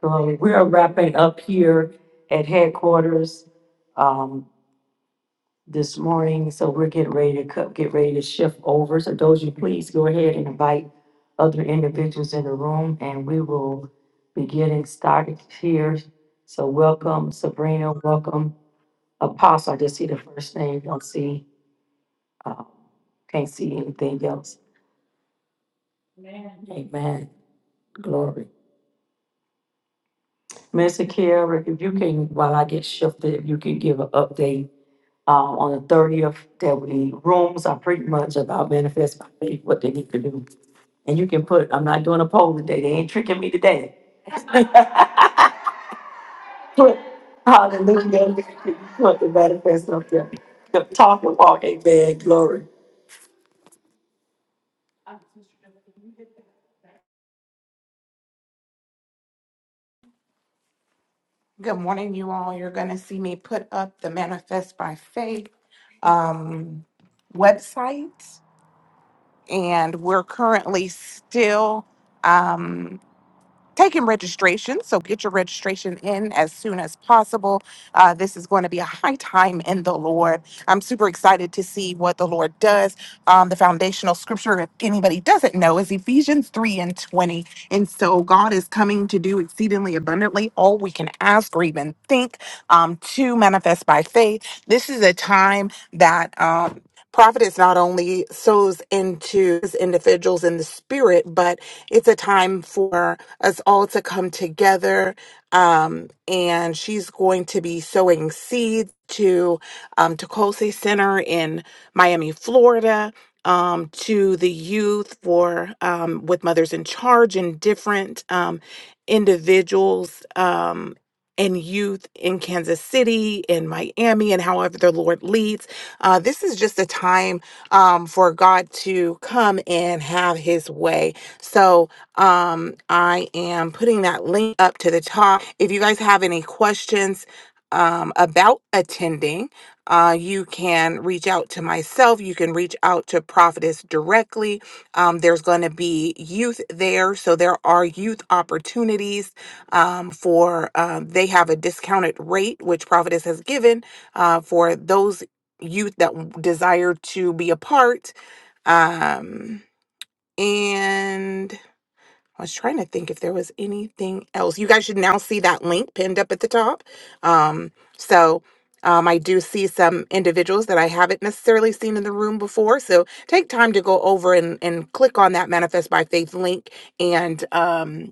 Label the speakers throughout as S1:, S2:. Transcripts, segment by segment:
S1: So we're wrapping up here at headquarters um, this morning, so we're getting ready to cut, get ready to shift over. So Doji, please go ahead and invite other individuals in the room, and we will be getting started here. So welcome Sabrina, welcome Apostle. I just see the first name, don't see, uh, can't see anything else. Amen. Glory. Mr. Carrick, if you can, while I get shifted, if you can give an update um, on the thirtieth, that we rooms are pretty much about manifest by faith, what they need to do. And you can put, I'm not doing a poll today, they ain't tricking me today. Put, hallelujah, put the manifest up there. The talk and walk, amen, glory.
S2: Good morning, you all. You're going to see me put up the Manifest by Faith um, website, and we're currently still. Um, taking registration. So get your registration in as soon as possible. Uh, this is going to be a high time in the Lord. I'm super excited to see what the Lord does. Um, the foundational scripture, if anybody doesn't know, is Ephesians 3 and 20. And so God is coming to do exceedingly abundantly all we can ask or even think um, to manifest by faith. This is a time that. Um, Prophet is not only sows into individuals in the spirit, but it's a time for us all to come together. Um, and she's going to be sowing seeds to um, Tecose Center in Miami, Florida, um, to the youth for um, with Mothers in Charge and different um, individuals um, and youth in Kansas City, in Miami, and however the Lord leads. Uh, this is just a time um, for God to come and have his way. So, um, I am putting that link up to the top. If you guys have any questions um, about attending, uh, you can reach out to myself. You can reach out to Prophetess directly. Um, there's going to be youth there, so there are youth opportunities um, for. Um, they have a discounted rate which Prophetess has given uh, for those youth that w- desire to be a part. Um, and I was trying to think if there was anything else. You guys should now see that link pinned up at the top. Um, so um, I do see some individuals that I haven't necessarily seen in the room before. So take time to go over and, and click on that Manifest by Faith link and um,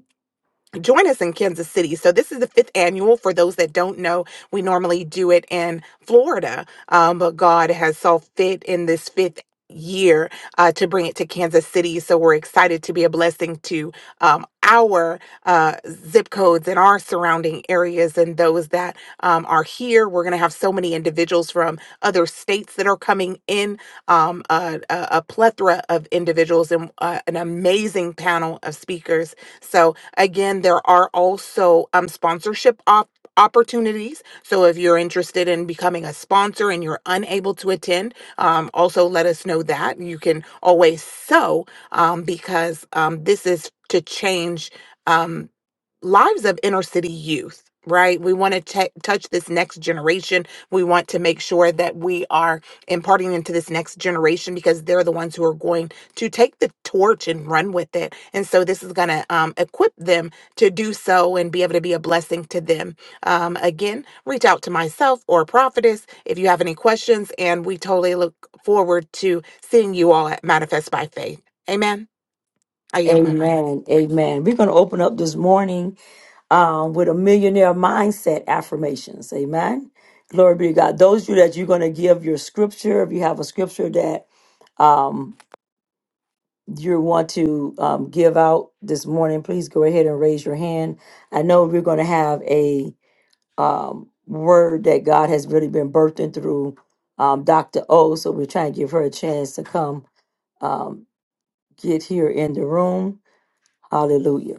S2: join us in Kansas City. So this is the fifth annual. For those that don't know, we normally do it in Florida, um, but God has saw fit in this fifth year uh, to bring it to Kansas City. So we're excited to be a blessing to um, our uh, zip codes and our surrounding areas and those that um, are here. We're going to have so many individuals from other states that are coming in, um, a, a, a plethora of individuals and uh, an amazing panel of speakers so again, there are also um, sponsorship op- opportunities. So if you're interested in becoming a sponsor and you're unable to attend, um, also let us know that you can always sew um, because um, this is to change. um, lives of inner city youth, right? We want to t- touch this next generation. We want to make sure that we are imparting into this next generation because they're the ones who are going to take the torch and run with it. And so this is going to um, equip them to do so and be able to be a blessing to them. Um, again, reach out to myself or Prophetess if you have any questions. And we totally look forward to seeing you all at Manifest by Faith. Amen. I yield my mic.
S1: Amen. Amen. We're going to open up this morning um, with a millionaire mindset affirmations. Amen. Glory be to God. Those of you that you're going to give your scripture, if you have a scripture that um, you want to um, give out this morning, please go ahead and raise your hand. I know we're going to have a um, word that God has really been birthing through um, Dr. O. So we're trying to give her a chance to come um, get here in the room. Hallelujah.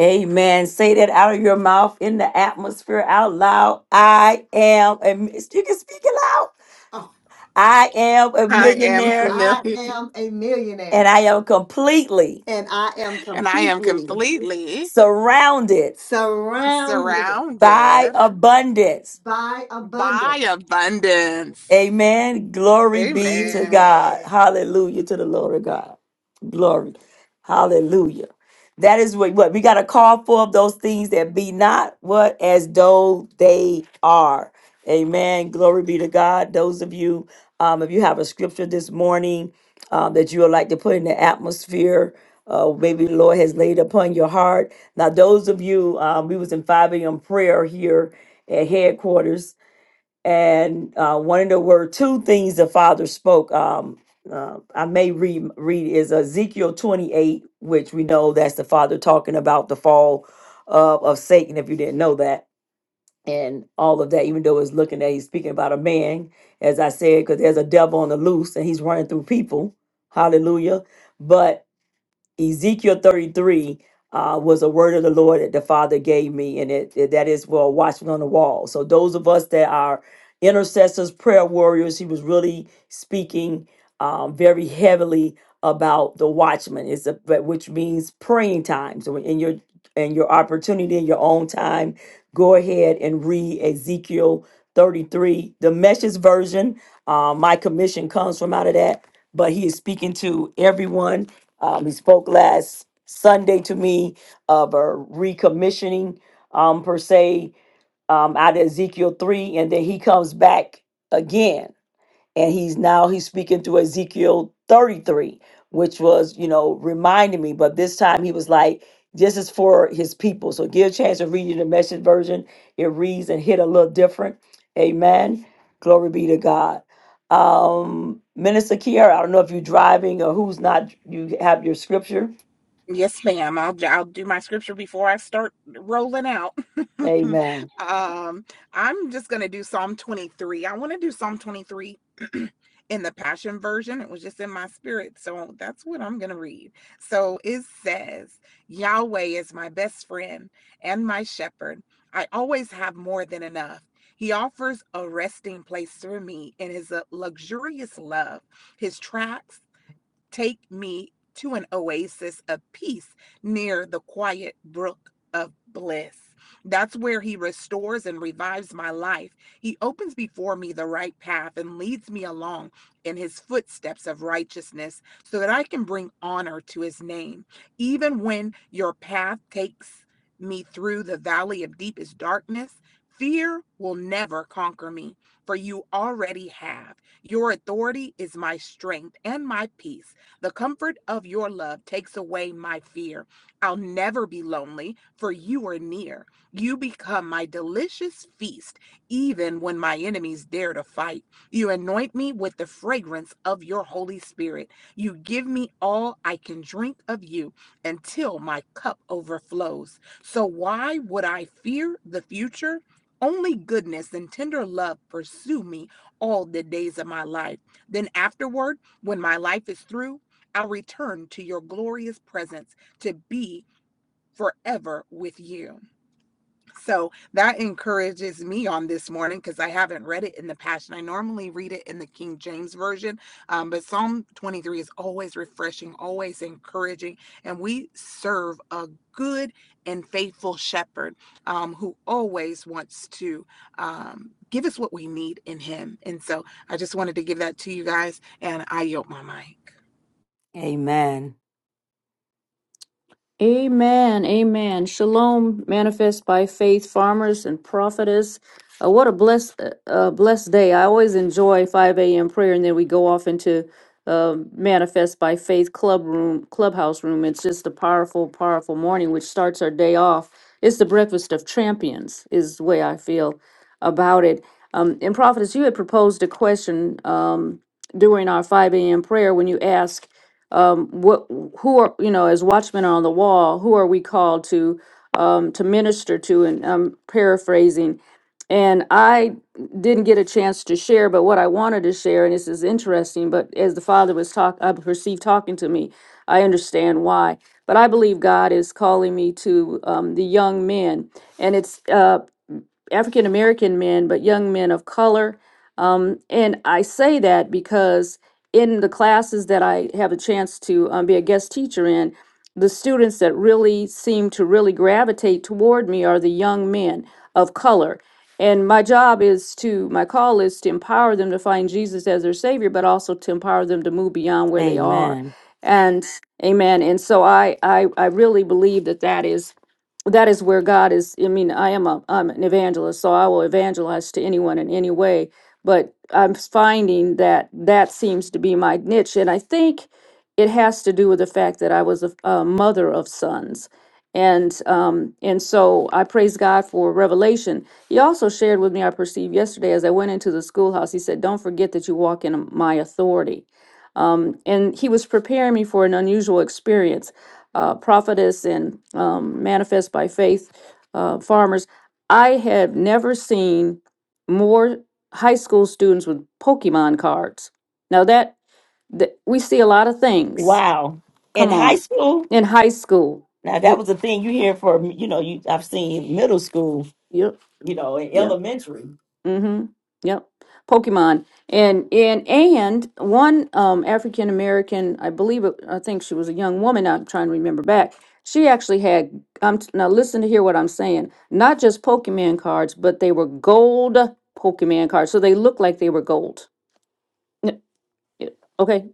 S1: Amen. Say that out of your mouth in the atmosphere out loud. I am a mi- you can speak it loud. Oh, I am a
S2: I am
S1: millionaire
S2: familiar.
S1: I am a and millionaire I am completely and I am
S2: And I am
S1: completely
S2: completely
S1: surrounded surrounded by
S2: surrounded
S1: abundance. by abundance.
S2: by abundance.
S1: Amen. Glory be to
S2: Amen.
S1: God. Hallelujah to the Lord of God. Glory. Hallelujah. That is what, what we got to call for of those things that be not what as though they are. Amen. Glory be to God. Those of you, um, if you have a scripture this morning um, that you would like to put in the atmosphere, uh, maybe the Lord has laid upon your heart. Now, those of you, um, we was in 5 a.m. prayer here at headquarters and uh, one of the were two things the father spoke. Um, uh, I may read read is Ezekiel twenty eight, which we know that's the father talking about the fall of, of Satan. If you didn't know that, and all of that, even though it's looking at he's speaking about a man, as I said, because there's a devil on the loose and he's running through people. Hallelujah! But Ezekiel 33 uh, was a word of the Lord that the Father gave me, and it, it- that is well watching on the wall. So those of us that are intercessors, prayer warriors, he was really speaking um, very heavily about the watchman, It's a, but which means praying time. So in your in your opportunity in your own time, go ahead and read Ezekiel 33, the Message version. Uh, my commission comes from out of that, but he is speaking to everyone um, he spoke last Sunday to me of a recommissioning, um, per se, um, out of Ezekiel 3, and then he comes back again and he's now he's speaking to Ezekiel 33 which was you know reminding me but this time he was like this is for his people so give a chance to read reading the message version it reads and hit a little different amen glory be to God um minister Kiara I don't know if you're driving or who's not you have your scripture
S2: Yes, ma'am. I'll I'll do my scripture before I start rolling out.
S1: Amen.
S2: um, I'm just gonna do Psalm 23. I want to do Psalm 23 in the Passion version. It was just in my spirit, so that's what I'm gonna read. So it says, "Yahweh is my best friend and my shepherd. I always have more than enough." He offers a resting place for me in his uh, luxurious love. His tracks Take me to an oasis of peace near the quiet brook of bliss. That's where he restores and revives my life. He opens before me the right path and leads me along in his footsteps of righteousness so that I can bring honor to his name. Even when your path takes me through the valley of deepest darkness, fear will never conquer me, for you already have. Your authority is my strength and my peace. The comfort of your love takes away my fear. I'll never be lonely, for you are near. You become my delicious feast, even when my enemies dare to fight. You anoint me with the fragrance of your Holy Spirit. You give me all I can drink of you until my cup overflows. So, why would I fear the future? Only goodness and tender love pursue me all the days of my life. Then, afterward, when my life is through, I return to your glorious presence to be forever with you. So that encourages me on this morning because I haven't read it in the Passion. I normally read it in the King James Version, um, but Psalm 23 is always refreshing, always encouraging. And we serve a good and faithful shepherd um, who always wants to um, give us what we need in him. And so I just wanted to give that to you guys, and I yield my mic.
S1: Amen.
S3: Amen. Amen. Shalom, manifest by faith, farmers and prophetess. Uh, what a blessed, uh, uh, blessed day. I always enjoy 5 a.m. prayer, and then we go off into um manifest by faith club room, clubhouse room. It's just a powerful, powerful morning, which starts our day off. It's the breakfast of champions, is the way I feel about it. Um, and prophetess, you had proposed a question um, during our 5 a.m. prayer when you asked um, what who are you know as watchmen on the wall who are we called to um, to minister to and i'm paraphrasing and i didn't get a chance to share but what i wanted to share and this is interesting but as the father was talk i perceived talking to me i understand why but i believe god is calling me to um, the young men and it's uh, african american men but young men of color um, and I say that because in the classes that I have a chance to um, be a guest teacher in, the students that really seem to really gravitate toward me are the young men of color. And my job is to, my call is to empower them to find Jesus as their Savior, but also to empower them to move beyond where they are.
S1: Amen.
S3: And amen. And so I, I, I really believe that that is that is where God is. I mean, I am a I'm an evangelist, so I will evangelize to anyone in any way but I'm finding that that seems to be my niche. And I think it has to do with the fact that I was a, a mother of sons. And um, and so I praise God for revelation. He also shared with me, I perceived yesterday as I went into the schoolhouse, he said, Don't forget that you walk in my authority. Um, and he was preparing me for an unusual experience. Uh, prophetess and um, manifest by faith uh, farmers. I have never seen more high school students with Pokemon cards. Now that, that we see a lot of things.
S1: Wow. In
S3: Come
S1: high
S3: on,
S1: school,
S3: in high school.
S1: now that
S3: Do,
S1: was a thing you hear for you know, you I've seen middle school,
S3: yep,
S1: you know, in
S3: yep,
S1: elementary.
S3: mm-hmm, yep. Pokemon and and and one um, African American, I believe, it- I think she was a young woman. I'm trying to remember back. She actually had. Um, now listen to hear what I'm saying. Not just Pokemon cards, but they were gold Pokemon cards, so they looked like they were gold. N- Yeah. Okay,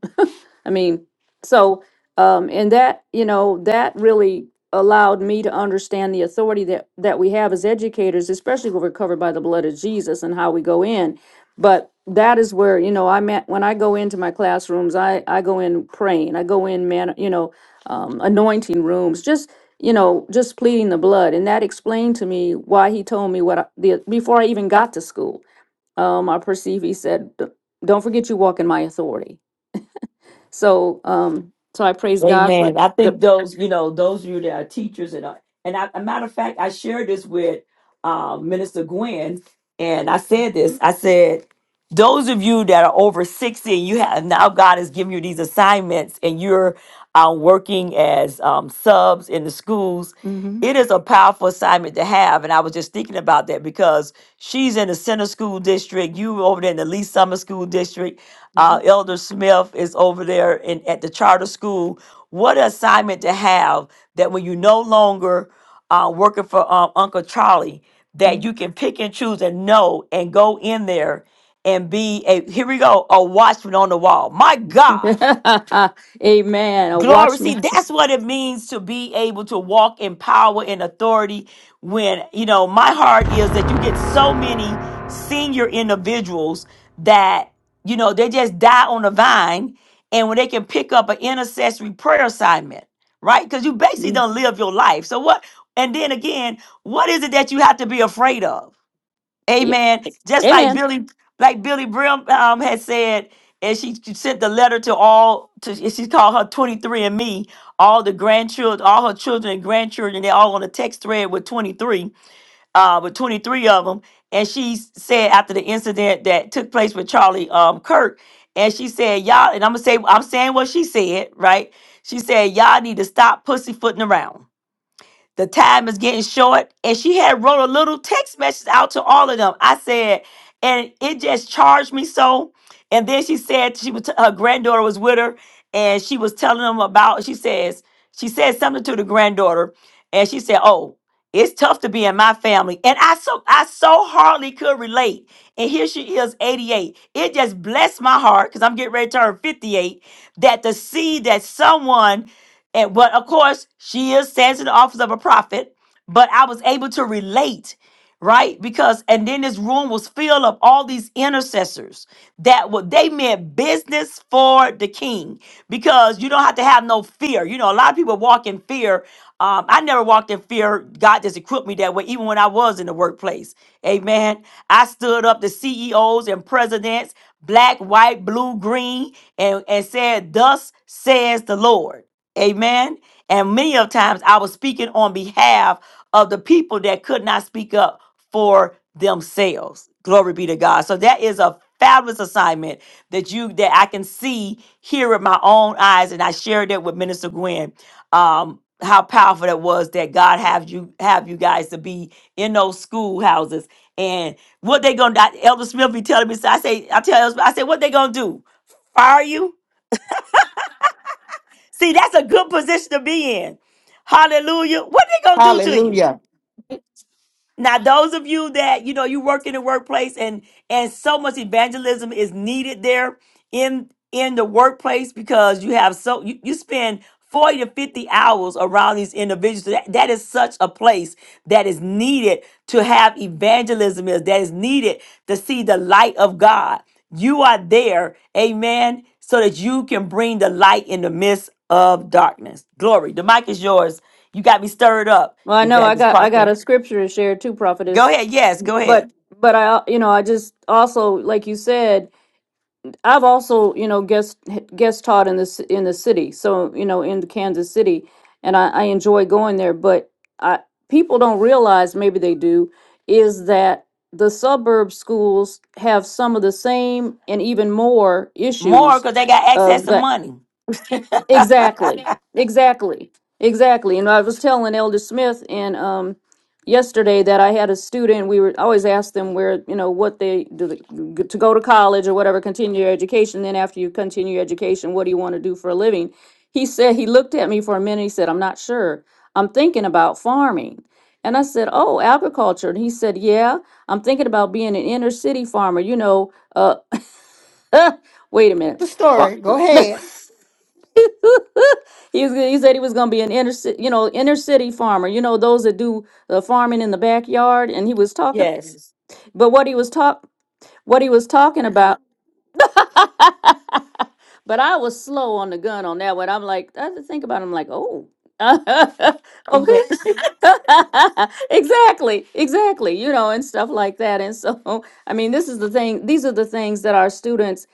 S3: I mean, so um, and that you know that really allowed me to understand the authority that that we have as educators, especially when we're covered by the blood of Jesus and how we go in. But that is where you know I met when I go into my classrooms, I I go in praying, I go in man, you know, um, anointing rooms, just you know, just pleading the blood, and that explained to me why he told me what I, the before I even got to school. Um, I perceive he said, "D- "Don't forget you walk in my authority." So, um, so I praise God for
S1: Amen. I
S3: the.
S1: think those, you know, those of you that are teachers and are, and I, a matter of fact, I shared this with uh, Minister Gwen, and I said this. I said, those of you that are over sixty, and you have now God has given you these assignments, and you're uh, working as um, subs in the schools.
S3: hmm
S1: It is a powerful assignment to have, and I was just thinking about that because she's in the center school district, you over there in the Lee Summer School district, uh,
S3: hmm
S1: Elder Smith is over there in at the charter school what an assignment to have that when you no longer uh, working for um, Uncle Charlie, that you can pick and choose and know and go in there and be a here we go a watchman on the wall. My God
S3: Amen. A
S1: Glory. See,
S3: watchman.
S1: that's what it means to be able to walk in power and authority. When, you know, my heart is that you get so many senior individuals that, you know, they just die on the vine and when they can pick up an intercessory prayer assignment, right? Because you basically
S3: Yeah.
S1: don't live your life. So what, and then again, what is it that you have to be afraid of?
S3: yeah.
S1: Amen. Just like
S3: Amen.
S1: Billy, like Billy Brim um, had said, and she, she sent the letter to all to she called her 23 and me, all the grandchildren, all her children and grandchildren, they all on a text thread with 23 uh, with 23 of them. And she s- said after the incident that took place with Charlie um, Kirk, and she said, y'all, and I'm gonna say, I'm saying what she said, right? She said, y'all need to stop pussyfooting around. The time is getting short. And she had wrote a little text message out to all of them. I said, and it just charged me so. And then she said she was her granddaughter was with her and she was telling them about she says she said something to the granddaughter and she said, "Oh, it's tough to be in my family." And I so I so hardly could relate. And here she is 88. It just blessed my heart cuz I'm getting ready to turn 58 that to see that someone and but of course, she is stands in the office of a prophet. But I was able to relate, right? Because and then this room was filled of all these intercessors that what they meant business for the king. Because you don't have to have no fear. You know, a lot of people walk in fear. Um, I never walked in fear. God just equipped me that way, even when I was in the workplace. Amen. I stood up to CEOs and presidents, black, white, blue, green, and, and said, Thus says the Lord. Amen. And many of times I was speaking on behalf of the people that could not speak up for themselves. Glory be to God. So that is a fabulous assignment that you that I can see here with my own eyes. And I shared that with Minister Gwen. Um, how powerful that was that God have you have you guys to be in those schoolhouses. And what they gonna Elder Smith be telling me, so I say, I tell Elder Smith, I say, what they gonna do? Fire you? See, that's a good position to be in. Hallelujah. What they gonna do to you?
S4: Hallelujah.
S1: Now, those of you that you know you work in the workplace and and so much evangelism is needed there in in the workplace because you have so you, you spend 40 to 50 hours around these individuals. That, that is such a place that is needed to have evangelism is that is needed to see the light of God. You are there, amen, so that you can bring the light in the midst of darkness. Glory. The mic is yours. You got me stirred up,
S3: Well, I know I
S1: Evangelist
S3: got I
S1: Parker.
S3: got a scripture to share too,
S1: Go
S3: prophetess.
S1: ahead. Yes, go ahead.
S3: But but I you know I just also like you said I've also, you know, guest guest taught in this in the city, so you know, in Kansas City, and I, I enjoy going there. But I, people don't realize, maybe they do, is that the suburb schools have some of the same and even more
S1: More
S3: issues
S1: because they got access
S3: of
S1: to
S3: the
S1: money.
S3: Exactly. Exactly. Exactly. And I was telling Elder Smith and um yesterday that I had a student we were I always asked them where, you know, what they do they, to go to college or whatever, continue your education, then after you continue your education, what do you want to do for a living? He said he looked at me for a minute, he said, "I'm not sure. I'm thinking about farming." And I said, "Oh, agriculture." And he said, "Yeah, I'm thinking about being an inner city farmer, you know, uh wait a minute.
S4: The story. Go
S3: Fa-
S4: ahead.
S3: he, was, he said he was going to be an inner city, you know, inner city farmer. You know, those that do the farming in the backyard. And he was talking,
S1: yes.
S3: but what he was talk, what he was talking about but I was slow on the gun on that one. I'm like, I had to think about it. I'm like, oh.
S1: You
S3: okay.
S1: bet.
S3: exactly. Exactly. You know, and stuff like that. And so, I mean, this is the thing, these are the things that our students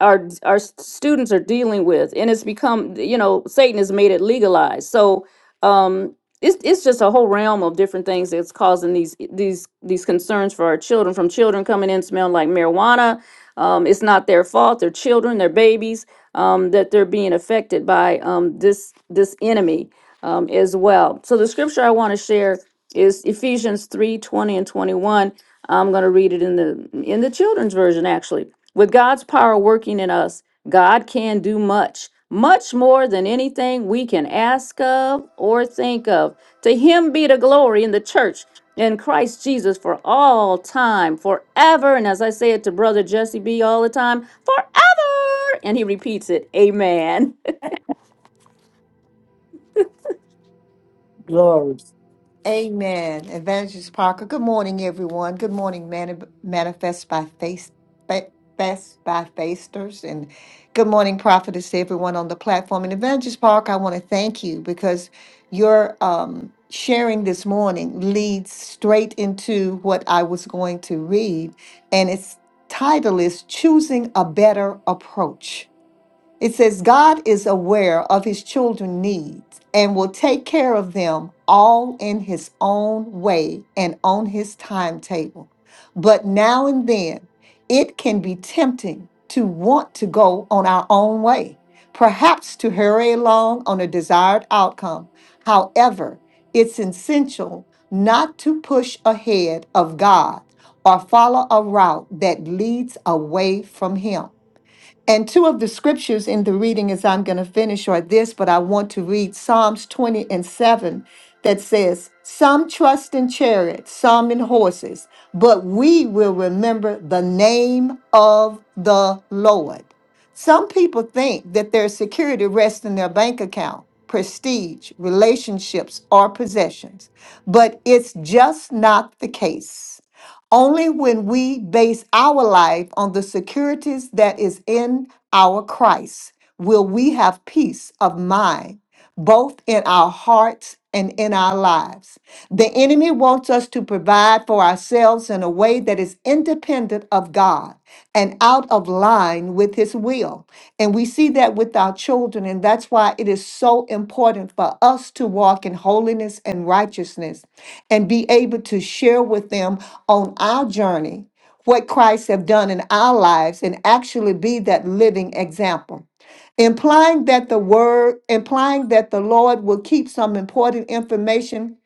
S3: our our s- students are dealing with and it's become you know satan has made it legalized so um, it's it's just a whole realm of different things that's causing these these these concerns for our children from children coming in smelling like marijuana um, it's not their fault they're children they're babies um, that they're being affected by um, this this enemy um, as well so the scripture i want to share is ephesians 3 20 and 21 i'm going to read it in the in the children's version actually with god's power working in us god can do much much more than anything we can ask of or think of. To him be the glory in the church in Christ Jesus for all time, forever. And as I say it to Brother Jesse B all the time, forever. And he repeats it, Amen.
S1: Glory.
S4: Amen. Evangelist Parker. Good morning, everyone. Good morning, Mani- Manifest by Face. Fa- Fast by Fasters and good morning, prophetess, to everyone on the platform. And Evangelist Parker, I want to thank you because your um, sharing this morning leads straight into what I was going to read. And its title is Choosing a Better Approach. It says, God is aware of his children's needs and will take care of them all in his own way and on his timetable. But now and then, it can be tempting to want to go on our own way, perhaps to hurry along on a desired outcome. However, it's essential not to push ahead of God or follow a route that leads away from him. And two of the scriptures in the reading as I'm going to finish are this, but I want to read Psalms 20 and 7 that says, Some trust in chariots, some in horses, but we will remember the name of the Lord. Some people think that their security rests in their bank account, prestige, relationships, or possessions, but it's just not the case. Only when we base our life on the securities that is in our Christ will we have peace of mind both in our hearts and in our lives. The enemy wants us to provide for ourselves in a way that is independent of God and out of line with his will. And we see that with our children, and that's why it is so important for us to walk in holiness and righteousness and be able to share with them on our journey what Christ have done in our lives and actually be that living example implying that the word implying that the lord will keep some important information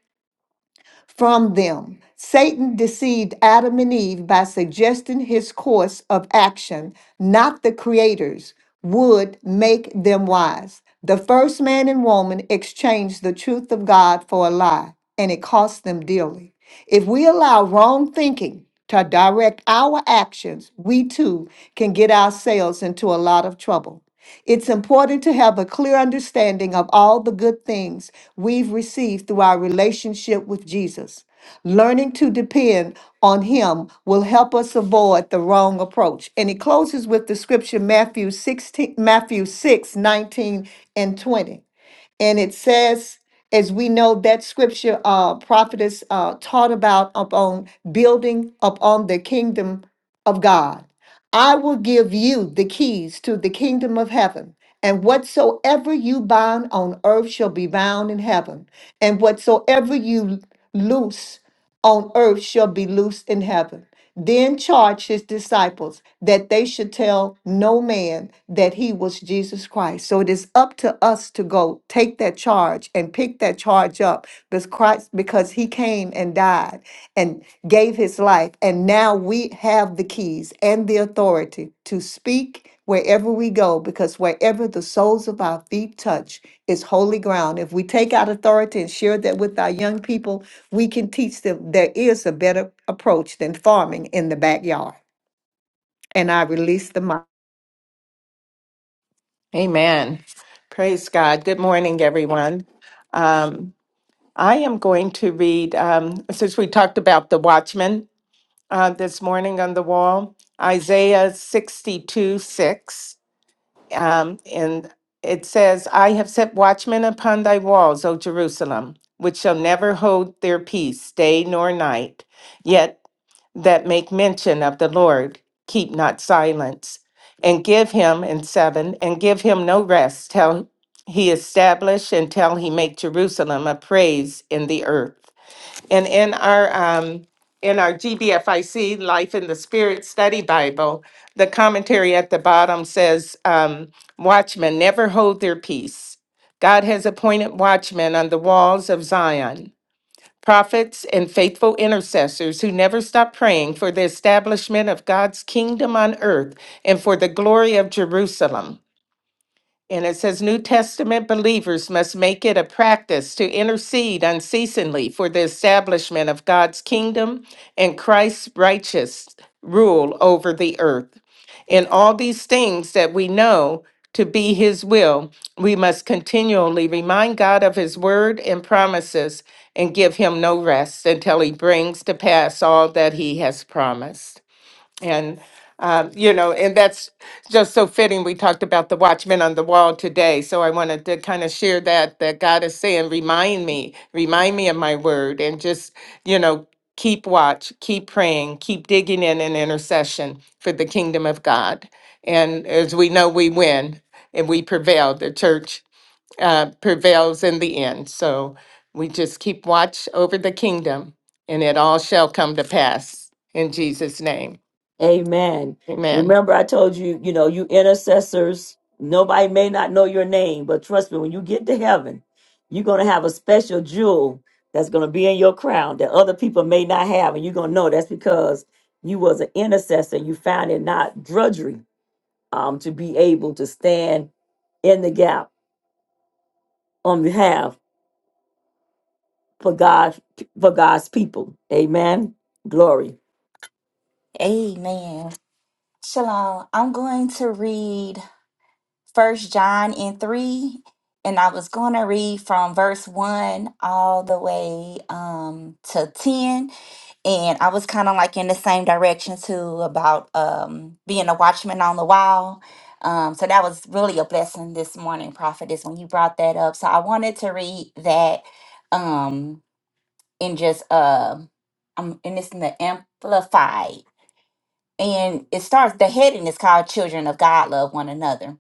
S4: from them satan deceived adam and eve by suggesting his course of action not the creator's would make them wise the first man and woman exchanged the truth of god for a lie and it cost them dearly if we allow wrong thinking to direct our actions we too can get ourselves into a lot of trouble it's important to have a clear understanding of all the good things we've received through our relationship with Jesus. Learning to depend on Him will help us avoid the wrong approach. And it closes with the scripture Matthew 16, Matthew 6 19 and 20. And it says, as we know, that scripture uh prophetess uh taught about upon building upon the kingdom of God. I will give you the keys to the kingdom of heaven. And whatsoever you bind on earth shall be bound in heaven. And whatsoever you loose on earth shall be loosed in heaven. Then charged his disciples that they should tell no man that he was Jesus Christ. So it is up to us to go take that charge and pick that charge up because Christ, because he came and died and gave his life. And now we have the keys and the authority to speak wherever we go, because wherever the soles of our feet touch is holy ground. If we take out authority and share that with our young people, we can teach them there is a better approach than farming in the backyard. And I release the mic.
S5: Amen. Praise God. Good morning, everyone. Um, I'm going to read, um, since we talked about the watchman, uh, the burning on the wall, I 6, um, and it says, I have set watchmen upon thy walls, O Jerusalem, which shall never hold their peace, day nor night. Yet that make mention of the Lord keep not silence, and give him, and seven, and give him no rest till he establish and till he make Jerusalem a praise in the earth. And in our um, in our GBFIC Life in the Spirit Study Bible, the commentary at the bottom says, um, "Watchmen never hold their peace. God has appointed watchmen on the walls of Zion." prophets, and faithful intercessors who never stop praying for the establishment of God's kingdom on earth and for the glory of Jerusalem. And it says New Testament believers must make it a practice to intercede unceasingly for the establishment of God's kingdom and Christ's righteous rule over the earth. In all these things that we know to be his will, we must continually remind God of his word and promises and give him no rest until he brings to pass all that he has promised. And, um, you know, and that's just so fitting. We talked about the watchman on the wall today. So I wanted to kind of share that, that God is saying, remind me, remind me of my word and just, you know, keep watch, keep praying, keep digging in an intercession for the kingdom of God. And as we know, we win and we prevail. The church uh, prevails in the end. So we just keep watch over the kingdom and it all shall come to pass in Jesus' name.
S1: Amen.
S5: Amen.
S1: Remember, I told you, you know, you intercessors, nobody may not know your name, but trust me, when you get to heaven, you're going to have a special jewel that's going to be in your crown that other people may not have. And you're going to know that's because you was an intercessor and you found it not drudgery um, to be able to stand in the gap on behalf for God, for God's people. Amen. Glory.
S6: Amen. Shalom. I'm going to read First John in 3, and I was going to read from verse 1 all the way um, to 10. And I was kind of like in the same direction too about um, being a watchman on the wall. Um, so that was really a blessing this morning, prophetess, when you brought that up. So I wanted to read that um, in just, uh, um, and it's in the Amplified and it starts the heading is called children of god love one another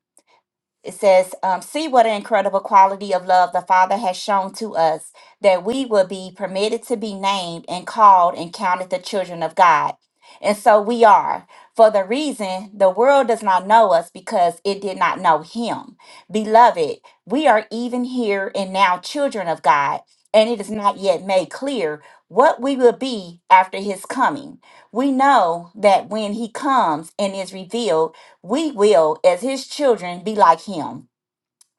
S6: it says, um, See what an incredible quality of love the Father has shown to us, that we will be permitted to be named and called and counted the children of God. And so we are. For the reason the world does not know us because it did not know Him. Beloved, we are even here and now children of God, and it is not yet made clear what we will be after His coming. We know that when He comes and is revealed, we will, as his children, be like him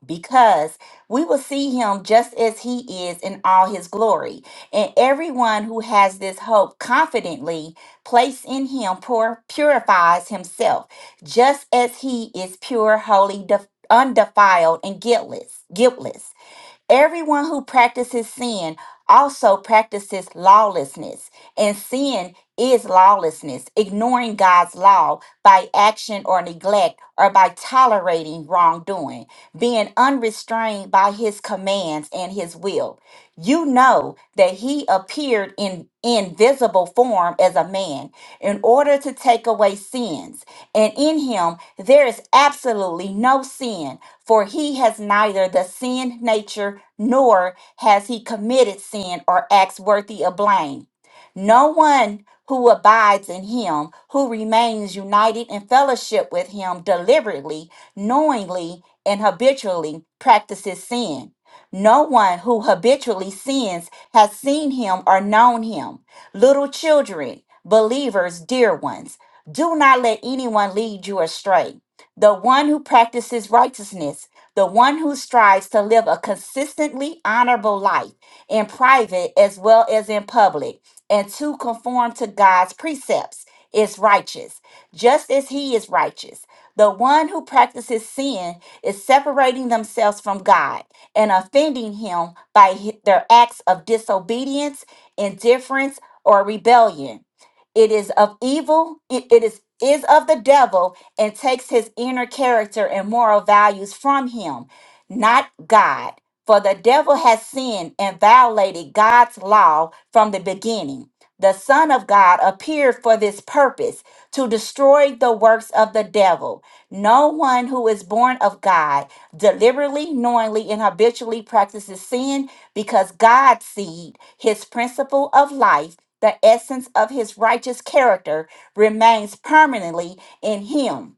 S6: because we will see him just as he is in all his glory. And everyone who has this hope confidently placed in him pur- purifies himself just as he is pure, holy, def- undefiled, and guiltless. Guiltless. Everyone who practices sin also practices lawlessness, and sin is lawlessness, ignoring God's law by action or neglect or by tolerating wrongdoing, being unrestrained by his commands and his will. You know that he appeared in invisible form as a man in order to take away sins, and in him there is absolutely no sin. For he has neither the sin nature nor has he committed sin or acts worthy of blame. No one who abides in him, who remains united in fellowship with him deliberately, knowingly, and habitually practices sin. No one who habitually sins has seen him or known him. Little children, believers, dear ones, do not let anyone lead you astray the one who practices righteousness, the one who strives to live a consistently honorable life in private as well as in public, and to conform to God's precepts is righteous, just as he is righteous. The one who practices sin is separating themselves from God and offending him by hi- their acts of disobedience, indifference, or rebellion. It is of evil, it it is is of the devil and takes his inner character and moral values from him, not God. For the devil has sinned and violated God's law from the beginning. The Son of God appeared for this purpose to destroy the works of the devil. No one who is born of God deliberately, knowingly, and habitually practices sin because God's seed, his principle of life, the essence of his righteous character, remains permanently in him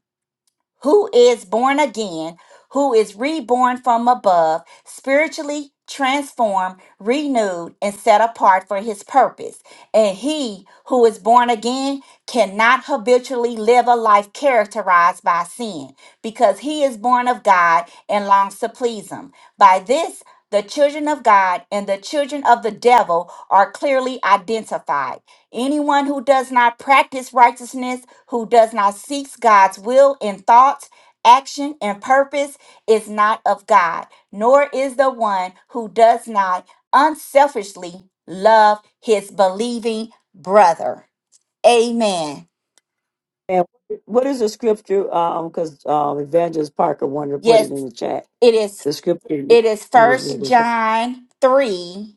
S6: who is born again, who is reborn from above, spiritually transformed, renewed, and set apart for his purpose. And he who is born again cannot habitually live a life characterized by sin because he is born of God and longs to please him. By this, the children of God and the children of the devil are clearly identified. Anyone who does not practice righteousness, who does not seek God's will in thoughts, action, and purpose, is not of God, nor is the one who does not unselfishly love his believing brother. Amen.
S1: And what is the scripture? Um, because um, Evangelist Parker wanted to put it
S6: Yes,
S1: in the chat.
S6: it is
S1: The scripture you,
S6: it is
S1: you was
S6: first
S1: reading from.
S6: John 3,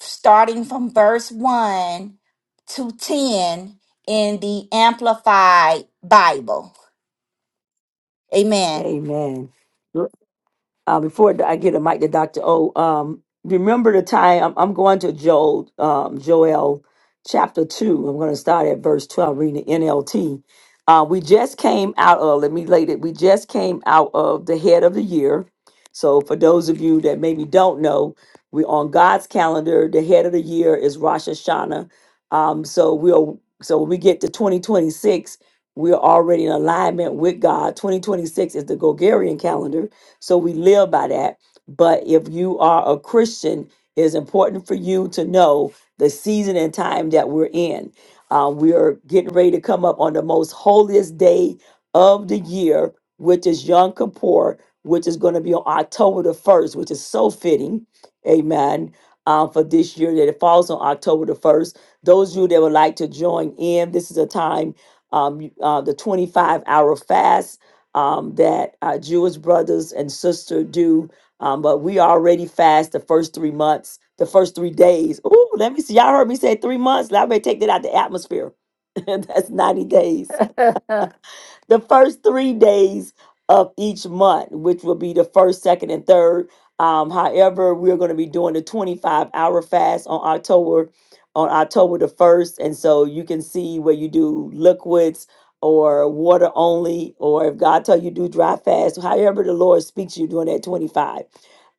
S6: starting from verse 1 to 10 in the Amplified Bible. Amen.
S1: Amen. uh, before I get a mic to Dr. O, um, remember the time I'm, I'm going to Joel, um, Joel chapter 2. I'm going to start at verse 12, reading the NLT. Uh, we just came out of, let me lay it, we just came out of the head of the year. So for those of you that maybe don't know, we're on God's calendar. The head of the year is Rosh Hashanah. Um, so we'll, so when we get to 2026, we're already in alignment with God. 2026 is the Gregorian calendar so we live by that. But if you are a Christian, it's important for you to know the season and time that we're in. Uh, we are getting ready to come up on the most holiest day of the year, which is Yom Kippur, which is going to be on October the 1st, which is so fitting. Amen. Um, for this year, that it falls on October the 1st. Those of you that would like to join in, this is a time, um, you- uh, the 25 hour fast um, that our Jewish brothers and sister do. Um, but we already fast the first three months, the first three days. Ooh, let me see. Y'all heard me say three months. Now I better take that out the atmosphere. That's 90 days the first three days of each month, which will be the first, second, and third. Um, however, we're going to be doing the 25 hour fast on October on October the 1st. And so you can see where you do liquids or water only, or if God tell you do dry fast, however the Lord speaks to you during that 25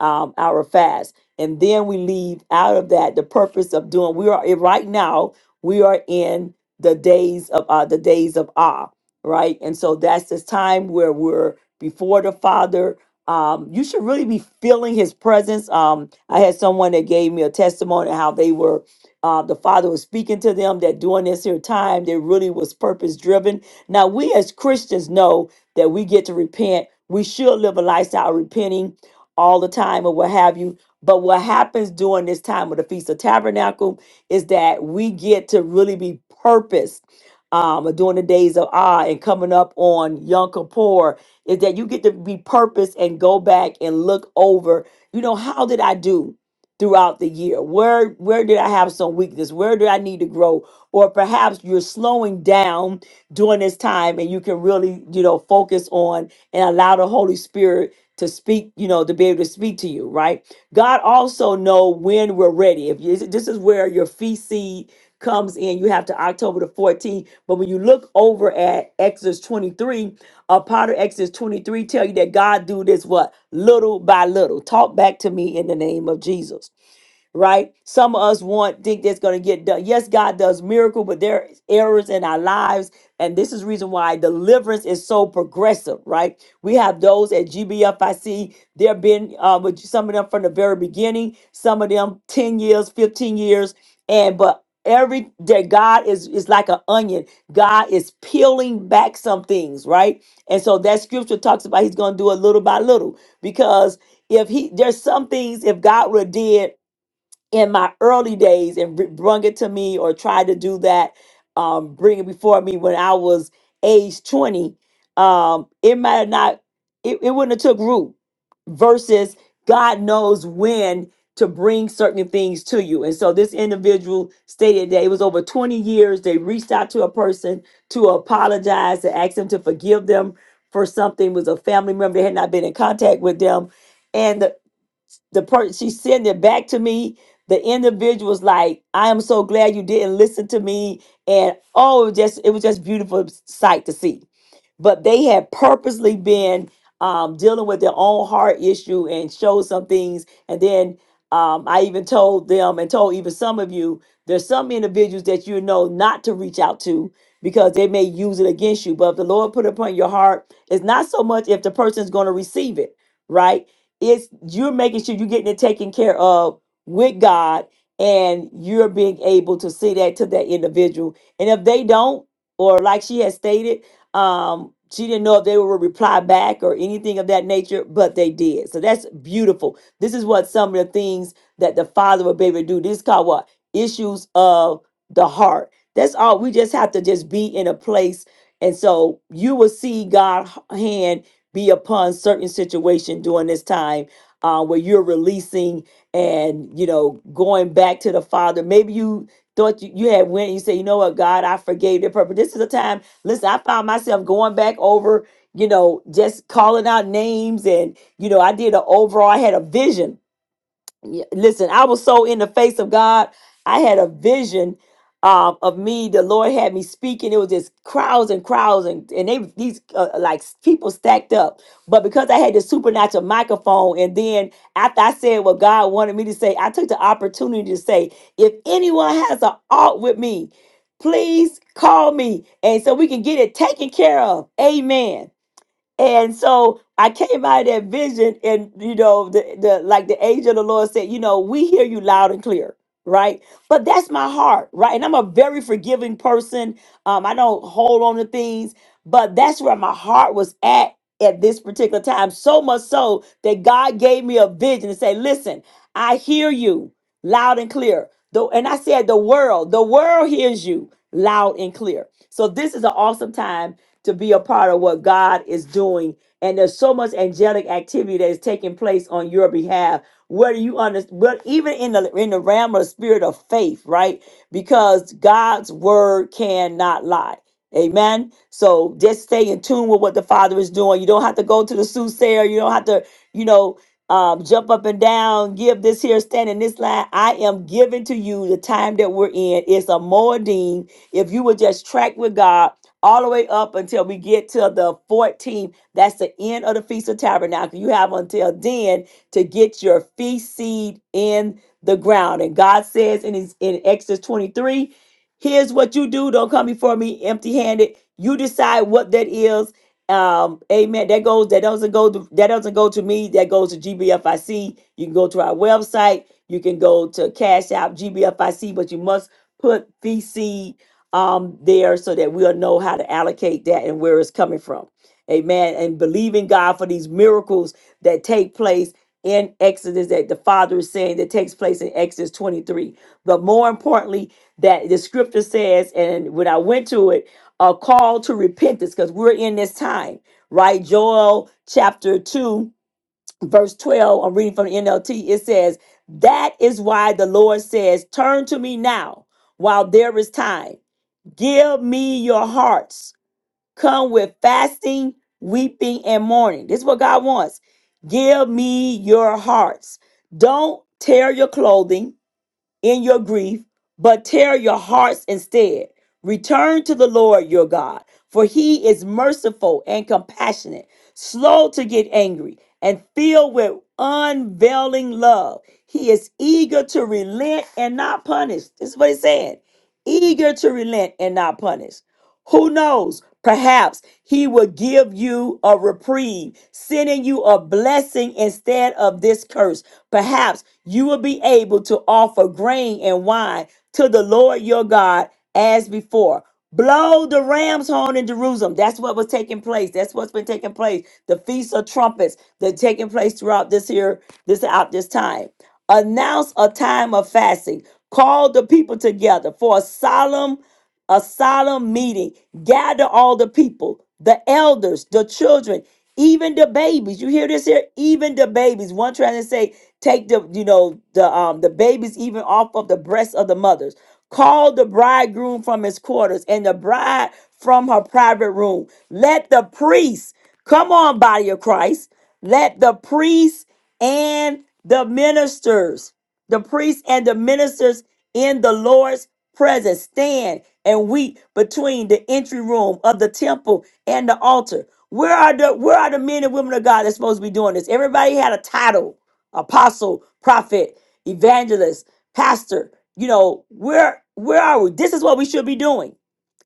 S1: um, hour fast. And then we leave out of that the purpose of doing we are eh, right now, we are in the days of uh, the days of awe right? And so that's this time where we're before the Father. Um, you should really be feeling His presence. Um, I had someone that gave me a testimony how they were, uh, the Father was speaking to them that during this here time, they really was purpose driven. Now, we as Christians know that we get to repent. We should live a lifestyle repenting all the time or what have you. But what happens during this time of the Feast of Tabernacle is that we get to really be purpose um, during the days of Ah and coming up on Yom Kippur is that you get to repurpose and go back and look over, you know, how did I do throughout the year? Where where did I have some weakness? Where do I need to grow? Or perhaps you're slowing down during this time and you can really, you know, focus on and allow the Holy Spirit to speak, you know, to be able to speak to you, right? God also know when we're ready. If you, this is where your feet seed comes in. You have to October the 14th. But when you look over at Exodus 23, a part of Exodus 23 tell you that God do this what? Little by little. Talk back to me in the name of Jesus right? Some of us want think that's going to get done. Yes, God does miracle, but there is errors in our lives, and this is reason why deliverance is so progressive, right? We have those at GBFIC. There have been uh, with some of them from the very beginning, some of them ten years, fifteen years, and but every day God is is like an onion. God is peeling back some things, right? And so that scripture talks about He's going to do it little by little because if He there's some things if God would have did in my early days and br- brung it to me or tried to do that, um, bring it before me when I was age 20, um, it might have not, it, it wouldn't have took root versus God knows when to bring certain things to you. And so this individual stated that it was over 20 years. They reached out to a person to apologize, to ask them to forgive them for something It was a family member. They had not been in contact with them. And the person she sent it back to me the individual was like i am so glad you didn't listen to me and oh it was just it was just beautiful sight to see but they had purposely been um, dealing with their own heart issue and showed some things and then um, i even told them and told even some of you there's some individuals that you know not to reach out to because they may use it against you but if the lord put it upon your heart it's not so much if the person's going to receive it right it's you're making sure you're getting it taken care of with God and you're being able to see that to that individual. And if they don't, or like she had stated, um, she didn't know if they would reply back or anything of that nature, but they did. So that's beautiful. This is what some of the things that the father would be able to do. This is called what? Issues of the heart. That's all. We just have to just be in a place. And so you will see God's hand be upon certain situation during this time uh, where you're releasing and you know going back to the father maybe you thought you, you had went and you said you know what god i forgave their purpose this is a time listen i found myself going back over you know just calling out names and you know i did an overall i had a vision yeah, listen, I was so in the face of God. I had a vision um, of me. The Lord had me speaking. It was just crowds and crowds, and and they these uh, like people stacked up. But because I had this supernatural microphone, and then after I said what God wanted me to say, I took the opportunity to say, if anyone has an art with me, please call me, and so we can get it taken care of. Amen. And so I came out of that vision, and you know, the the like the angel of the Lord said, you know, we hear you loud and clear, right? But that's my heart, right? And I'm a very forgiving person. Um, I don't hold on to things, but that's where my heart was at at this particular time. So much so that God gave me a vision and say, listen, I hear you loud and clear. Though, and I said, the world, the world hears you loud and clear. So this is an awesome time to be a part of what God is doing. And there's so much angelic activity that is taking place on your behalf. Whether you understand, but even in the in the realm of the spirit of faith, right? Because God's word cannot lie. Amen. So just stay in tune with what the Father is doing. You don't have to go to the soothsayer. You don't have to, you know, um, jump up and down, give this here, stand in this line. I am giving to you the time that we're in. It's a Moedim. If you would just track with God all the way up until we get to the 14th. That's the end of the Feast of Tabernacle. You have until then to get your feast seed in the ground. And God says in his in Exodus 23, here's what you do. Don't come before me empty-handed. You decide what that is. Um, amen. That goes, that doesn't go to that doesn't go to me, that goes to GBFIC. You can go to our website, you can go to Cash App GBFIC, but you must put feast seed um, there so that we'll know how to allocate that and where it's coming from. Amen. And believing God for these miracles that take place in Exodus that the Father is saying that takes place in Exodus 23. But more importantly, that the scripture says, and when I went to it, a call to repentance, because we're in this time, right? Joel chapter 2, verse 12. I'm reading from the NLT. It says, That is why the Lord says, Turn to me now while there is time Give me your hearts. Come with fasting, weeping, and mourning. This is what God wants. Give me your hearts. Don't tear your clothing in your grief, but tear your hearts instead. Return to the Lord your God, for he is merciful and compassionate, slow to get angry, and filled with unveiling love. He is eager to relent and not punish. This is what it's saying eager to relent and not punish. Who knows? Perhaps he will give you a reprieve, sending you a blessing instead of this curse. Perhaps you will be able to offer grain and wine to the Lord your God as before. Blow the ram's horn in Jerusalem. That's what was taking place. That's what's been taking place. The feast of trumpets that taking place throughout this year, this out this time. Announce a time of fasting. Call the people together for a solemn a solemn meeting. Gather all the people, the elders, the children, even the babies. You hear this here? Even the babies. One trying to say, take the, you know, the um the babies even off of the breasts of the mothers. Call the bridegroom from his quarters and the bride from her private room. Let the priests come on, body of Christ. Let the priests and the ministers, the priests and the ministers in the Lord's presence, stand and weep between the entry room of the temple and the altar. Where are the where are the men and women of God that's supposed to be doing this? Everybody had a title: apostle, prophet, evangelist, pastor. You know, where where are we? This is what we should be doing.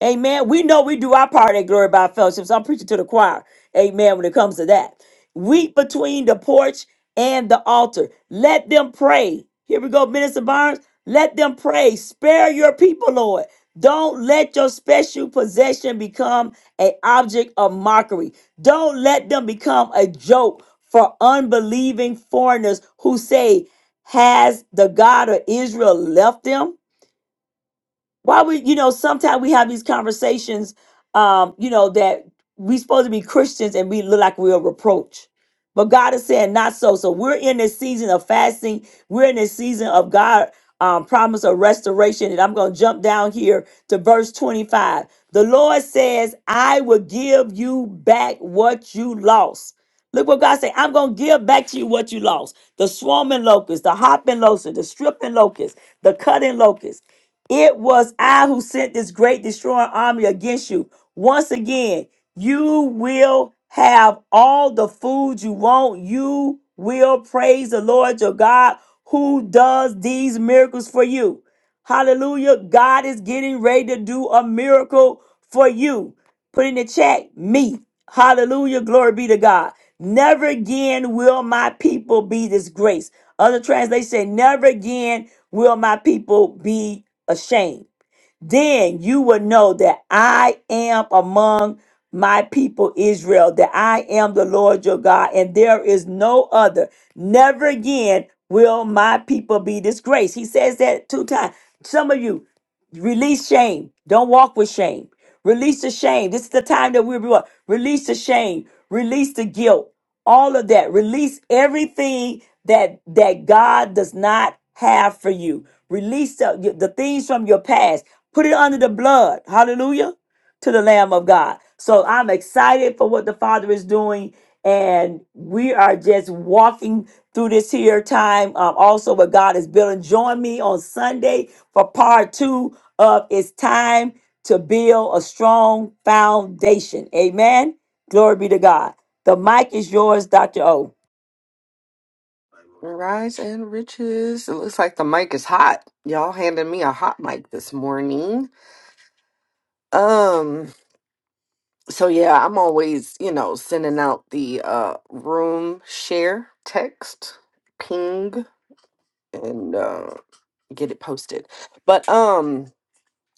S1: Amen. We know we do our part at Glory by Fellowship. So I'm preaching to the choir. Amen. When it comes to that. Weep between the porch and the altar. Let them pray. Here we go, Minister Barnes. Let them pray. Spare your people, Lord. Don't let your special possession become an object of mockery. Don't let them become a joke for unbelieving foreigners who say, Has the God of Israel left them? why would you know sometimes we have these conversations um you know that we supposed to be christians and we look like we're a reproach but god is saying not so so we're in this season of fasting we're in this season of god um, promise of restoration and i'm going to jump down here to verse 25 the lord says i will give you back what you lost Look what God said. I'm gonna give back to you what you lost. The swarming locust, the hopping locust, the stripping locust, the cutting locust. It was I who sent this great destroying army against you. Once again, you will have all the food you want. You will praise the Lord your God who does these miracles for you. Hallelujah. God is getting ready to do a miracle for you. Put in the chat, me. Hallelujah. Glory be to God. Never again will my people be disgraced. Other translation say, Never again will my people be ashamed. Then you will know that I am among my people Israel, that I am the Lord your God, and there is no other. Never again will my people be disgraced. He says that two times. Some of you, release shame. Don't walk with shame. Release the shame. This is the time that we're release the shame. Release the guilt all of that release everything that that god does not have for you release the, the things from your past put it under the blood hallelujah to the Lamb of God. So I'm excited for what the Father is doing. And we are just walking through this here time. Um, also, what God is building. Join me on Sunday for part two of It's Time to Build a Strong Foundation. Amen. Glory be to God. The mic is yours, Dr. O.
S7: Rise and riches. It looks like the mic is hot. Y'all handed me a hot mic this morning. Um, so yeah, I'm always, you know, sending out the uh room share text, ping, and uh get it posted. But um,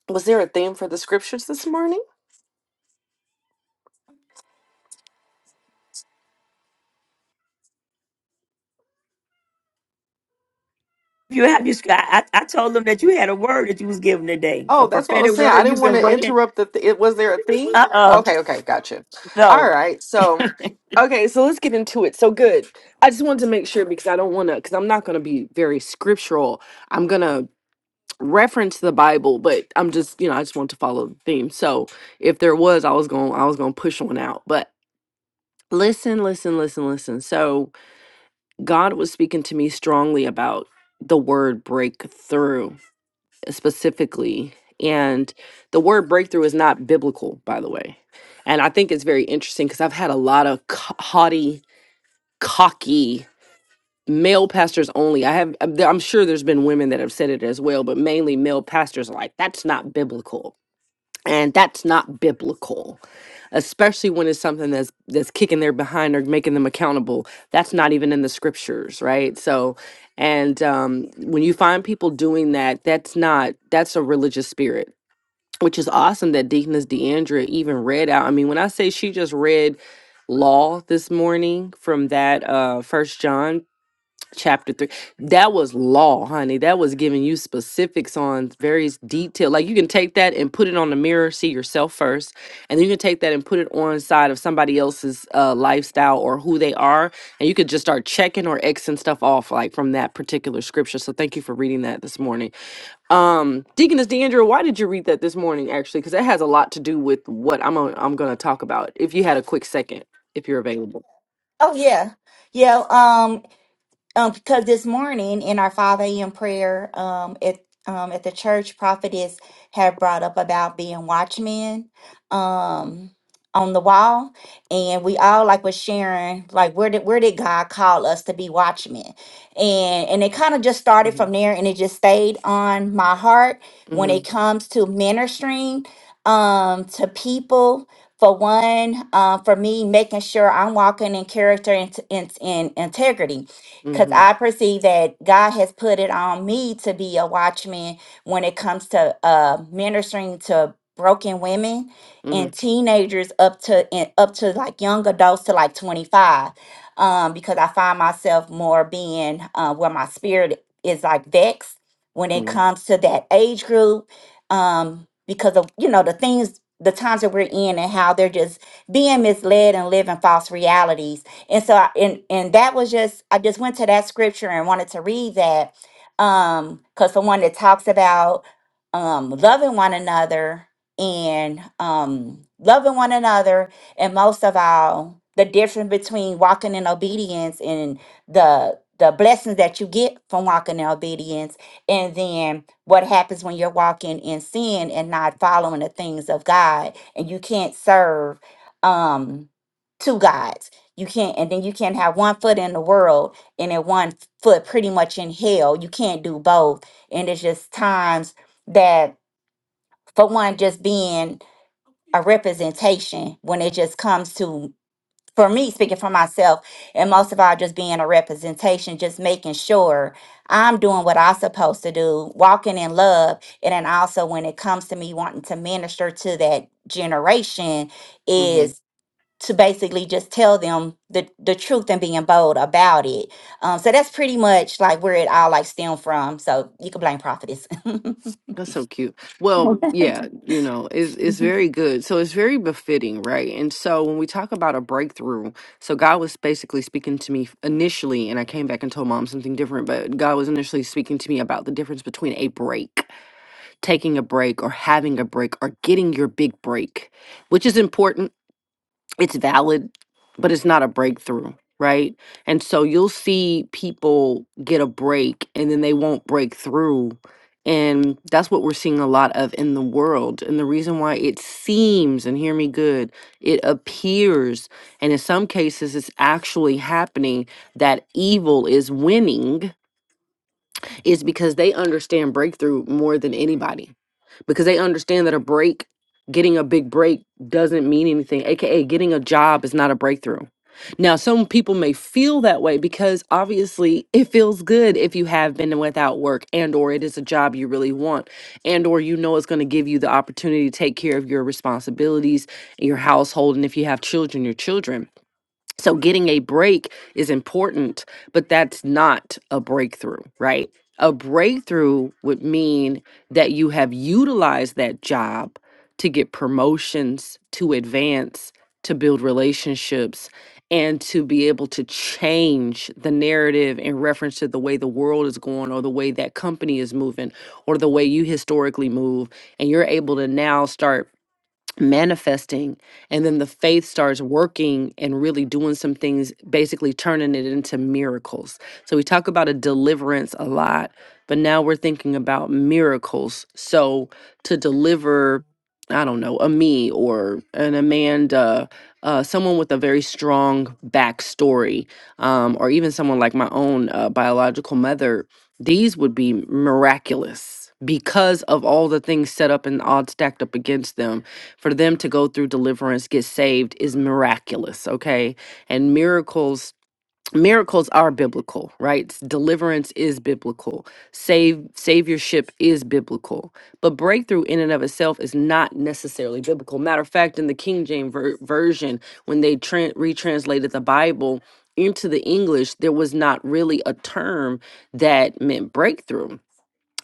S7: was there a theme for the scriptures this morning?
S1: You have you. I, I I told them that you had a word that you was given today, a
S7: Oh, that's what I
S1: prophetic
S7: was saying. I
S1: word.
S7: didn't
S1: You've
S7: want
S1: been
S7: to
S1: working.
S7: interrupt the. Th- it was there a theme?
S1: Uh uh
S7: Okay, okay, gotcha. All
S1: No.
S7: right, so okay, so let's get into it. So good. I just wanted to make sure because I don't want to because I'm not going to be very scriptural. I'm gonna reference the Bible, but I'm just you know I just want to follow the theme. So if there was, I was going I was going to push one out, but listen, listen, listen, listen. So God was speaking to me strongly about the word breakthrough specifically. And the word breakthrough is not biblical, by the way. And I think it's very interesting because I've had a lot of ca- haughty, cocky male pastors only. I have, I'm I'm sure there's been women that have said it as well, but mainly male pastors are like, that's not biblical and that's not biblical especially when it's something that's that's kicking their behind or making them accountable that's not even in the scriptures right so and um when you find people doing that that's not that's a religious spirit which is awesome that deaconess deandra even read out i mean when i say she just read law this morning from that uh first john chapter three. That was law, honey. That was giving you specifics on various detail. Like you can take that and put it on the mirror, see yourself first, and then you can take that and put it on side of somebody else's uh, lifestyle or who they are, and you could just start checking or xing stuff off like from that particular scripture. So thank you for reading that this morning. Um, Deaconess Deandra, why did you read that this morning actually? Because that has a lot to do with what I'm i I'm going to talk about. If you had a quick second, if you're available.
S6: Oh yeah, yeah. Um, um, because this morning in our 5 a.m. prayer um, at um, at the church, prophetess had brought up about being watchmen um, on the wall, and we all like was sharing like where did where did God call us to be watchmen, and and it kind of just started
S7: Mm-hmm.
S6: from there, and it just stayed on my heart when it
S7: Mm-hmm.
S6: comes to ministering um, to people. For one, uh, for me, making sure I'm walking in character and, and, and integrity because I
S7: Mm-hmm.
S6: perceive that God has put it on me to be a watchman when it comes to uh, ministering to broken women and teenagers up to and up to like young adults to like 25 um, because I find myself more being uh, where my spirit is like vexed when it
S7: Mm-hmm.
S6: comes to that age group um, because of you know the things the times that we're in and how they're just being misled and living false realities and so I, and and that was just I just went to that scripture and wanted to read that um cuz for one it talks about um loving one another and um loving one another and most of all the difference between walking in obedience and the the blessings that you get from walking in obedience and then what happens when you're walking in sin and not following the things of God and you can't serve um two gods. You can't, and then you can't have one foot in the world and then one foot pretty much in hell. You can't do both. And it's just times that, for one, just being a representation when it just comes to, for me, speaking for myself, and most of all, just being a representation, just making sure I'm doing what I'm supposed to do, walking in love. And then also, when it comes to me wanting to minister to that generation,
S7: Mm-hmm.
S6: is to basically just tell them the, the truth and being bold about it. Um, so that's pretty much like where it all like stemmed from. So you can blame prophetess.
S7: That's so cute. Well, yeah, you know, it's it's very good. So it's very befitting, right? And so when we talk about a breakthrough, so God was basically speaking to me initially, and I came back and told mom something different, but God was initially speaking to me about the difference between a break, taking a break, or having a break, or getting your big break, which is important. it's valid, but it's not a breakthrough, right? And so you'll see people get a break and then they won't break through. And that's what we're seeing a lot of in the world. And the reason why it seems, and hear me good, it appears, and in some cases it's actually happening that evil is winning is because they understand breakthrough more than anybody because they understand that a break, getting a big break doesn't mean anything, aka getting a job is not a breakthrough. Now, some people may feel that way because obviously it feels good if you have been without work and or it is a job you really want and or you know it's going to give you the opportunity to take care of your responsibilities, your household and if you have children, your children. So getting a break is important, but that's not a breakthrough, right? A breakthrough would mean that you have utilized that job to get promotions, to advance, to build relationships, and to be able to change the narrative in reference to the way the world is going or the way that company is moving or the way you historically move. And you're able to now start manifesting and then the faith starts working and really doing some things basically turning it into miracles so we talk about a deliverance a lot but now we're thinking about miracles so to deliver i don't know a me or an amanda uh, someone with a very strong backstory um, or even someone like my own uh, biological mother these would be miraculous because of all the things set up and odds stacked up against them for them to go through deliverance, get saved is miraculous, okay? And miracles miracles are biblical, right? Deliverance is biblical. Save saviorship is biblical. But breakthrough in and of itself is not necessarily biblical. Matter of fact, in the King James ver- version when they tran retranslated the Bible into the English, there was not really a term that meant breakthrough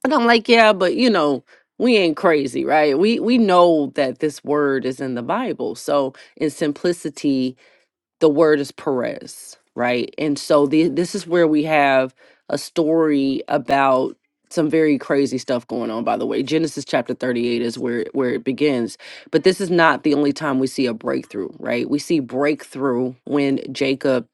S7: and I'm like, yeah, but you know, we ain't crazy, right? We we know that this word is in the Bible. So in simplicity, the word is Perez, right? And so the, this is where we have a story about some very crazy stuff going on. By the way, Genesis chapter 38 is where where it begins. But this is not the only time we see a breakthrough, right? We see breakthrough when Jacob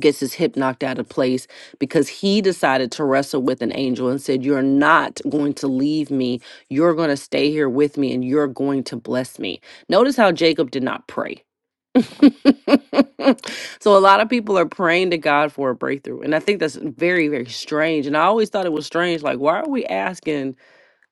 S7: gets his hip knocked out of place because he decided to wrestle with an angel and said, You're not going to leave me. You're going to stay here with me and you're going to bless me. Notice how Jacob did not pray. so a lot of people are praying to God for a breakthrough. And I think that's very, very strange. And I always thought it was strange. Like, why are we asking?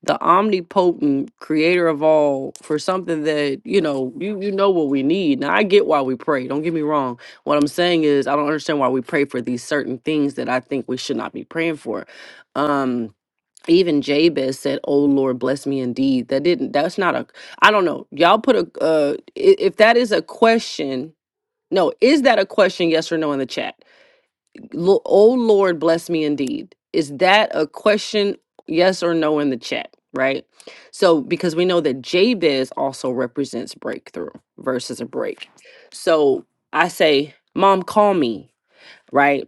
S7: the omnipotent creator of all for something that you know you you know what we need now i get why we pray don't get me wrong what i'm saying is i don't understand why we pray for these certain things that i think we should not be praying for um even jabez said oh lord bless me indeed that didn't that's not a i don't know y'all put a uh i- if that is a question no is that a question yes or no in the chat Lo- oh Lord, bless me indeed. Is that a question, yes or no, in the chat? Right. So, because we know that Jabez also represents breakthrough versus a break. So I say, Mom, call me. Right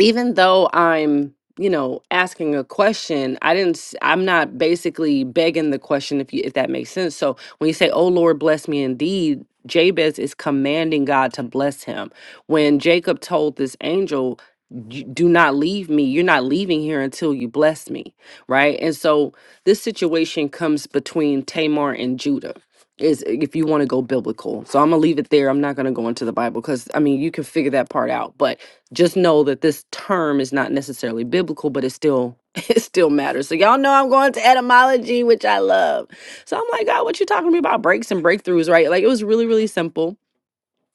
S7: even though I'm, you know, asking a question, I didn't s- I'm not basically begging the question if you if that makes sense. So when you say, "Oh Lord, bless me indeed," Jabez is commanding God to bless him. When Jacob told this angel, "You- "Do not leave me. You're not leaving here until you bless me." Right? And so this situation comes between Tamar and Judah. Is if you want to go biblical. So I'm going to leave it there. I'm not going to go into the Bible cuz I mean, you can figure that part out. But just know that this term is not necessarily biblical, but it still it still matters. So y'all know I'm going to etymology, which I love. So I'm like, God, what you talking to me about breaks and breakthroughs, right? Like it was really, really simple.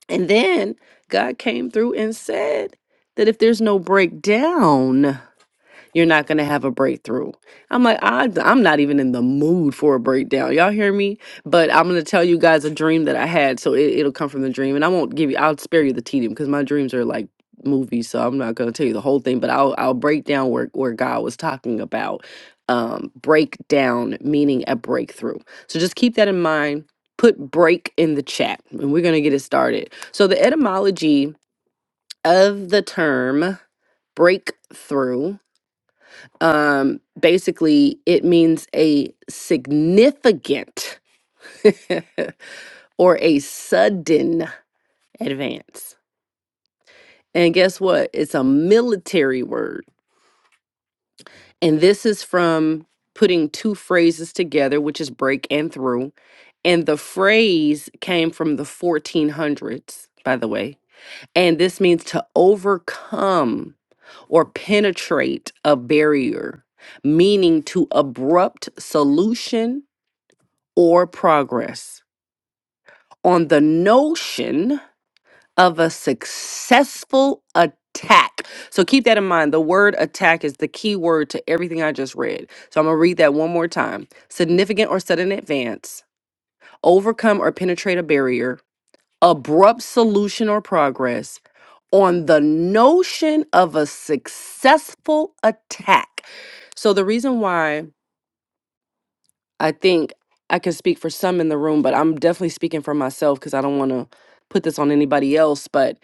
S7: And then God came through and said that if there's no breakdown, you're not going to have a breakthrough. I'm like, I, I'm not even in the mood for a breakdown. Y'all hear me? But I'm going to tell you guys a dream that I had. So it, it'll come from the dream. And I won't give you, I'll spare you the tedium because my dreams are like movies. So I'm not going to tell you the whole thing, but I'll, I'll break down where, where God was talking about um, breakdown, meaning a breakthrough. So just keep that in mind. Put break in the chat and we're going to get it started. So the etymology of the term breakthrough um, basically it means a significant or a sudden advance. And guess what? It's a military word. And this is from putting two phrases together, which is break and through. And the phrase came from the 1400s, by the way. And this means to overcome or penetrate a barrier, meaning to abrupt solution or progress on the notion of a successful attack. So keep that in mind. The word attack is the key word to everything I just read. So I'm going to read that one more time. Significant or sudden advance, overcome or penetrate a barrier, abrupt solution or progress on the notion of a successful attack. So the reason why I think I can speak for some in the room, but I'm definitely speaking for myself because I don't want to put this on anybody else. But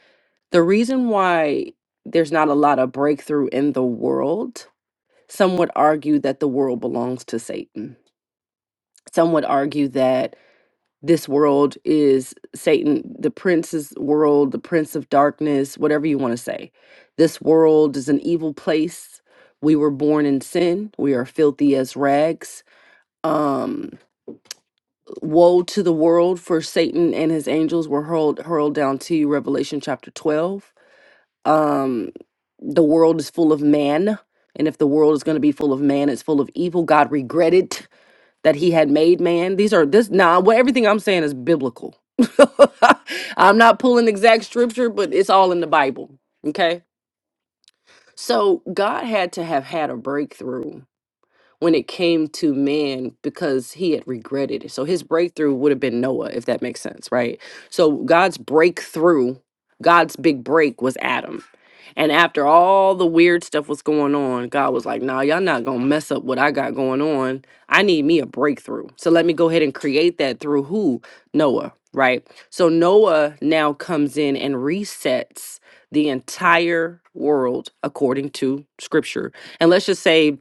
S7: the reason why there's not a lot of breakthrough in the world, some would argue that the world belongs to Satan. Some would argue that this world is Satan, the prince's world, the prince of darkness, whatever you want to say. This world is an evil place. We were born in sin. We are filthy as rags. Um, Woe to the world for Satan and his angels were hurled hurled down to you, Revelation chapter 12. Um the world is full of man, and if the world is going to be full of man, it's full of evil. God regretted that he had made man. These are this now. what everything I'm saying is biblical. I'm not pulling exact scripture, but it's all in the Bible, okay? So God had to have had a breakthrough when it came to man because he had regretted it. So his breakthrough would have been Noah, if that makes sense, right? So God's breakthrough, God's big break was Adam. And after all the weird stuff was going on, God was like, nah, y'all not gonna mess up what I got going on. I need me a breakthrough. So let me go ahead and create that through who? Noah, right? So Noah now comes in and resets the entire world according to scripture. And let's just say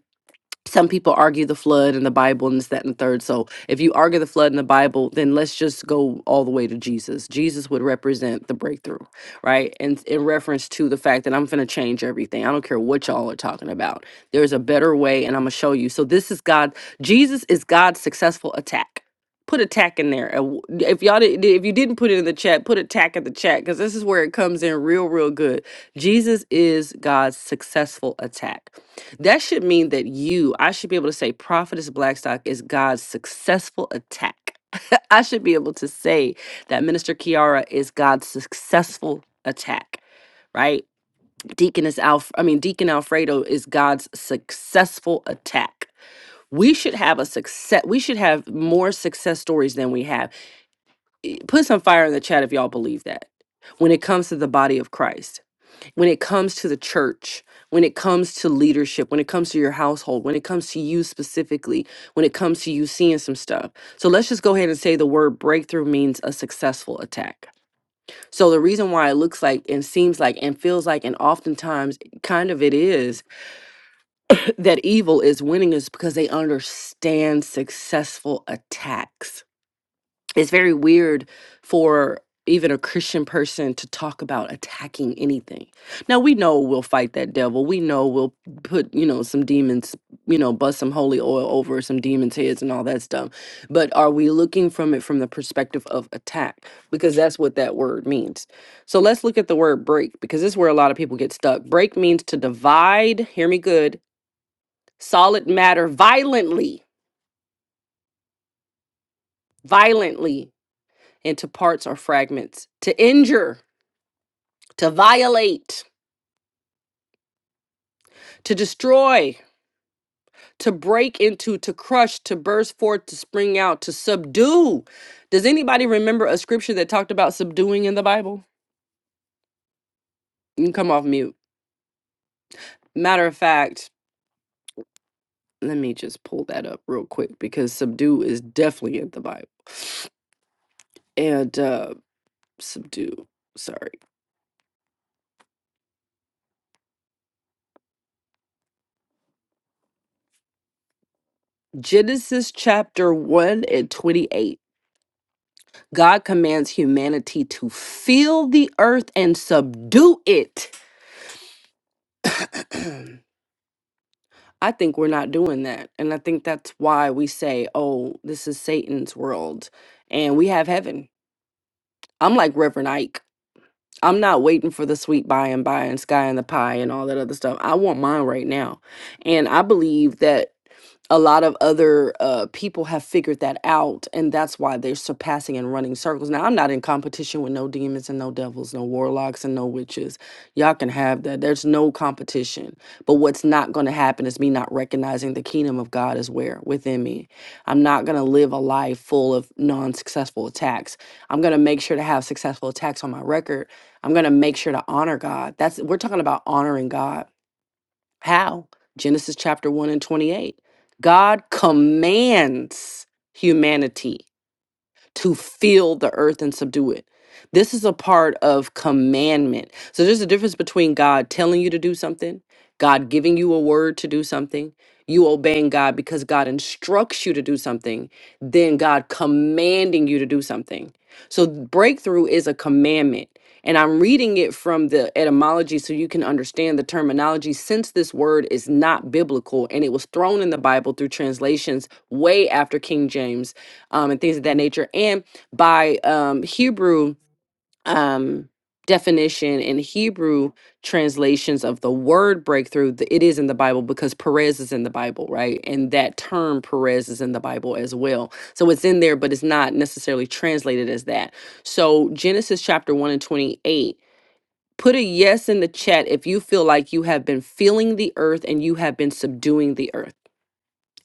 S7: some people argue the flood and the Bible and this, that, and the third. So if you argue the flood and the Bible, then let's just go all the way to Jesus. Jesus would represent the breakthrough, right? And in reference to the fact that I'm going to change everything. I don't care what y'all are talking about. There's a better way, and I'm going to show you. So this is God. Jesus is God's successful attack. Put attack in there. And w- If y'all did, if you didn't put it in the chat, put attack in the chat because this is where it comes in real, real good. Jesus is God's successful attack. That should mean that you, I should be able to say Prophetess Blackstock is God's successful attack. I should be able to say that Minister Kiara is God's successful attack, right? Deaconess Alf I mean Deacon Alfredo is God's successful attack. We should have a success we should have more success stories than we have. Put some fire in the chat if y'all believe that when it comes to the body of Christ when it comes to the church, when it comes to leadership, when it comes to your household, when it comes to you specifically, when it comes to you seeing some stuff. So let's just go ahead and say the word breakthrough means a successful attack. So the reason why it looks like and seems like and feels like and oftentimes kind of it is that evil is winning is because they understand successful attacks it's very weird for even a Christian person to talk about attacking anything. Now we know we'll fight that devil. We know we'll put, you know, some demons, you know, bust some holy oil over some demons' heads and all that stuff. But are we looking from it from the perspective of attack? Because that's what that word means. So let's look at the word break because this is where a lot of people get stuck. Break means to divide, hear me good, solid matter violently, violently into parts or fragments, to injure to violate, to destroy, to break into, to crush, to burst forth, to spring out, to subdue. Does anybody remember a scripture that talked about subduing in the Bible? You can come off mute. Matter of fact, let me just pull that up real quick because subdue is definitely in the Bible. And uh subdue, sorry. Genesis chapter 1 and 28. God commands humanity to fill the earth and subdue it. I think we're not doing that. And I think that's why we say, oh, this is Satan's world and we have heaven. I'm like Reverend Ike. I'm not waiting for the sweet by and by and sky and the pie and all that other stuff. I want mine right now. And I believe that a lot of other uh, people have figured that out, and that's why they're surpassing and running circles. Now, I'm not in competition with no demons and no devils, no warlocks and no witches. Y'all can have that. There's no competition. But what's not going to happen is me not recognizing the kingdom of God is where within me. I'm not going to live a life full of non successful attacks. I'm going to make sure to have successful attacks on my record. I'm going to make sure to honor God. That's we're talking about honoring God how? Genesis chapter 1 and 28. God commands humanity to fill the earth and subdue it. This is a part of commandment. So there's a difference between God telling you to do something, God giving you a word to do something, you obeying God because God instructs you to do something, then God commanding you to do something. So breakthrough is a commandment. And I'm reading it from the etymology so you can understand the terminology since this word is not biblical and it was thrown in the Bible through translations way after King James um, and things of that nature. And by um, Hebrew um, definition and Hebrew translations of the word breakthrough, th- it is in the Bible because Perez is in the Bible, right? And that term Perez is in the Bible as well. So it's in there, but it's not necessarily translated as that. So Genesis chapter 1 and 28. Put a yes in the chat if you feel like you have been feeling the earth and you have been subduing the earth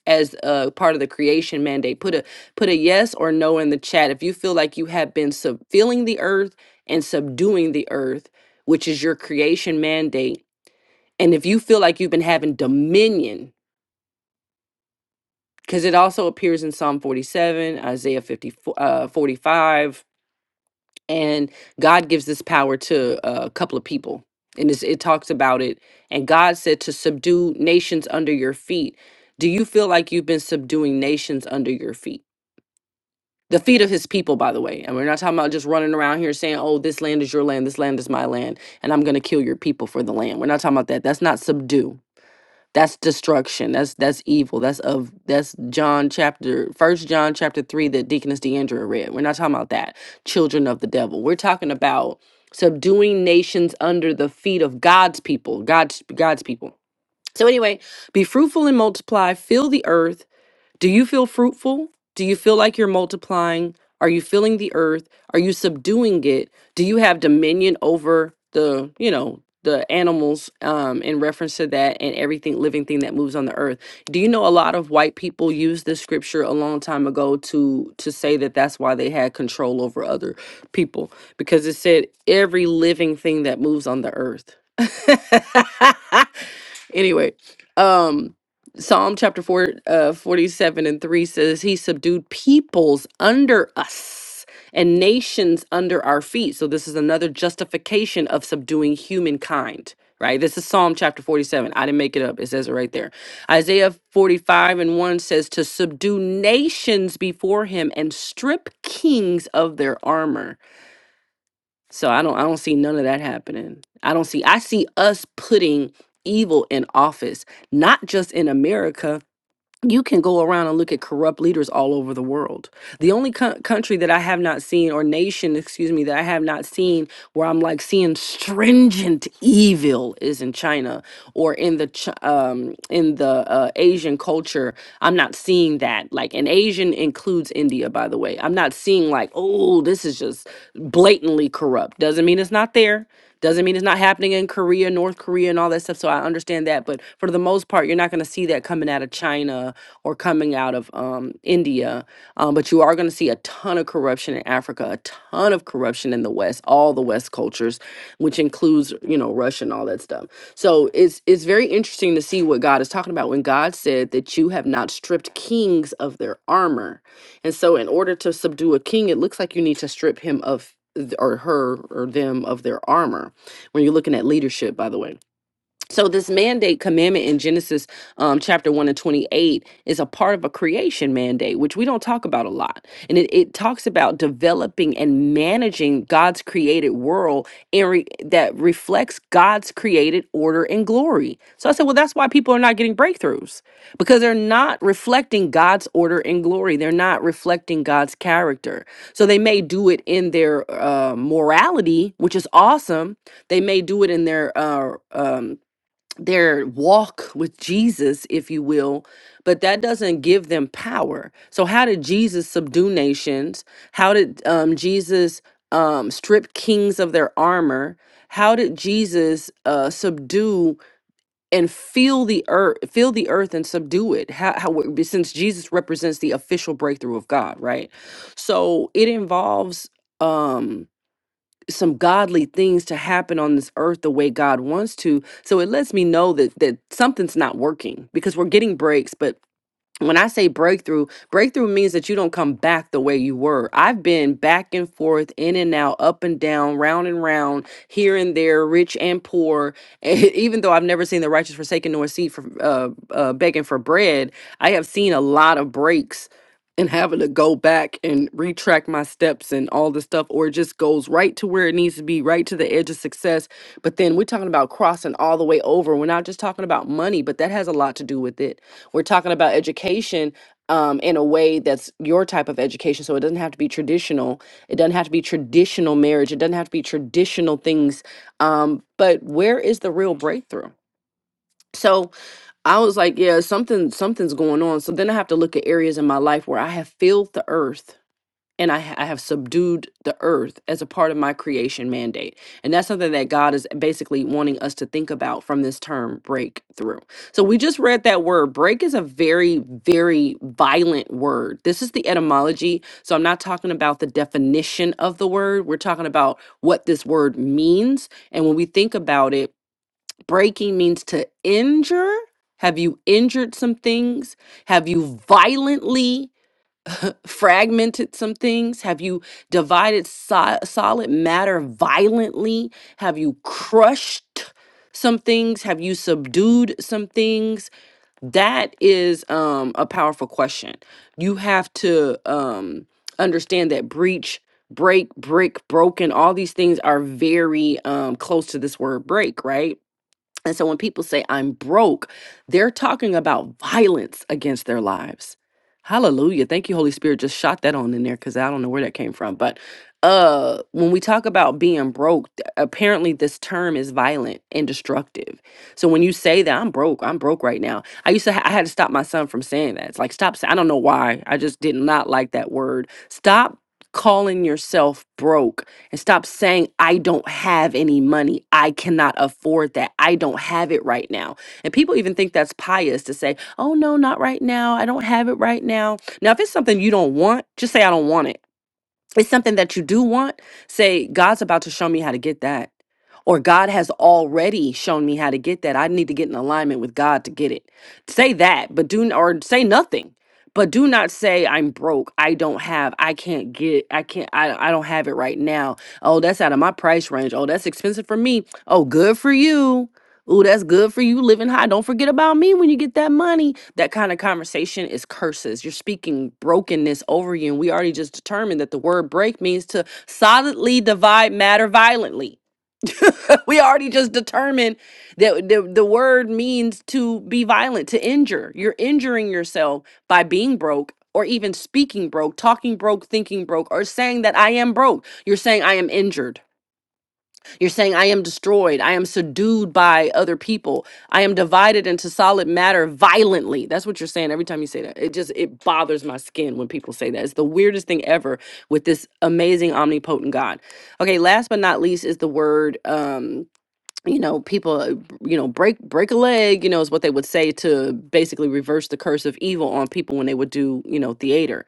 S7: as a part of the creation mandate put a put a yes or no in the chat if you feel like you have been sub- filling the earth and subduing the earth which is your creation mandate and if you feel like you've been having dominion because it also appears in psalm 47 isaiah 50, uh, 45 and god gives this power to uh, a couple of people and it's, it talks about it and god said to subdue nations under your feet do you feel like you've been subduing nations under your feet the feet of his people, by the way. And we're not talking about just running around here saying, oh, this land is your land, this land is my land, and I'm gonna kill your people for the land. We're not talking about that. That's not subdue. That's destruction. That's that's evil. That's of that's John chapter first John chapter three that Deaconess Deandra read. We're not talking about that. Children of the devil. We're talking about subduing nations under the feet of God's people. God's God's people. So anyway, be fruitful and multiply, fill the earth do you feel fruitful? Do you feel like you're multiplying? Are you filling the earth? Are you subduing it? Do you have dominion over the, you know, the animals um, in reference to that and everything living thing that moves on the earth? Do you know a lot of white people used this scripture a long time ago to to say that that's why they had control over other people because it said every living thing that moves on the earth. anyway, um Psalm chapter 4, uh, 47 and 3 says, He subdued peoples under us and nations under our feet. So, this is another justification of subduing humankind, right? This is Psalm chapter 47. I didn't make it up. It says it right there. Isaiah 45 and 1 says, To subdue nations before him and strip kings of their armor. So I don't I don't see none of that happening. I don't see I see us putting evil in office, not just in America, you can go around and look at corrupt leaders all over the world. The only co- country that I have not seen, or nation, excuse me, that I have not seen where I'm like seeing stringent evil is in China or in the Ch- um, in the uh, Asian culture. I'm not seeing that. Like, and Asian includes India, by the way. I'm not seeing like, oh, this is just blatantly corrupt. Doesn't mean it's not there. Doesn't mean it's not happening in Korea, North Korea, and all that stuff. So I understand that. But for the most part, you're not going to see that coming out of China or coming out of um, India. Um, but you are going to see a ton of corruption in Africa, a ton of corruption in the West, all the West cultures, which includes you know Russia and all that stuff. So it's it's very interesting to see what God is talking about when God said that you have not stripped kings of their armor, and so in order to subdue a king, it looks like you need to strip him of th- or her or them of their armor when you're looking at leadership by the way so this mandate commandment in genesis um, chapter 1 and 28 is a part of a creation mandate which we don't talk about a lot and it, it talks about developing and managing god's created world and re- that reflects god's created order and glory so i said well that's why people are not getting breakthroughs because they're not reflecting god's order and glory they're not reflecting god's character so they may do it in their uh, morality which is awesome they may do it in their uh, um, their walk with Jesus, if you will, but that doesn't give them power. So, how did Jesus subdue nations? How did um, Jesus um, strip kings of their armor? How did Jesus uh, subdue and fill the earth, fill the earth and subdue it? How, how, since Jesus represents the official breakthrough of God, right? So it involves. Um, some godly things to happen on this earth the way God wants to. So it lets me know that that something's not working because we're getting breaks, but when I say breakthrough, breakthrough means that you don't come back the way you were. I've been back and forth, in and out, up and down, round and round, here and there, rich and poor. even though I've never seen the righteous forsaken nor seed for uh, uh, begging for bread, I have seen a lot of breaks and having to go back and retract my steps and all this stuff, or it just goes right to where it needs to be, right to the edge of success. But then we're talking about crossing all the way over. We're not just talking about money, but that has a lot to do with it we're talking about education um, in a way that's your type of education. So it doesn't have to be traditional. It doesn't have to be traditional marriage. It doesn't have to be traditional things. Um, but where is the real breakthrough? So I was like, yeah, something something's going on. So then I have to look at areas in my life where I have filled the earth and I, ha- I have subdued the earth as a part of my creation mandate. And that's something that God is basically wanting us to think about from this term breakthrough. So we just read that word. Break is a very, very violent word. This is the etymology. So I'm not talking about the definition of the word, we're talking about what this word means. And when we think about it, breaking means to injure. Have you injured some things? Have you violently? fragmented some things? Have you divided so- solid matter violently? Have you crushed some things? Have you subdued some things? That is um, a powerful question. You have to um, understand that breach, break, brick, broken, all these things are very um, close to this word break, right? And so when people say, I'm broke, they're talking about violence against their lives. Hallelujah. Thank you, Holy Spirit. Just shot that on in there because I don't know where that came from. But uh when we talk about being broke, th- apparently this term is violent and destructive. So when you say that I'm broke, I'm broke right now. I used to ha- I had to stop my son from saying that. It's like stop sa- I don't know why. I just did not like that word. Stop calling yourself broke and stop saying, I don't have any money. I cannot afford that. I don't have it right now. And people even think that's pious to say, oh, no, not right now. I don't have it right now. Now, if it's something you don't want, just say, I don't want it it's something that you do want, say, God's about to show me how to get that. Or God has already shown me how to get that. I need to get in alignment with God to get it. Say that, but do or say nothing. But do not say I'm broke. I don't have. I can't get. I can't. I, I don't have it right now. Oh, that's out of my price range. Oh, that's expensive for me. Oh, good for you. Ooh, that's good for you living high. Don't forget about me when you get that money. That kind of conversation is curses. You're speaking brokenness over you. And we already just determined that the word break means to solidly divide matter violently. we already just determined that the, the word means to be violent, to injure. You're injuring yourself by being broke or even speaking broke, talking broke, thinking broke, or saying that I am broke. You're saying I am injured. You're saying, I am destroyed. I am subdued by other people. I am divided into solid matter violently. That's what you're saying every time you say that. It just, it bothers my skin when people say that. It's the weirdest thing ever with this amazing, omnipotent God. Okay, last but not least is the word. Um, you know people uh, you know break break a leg you know is what they would say to basically reverse the curse of evil on people when they would do you know theater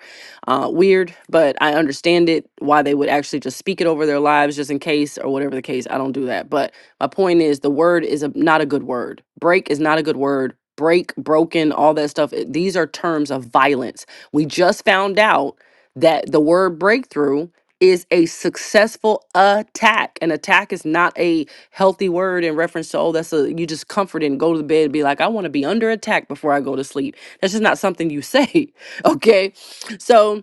S7: uh weird but i understand it why they would actually just speak it over their lives just in case or whatever the case i don't do that but my point is the word is a, not a good word break is not a good word break broken all that stuff it- these are terms of violence we just found out that the word breakthrough is a successful attack. An attack is not a healthy word in reference to, oh, that's a, you just comfort and go to bed and be like, I want to be under attack before I go to sleep. That's just not something you say. Okay. So,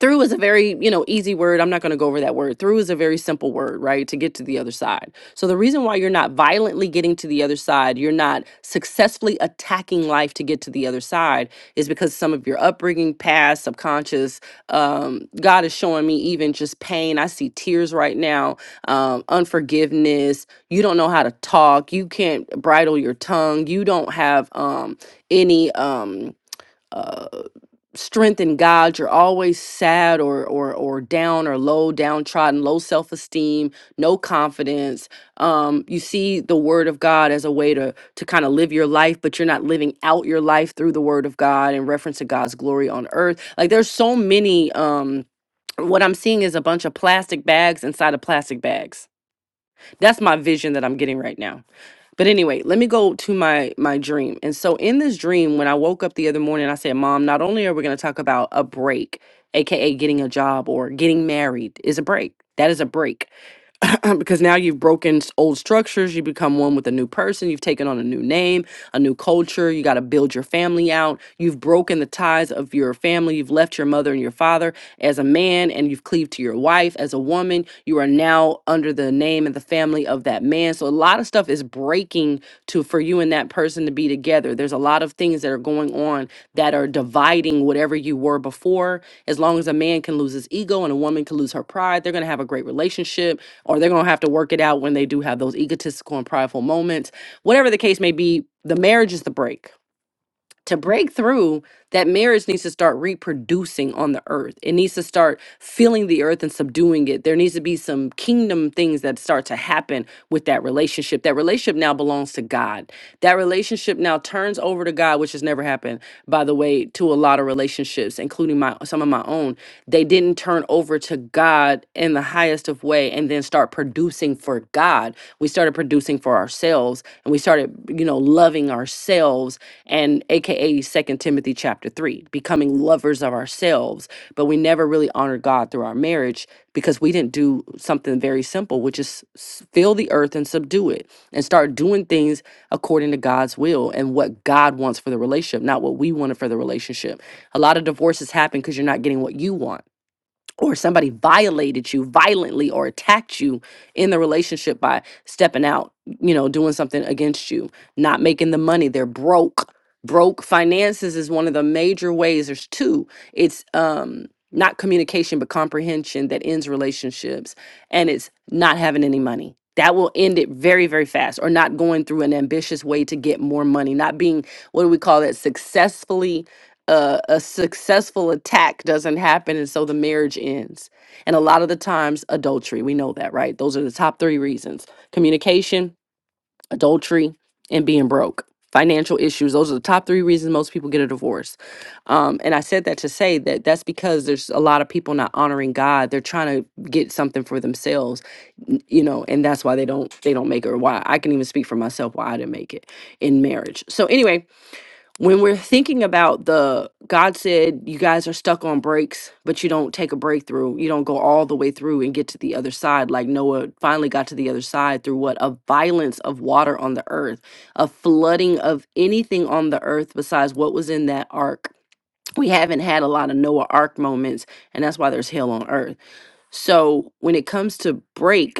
S7: through is a very you know easy word i'm not going to go over that word through is a very simple word right to get to the other side so the reason why you're not violently getting to the other side you're not successfully attacking life to get to the other side is because some of your upbringing past subconscious um, god is showing me even just pain i see tears right now um, unforgiveness you don't know how to talk you can't bridle your tongue you don't have um, any um, uh, strength in God, you're always sad or or or down or low, downtrodden, low self-esteem, no confidence. Um, you see the word of God as a way to to kind of live your life, but you're not living out your life through the word of God in reference to God's glory on earth. Like there's so many um what I'm seeing is a bunch of plastic bags inside of plastic bags. That's my vision that I'm getting right now. But anyway, let me go to my my dream. And so in this dream, when I woke up the other morning, I said, "Mom, not only are we going to talk about a break, aka getting a job or getting married, is a break. That is a break. because now you've broken s- old structures, you become one with a new person, you've taken on a new name, a new culture, you got to build your family out. You've broken the ties of your family, you've left your mother and your father as a man, and you've cleaved to your wife as a woman. You are now under the name and the family of that man. So a lot of stuff is breaking to for you and that person to be together. There's a lot of things that are going on that are dividing whatever you were before. As long as a man can lose his ego and a woman can lose her pride, they're going to have a great relationship or they're going to have to work it out when they do have those egotistical and prideful moments. Whatever the case may be, the marriage is the break to break through that marriage needs to start reproducing on the earth it needs to start filling the earth and subduing it there needs to be some kingdom things that start to happen with that relationship that relationship now belongs to god that relationship now turns over to god which has never happened by the way to a lot of relationships including my some of my own they didn't turn over to god in the highest of way and then start producing for god we started producing for ourselves and we started you know loving ourselves and aka second timothy chapter 3 becoming lovers of ourselves but we never really honored god through our marriage because we didn't do something very simple which is s- fill the earth and subdue it and start doing things according to god's will and what god wants for the relationship not what we wanted for the relationship a lot of divorces happen because you're not getting what you want or somebody violated you violently or attacked you in the relationship by stepping out, you know, doing something against you, not making the money, they're broke. Broke finances is one of the major ways. There's two. It's um not communication but comprehension that ends relationships and it's not having any money. That will end it very very fast or not going through an ambitious way to get more money, not being what do we call that successfully a, a successful attack doesn't happen and so the marriage ends and a lot of the times adultery we know that right those are the top three reasons communication adultery and being broke financial issues those are the top three reasons most people get a divorce um, and i said that to say that that's because there's a lot of people not honoring god they're trying to get something for themselves n- you know and that's why they don't they don't make it or why i can even speak for myself why i didn't make it in marriage so anyway when we're thinking about the God said you guys are stuck on breaks, but you don't take a breakthrough. You don't go all the way through and get to the other side. Like Noah finally got to the other side through what? A violence of water on the earth, a flooding of anything on the earth besides what was in that ark. We haven't had a lot of Noah ark moments, and that's why there's hell on earth. So when it comes to break,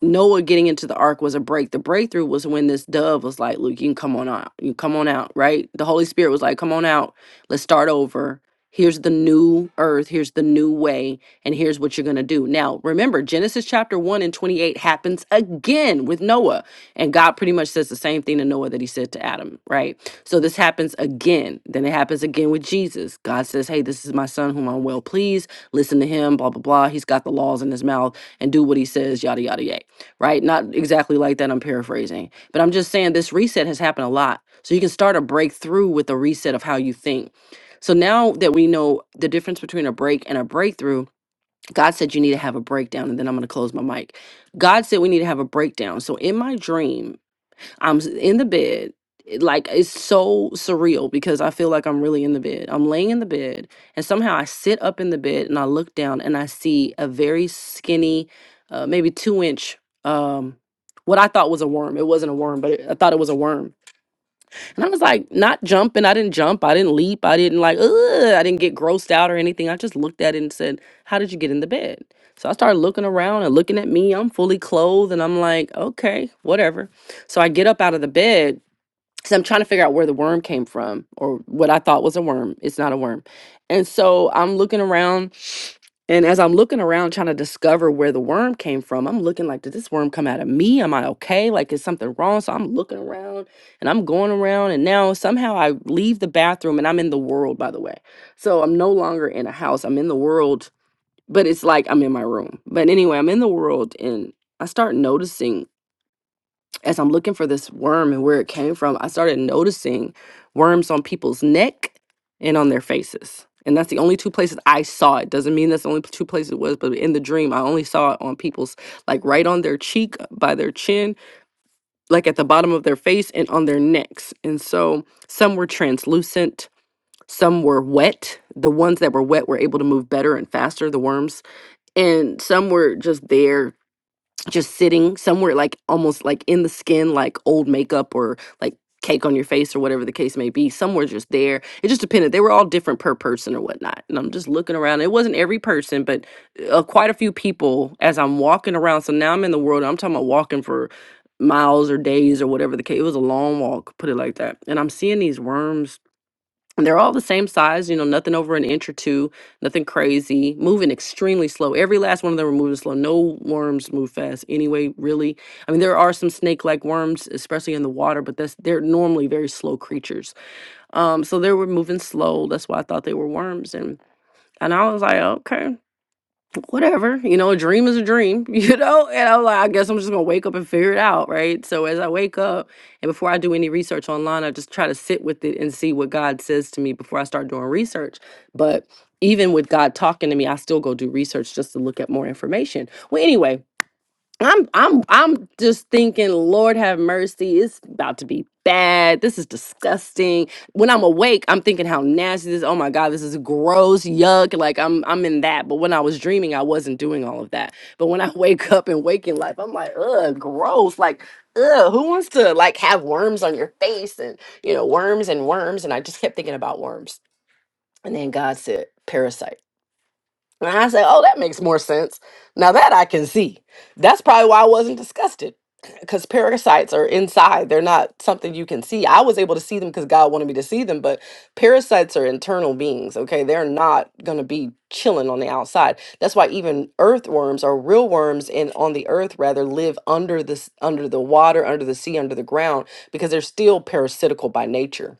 S7: Noah getting into the ark was a break. The breakthrough was when this dove was like, "Look, you can come on out. You come on out, right? The Holy Spirit was like, come on out. Let's start over. Here's the new earth. Here's the new way. And here's what you're going to do. Now, remember, Genesis chapter 1 and 28 happens again with Noah. And God pretty much says the same thing to Noah that he said to Adam, right? So this happens again. Then it happens again with Jesus. God says, hey, this is my son whom I'm well pleased. Listen to him, blah, blah, blah. He's got the laws in his mouth and do what he says, yada, yada, yada right? Not exactly like that, I'm paraphrasing. But I'm just saying this reset has happened a lot. So you can start a breakthrough with a reset of how you think. So now that we know the difference between a break and a breakthrough, God said you need to have a breakdown. And then I'm going to close my mic. God said we need to have a breakdown. So in my dream, I'm s- in the bed. It- Like it's so surreal because I feel like I'm really in the bed. I'm laying in the bed and somehow I sit up in the bed and I look down and I see a very skinny, uh, maybe two inch, um, what I thought was a worm. It wasn't a worm, but it, I thought it was a worm and I was like, not jumping. I didn't jump. I didn't leap. I didn't like, Ugh, I didn't get grossed out or anything. I just looked at it and said, How did you get in the bed? So I started looking around and looking at me. I'm fully clothed and I'm like, Okay, whatever. So I get up out of the bed because I'm trying to figure out where the worm came from or what I thought was a worm. It's not a worm. And so I'm looking around, and as I'm looking around trying to discover where the worm came from, I'm looking like, did this worm come out of me? Am I okay? Like, is something wrong? So I'm looking around and I'm going around, and now somehow I leave the bathroom and I'm in the world, by the way. So I'm no longer in a house, I'm in the world, but it's like I'm in my room. But anyway, I'm in the world and I start noticing as I'm looking for this worm and where it came from, I started noticing worms on people's neck and on their faces. And that's the only two places I saw it. Doesn't mean that's the only two places it was, but in the dream, I only saw it on people's, like right on their cheek, uh, by their chin, like at the bottom of their face, and on their necks. And so some were translucent, some were wet. The ones that were wet were able to move better and faster, the worms. And some were just there just sitting somewhere like almost like in the skin like old makeup or like cake on your face or whatever the case may be somewhere just there it just depended they were all different per person or whatnot and i'm just looking around it wasn't every person but uh, quite a few people as i'm walking around so now i'm in the world i'm talking about walking for miles or days or whatever the case it was a long walk put it like that and i'm seeing these worms and they're all the same size, you know, nothing over an inch or two, nothing crazy, moving extremely slow. Every last one of them were moving slow. No worms move fast anyway, really. I mean, there are some snake-like worms, especially in the water, but that's they're normally very slow creatures. Um, so they were moving slow. That's why I thought they were worms. And and I was like, okay whatever, you know, a dream is a dream, you know? And I'm like, I guess I'm just gonna wake up and figure it out, right? So as I wake up and before I do any research online, I just try to sit with it and see what God says to me before I start doing research. But even with God talking to me, I still go do research just to look at more information. Well, anyway, I'm I'm I'm just thinking, Lord have mercy, it's about to be bad. This is disgusting. When I'm awake, I'm thinking how nasty this. Oh my God, this is gross, yuck. Like I'm I'm in that. But when I was dreaming, I wasn't doing all of that. But when I wake up in waking life, I'm like, ugh, gross. Like, ugh, who wants to like have worms on your face and you know, worms and worms? And I just kept thinking about worms. And then God said, parasite. And I said, oh, that makes more sense. Now that I can see. That's probably why I wasn't disgusted because parasites are inside. They're not something you can see. I was able to see them because God wanted me to see them, but parasites are internal beings, okay? They're not going to be chilling on the outside. That's why even earthworms or real worms in on the earth rather live under the s- under the water, under the sea, under the ground because they're still parasitical by nature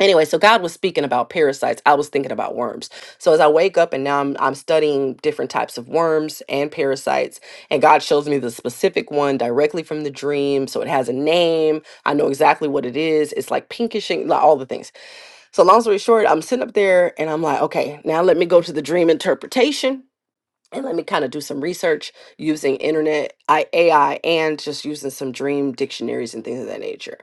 S7: anyway so god was speaking about parasites i was thinking about worms so as i wake up and now i'm, I'm studying different types of worms and parasites and god shows me the specific one directly from the dream so it has a name i know exactly what it is it's like pinkish and like all the things so long story short i'm sitting up there and i'm like okay now let me go to the dream interpretation and let me kind of do some research using internet I, AI and just using some dream dictionaries and things of that nature.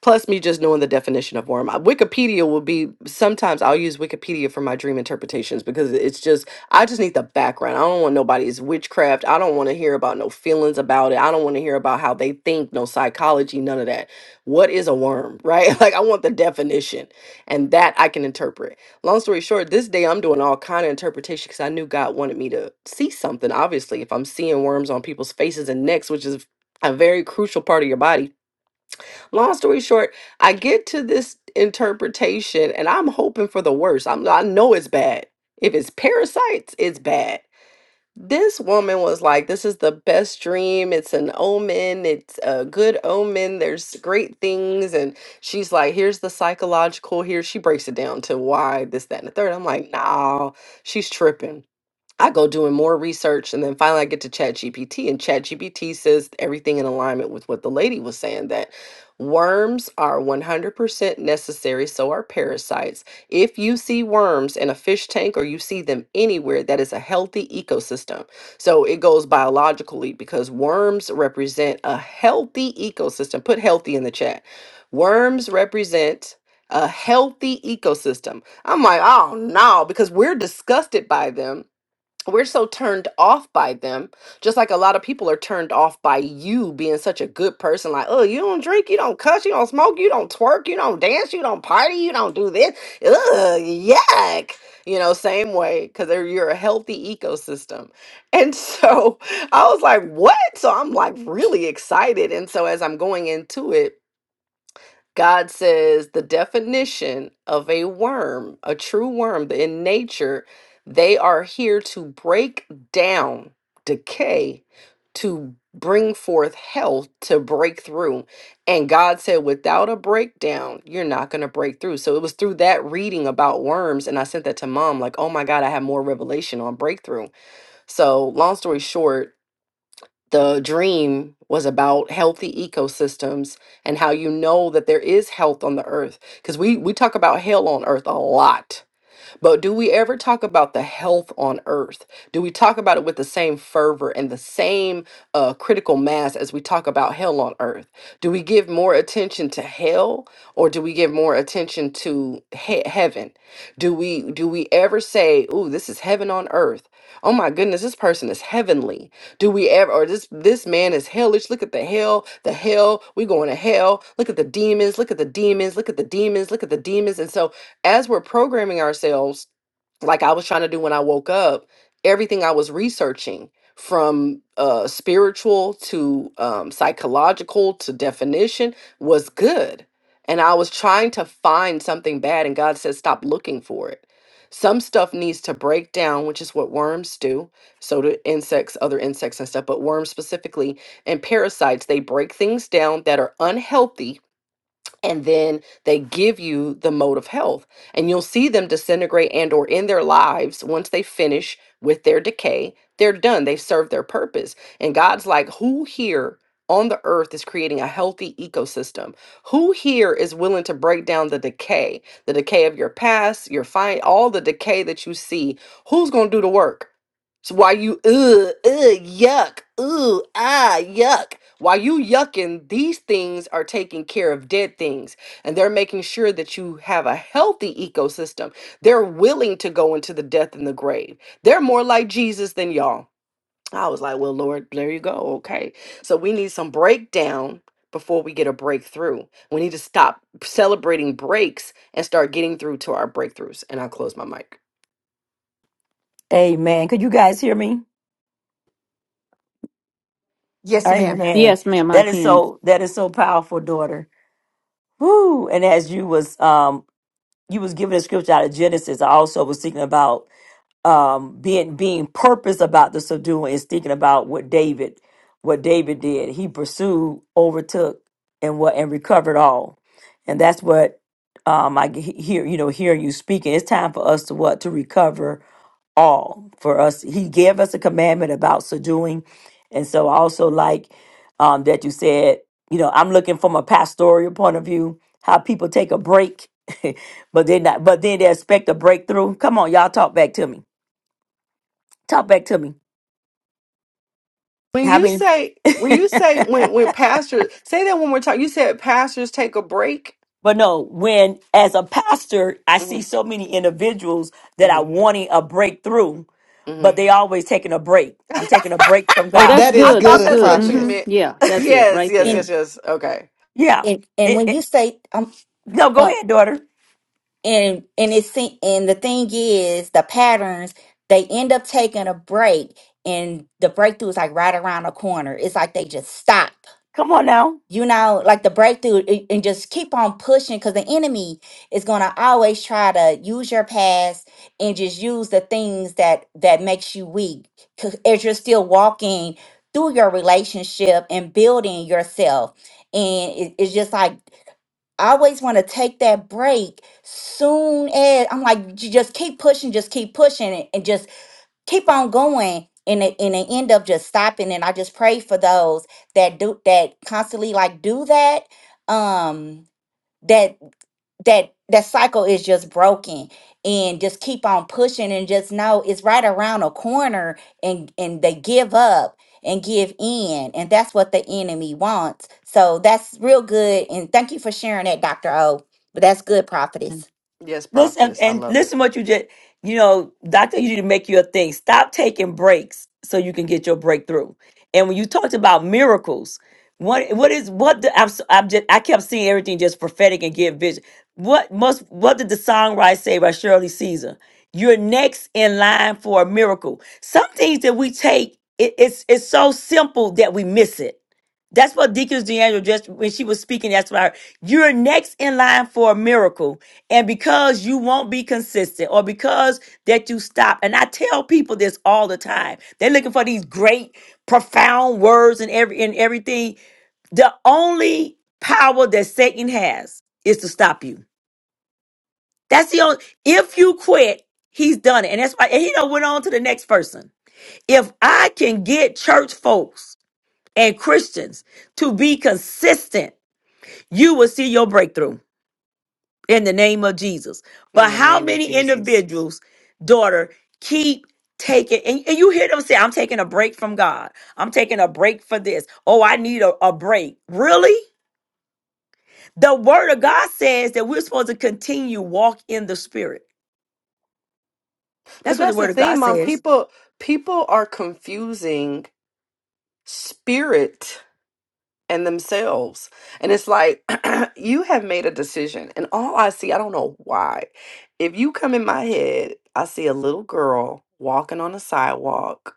S7: Plus, me just knowing the definition of worm. Uh, Wikipedia will be sometimes I'll use Wikipedia for my dream interpretations because it's just I just need the background. I don't want nobody's witchcraft. I don't want to hear about no feelings about it. I don't want to hear about how they think, no psychology, none of that. What is a worm, right? Like I want the definition, and that I can interpret long story short this day i'm doing all kind of interpretation because i knew god wanted me to see something obviously if i'm seeing worms on people's faces and necks which is a very crucial part of your body long story short i get to this interpretation and i'm hoping for the worst i'm i know it's bad if it's parasites it's bad this woman was like, This is the best dream. It's an omen. It's a good omen. There's great things. And she's like, Here's the psychological. Here, she breaks it down to why this, that, and the third. I'm like, Nah, she's tripping. I go doing more research and then finally I get to ChatGPT, and ChatGPT says everything in alignment with what the lady was saying that worms are 100% necessary so are parasites. If you see worms in a fish tank or you see them anywhere that is a healthy ecosystem. So it goes biologically because worms represent a healthy ecosystem. Put healthy in the chat. Worms represent a healthy ecosystem. I'm like, oh no, because we're disgusted by them we're so turned off by them just like a lot of people are turned off by you being such a good person like oh you don't drink you don't cuss you don't smoke you don't twerk you don't dance you don't party you don't do this Ugh, yuck you know same way because you're a healthy ecosystem and so i was like what so i'm like really excited and so as i'm going into it God says the definition of a worm, a true worm that in nature, they are here to break down decay, to bring forth health, to break through. And God said, without a breakdown, you're not going to break through. So it was through that reading about worms. And I sent that to mom, like, oh my God, I have more revelation on breakthrough. So, long story short, the dream was about healthy ecosystems and how you know that there is health on the earth because we we talk about hell on earth a lot but do we ever talk about the health on earth? Do we talk about it with the same fervor and the same uh, critical mass as we talk about hell on earth? Do we give more attention to hell or do we give more attention to he- heaven? Do we do we ever say, "Ooh, this is heaven on earth"? Oh my goodness, this person is heavenly. Do we ever or this this man is hellish? Look at the hell, the hell. We going to hell. Look at the demons. Look at the demons. Look at the demons. Look at the demons. And so as we're programming ourselves like I was trying to do when I woke up, everything I was researching from uh, spiritual to um, psychological to definition was good. And I was trying to find something bad, and God said, stop looking for it. Some stuff needs to break down, which is what worms do. So do insects, other insects and stuff, but worms specifically and parasites, they break things down that are unhealthy and then they give you the mode of health and you'll see them disintegrate and or in their lives once they finish with their decay they're done they've served their purpose and god's like who here on the earth is creating a healthy ecosystem who here is willing to break down the decay the decay of your past your fine all the decay that you see who's going to do the work so why you ugh ugh yuck ugh ah yuck? While you yucking, these things are taking care of dead things, and they're making sure that you have a healthy ecosystem. They're willing to go into the death and the grave. They're more like Jesus than y'all. I was like, well, Lord, there you go. Okay, so we need some breakdown before we get a breakthrough. We need to stop celebrating breaks and start getting through to our breakthroughs. And I close my mic.
S1: Amen. Could you guys hear me?
S4: Yes, ma'am.
S1: Amen.
S3: yes, ma'am, I
S1: That is
S3: can.
S1: so that is so powerful, daughter. Woo. And as you was um you was giving a scripture out of Genesis, I also was thinking about um being being purpose about the subduing is thinking about what David what David did. He pursued, overtook, and what and recovered all. And that's what um I g- hear you know hearing you speaking. It's time for us to what to recover all for us. He gave us a commandment about subduing, and so I also like um that you said you know I'm looking from a pastoral point of view how people take a break. but they not but then they expect a breakthrough. Come on, y'all talk back to me Talk back to me.
S7: When
S1: How
S7: you
S1: many?
S7: say when you say when when pastors say that one more time, you said pastors take a break.
S1: but no, when as a pastor, I
S7: hmm
S1: see so many individuals that
S7: hmm
S1: are wanting a breakthrough,
S7: hmm
S1: but they always taking a break. I'm taking a break from
S3: Oh,
S1: God.
S3: that's
S4: That is
S7: I
S3: good. That's
S7: thought
S4: good,
S7: that's
S3: good.
S7: what you
S4: prophetess.
S3: Mm-hmm.
S7: meant.
S3: Yeah, that's it
S7: Yes,
S3: right
S7: yes,
S3: there.
S7: yes,
S6: and
S7: yes. Okay.
S1: Yeah.
S6: and and
S1: It,
S6: when you
S1: it,
S6: say um
S1: no, go
S6: uh,
S1: ahead, daughter.
S6: and and it's se- and the thing is the patterns they end up taking a break and the breakthrough is like right around the corner. It's like they just stop
S1: Come on now.
S6: you know like the breakthrough a- and just keep on pushing because the enemy is going to always try to use your past and just use the things that that makes you weak 'Cause as you're still walking through your relationship and building yourself and it- it's just like I always want to take that break soon as I'm like you just keep pushing just keep pushing it and, just keep on going and they, and they end up just stopping and i just pray for those that do that constantly like do that um that that that cycle is just broken and just keep on pushing and just know it's right around a corner and and they give up and give in and that's what the enemy wants so that's real good and thank you for sharing that dr o but that's good prophetess
S7: Yes,
S1: Listen
S7: prophetess. I
S1: and
S7: love it.
S1: listen what you just you know, doctor, you need to make your thing. Stop taking breaks so you can get your breakthrough. And when you talked about miracles, what what is what the I'm, s- I'm just I kept seeing everything just prophetic and give vision. What must what did the songwriter say by Shirley Caesar? You're next in line for a miracle. Some things that we take, it, it's it's so simple that we miss it. That's what Deaconess DeAndre just when she was speaking, that's what I heard. You're next in line for a miracle and because you won't be consistent or because that you stop and i tell people this all the time they're looking for these great profound words and every and everything the only power that satan has is to stop you that's the only if you quit he's done it and that's why and he done went on to the next person if i can get church folks and christians to be consistent you will see your breakthrough in the name of Jesus. But
S7: In the
S1: how
S7: name of
S1: many
S7: Jesus.
S1: individuals, daughter, keep taking, and, and you hear them say, I'm taking a break from God. I'm taking a break for this. Oh, I need a, a break. Really? The word of God says that we're supposed to continue walk in the spirit.
S7: But
S1: That's what the
S7: that's the
S1: word of God
S7: thing, mom.
S1: says.
S7: People people are confusing spirit. and themselves. And it's like, you have made a decision. And all I see, I don't know why. If you come in my head, I see a little girl walking on the sidewalk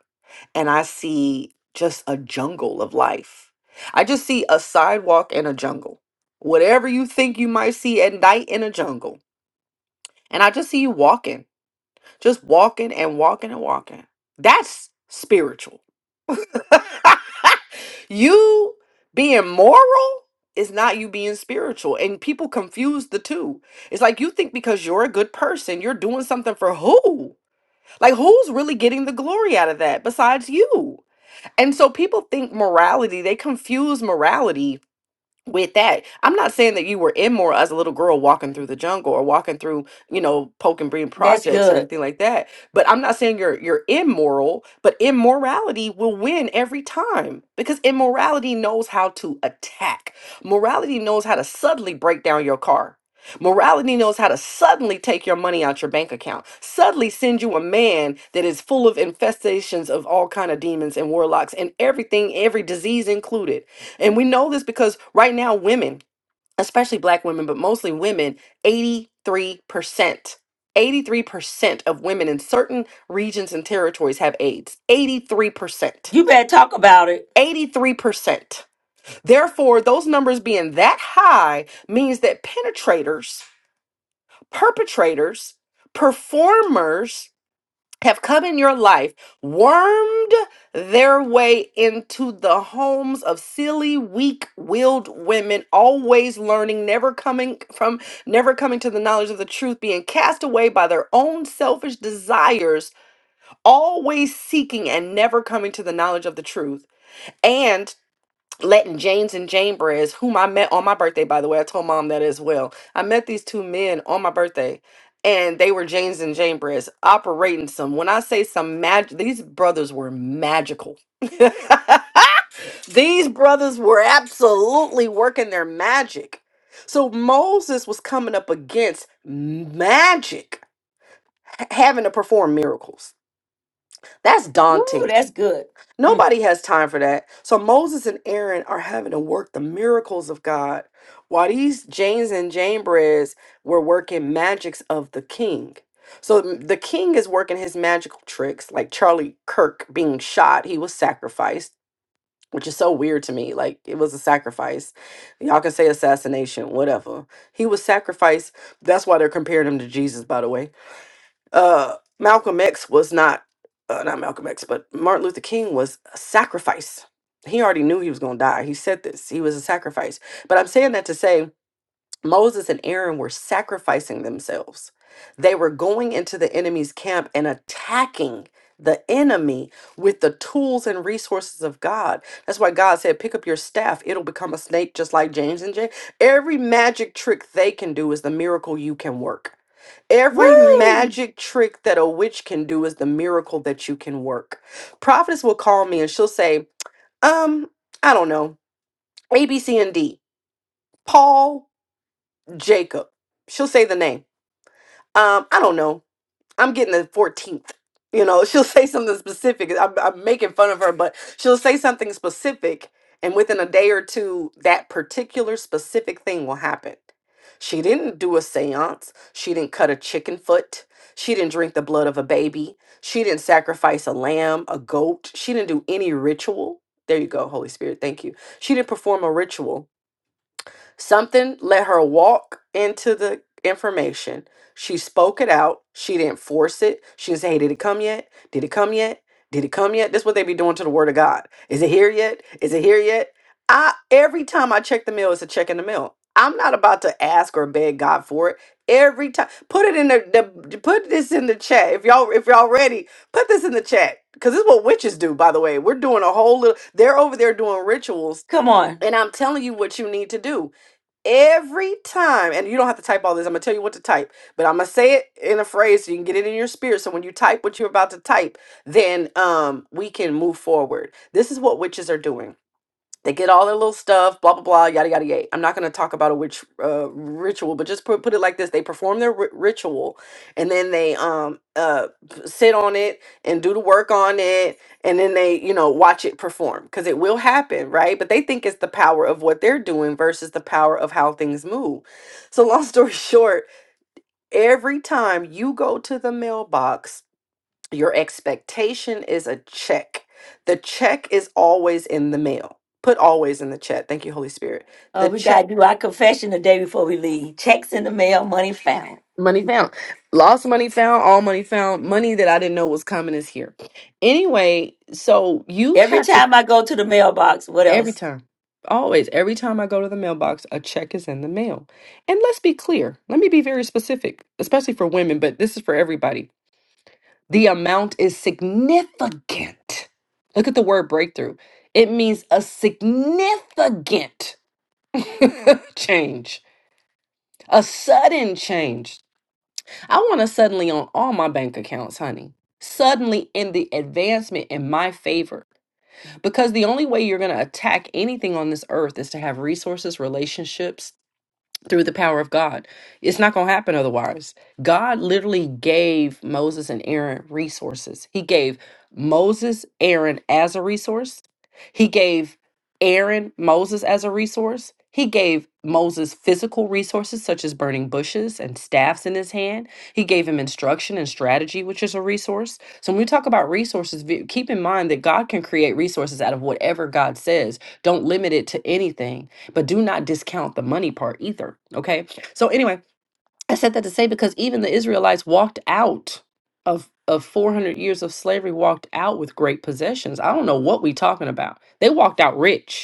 S7: and I see just a jungle of life. I just see a sidewalk and a jungle. Whatever you think you might see at night in a jungle. And I just see you walking, just walking and walking and walking. That's spiritual. You being moral is not you being spiritual. And people confuse the two. It's like you think because you're a good person, you're doing something for who? Like, who's really getting the glory out of that besides you? And so people think morality, they confuse morality with that i'm not saying that you were immoral as a little girl walking through the jungle or walking through you know poke and breed projects or
S1: Good.
S7: anything like that but i'm not saying you're you're immoral but immorality will win every time because immorality knows how to attack morality knows how to suddenly break down your car Morality knows how to suddenly take your money out your bank account, suddenly send you a man that is full of infestations of all kind of demons and warlocks and everything, every disease included and we know this because right now, women, especially black women, but mostly women, 83%. 83% of women in certain regions and territories have AIDS. 83%.
S1: You better talk about it.
S7: 83%. Therefore, those numbers being that high means that penetrators, perpetrators, performers have come in your life, wormed their way into the homes of silly, weak-willed women, always learning, never coming from, never coming to the knowledge of the truth, being cast away by their own selfish desires, always seeking and never coming to the knowledge of the truth. and. Letting James and Jane Brez, whom I met on my birthday, by the way. I told mom that as well. I met these two men on my birthday, and they were James and Jane Brez operating some. When I say some magic, these brothers were magical. these brothers were absolutely working their magic. So Moses was coming up against magic, h- having to perform miracles. That's
S1: Woo,
S7: daunting.
S1: that's good. Mm.
S7: Nobody has time for that. So Moses and Aaron are having to work the miracles of God while these Janes and Janebreads were working magics of the king. So m- the king is working his magical tricks, like Charlie Kirk being shot. He was sacrificed, which is so weird to me. Like it was a sacrifice. Y'all can say assassination, whatever. He was sacrificed. That's why they're comparing him to Jesus, by the way uh, Malcolm X was not, uh, not Malcolm X, but Martin Luther King was a sacrifice. He already knew he was going to die. He said this. He was a sacrifice. But I'm saying that to say Moses and Aaron were sacrificing themselves. They were going into the enemy's camp and attacking the enemy with the tools and resources of God. That's why God said, Pick up your staff, it'll become a snake, just like James and Jay. Every magic trick they can do is the miracle you can work. Every
S1: Woo!
S7: magic trick that a witch can do is the miracle that you can work. Prophetess will call me and she'll say, Um, I don't know, A, B, C, and D. Paul. Jacob. She'll say the name. Um, I don't know. I'm getting the 14th. You know, she'll say something specific. I'm, I'm making fun of her, but she'll say something specific. And within a day or two, that particular specific thing will happen. She didn't do a seance. She didn't cut a chicken foot. She didn't drink the blood of a baby. She didn't sacrifice a lamb, a goat. She didn't do any ritual. There you go, Holy Spirit. Thank you. She didn't perform a ritual Something let her walk into the information. She spoke it out. She didn't force it. She didn't say, Hey, did it come yet? Did it come yet? Did it come yet? This is what they be doing to the word of God. Is it here yet? Is it here yet? I every time I check the mail, it's a check in the mail. I'm not about to ask or beg God for it. Every time put it in the, the put this in the chat. If y'all if y'all ready, put this in the chat. Cause this is what witches do, by the way. We're doing a whole little they're over there doing rituals.
S1: Come on.
S7: And I'm telling you what you need to do every time and you don't have to type all this i'm gonna tell you what to type but i'm gonna say it in a phrase so you can get it in your spirit so when you type what you're about to type then um we can move forward this is what witches are doing they get all their little stuff, blah blah blah, yada yada yada. I'm not going to talk about a which uh, ritual, but just put put it like this: they perform their ri- ritual, and then they um uh p- sit on it and do the work on it, and then they you know watch it perform because it will happen, right? But they think it's the power of what they're doing versus the power of how things move. So long story short, every time you go to the mailbox your expectation is a check. The check is always in the mail. Put always in the chat. Thank you, Holy Spirit.
S1: Uh,
S7: The
S1: we got
S7: check,
S1: to do our confession the day before we leave. Checks in the mail, money found.
S7: money found, lost money found, all money found, money that I didn't know was coming is here. Anyway, so you
S1: Every
S7: have to
S1: time I go to the mailbox, what
S7: every
S1: else?
S7: time, always, every time I go to the mailbox, a check is in the mail. And let's be clear. Let me be very specific, especially for women, but this is for everybody The amount is significant. Look at the word breakthrough. It means a significant change, a sudden change. I want to suddenly on all my bank accounts, honey. Suddenly in the advancement in my favor. Because the only way you're going to attack anything on this earth is to have resources, relationships, through the power of God. It's not going to happen otherwise. God literally gave Moses and Aaron resources. He gave Moses Aaron as a resource. He gave Aaron Moses as a resource. He gave Moses physical resources such as burning bushes and staffs in his hand. He gave him instruction and strategy, which is a resource. So when we talk about resources, ve- keep in mind that God can create resources out of whatever God says. Don't limit it to anything but do not discount the money part either. Okay. So anyway, I said that to say because even the Israelites walked out of of 400 years of slavery walked out with great possessions. I don't know what we talking about. They walked out rich.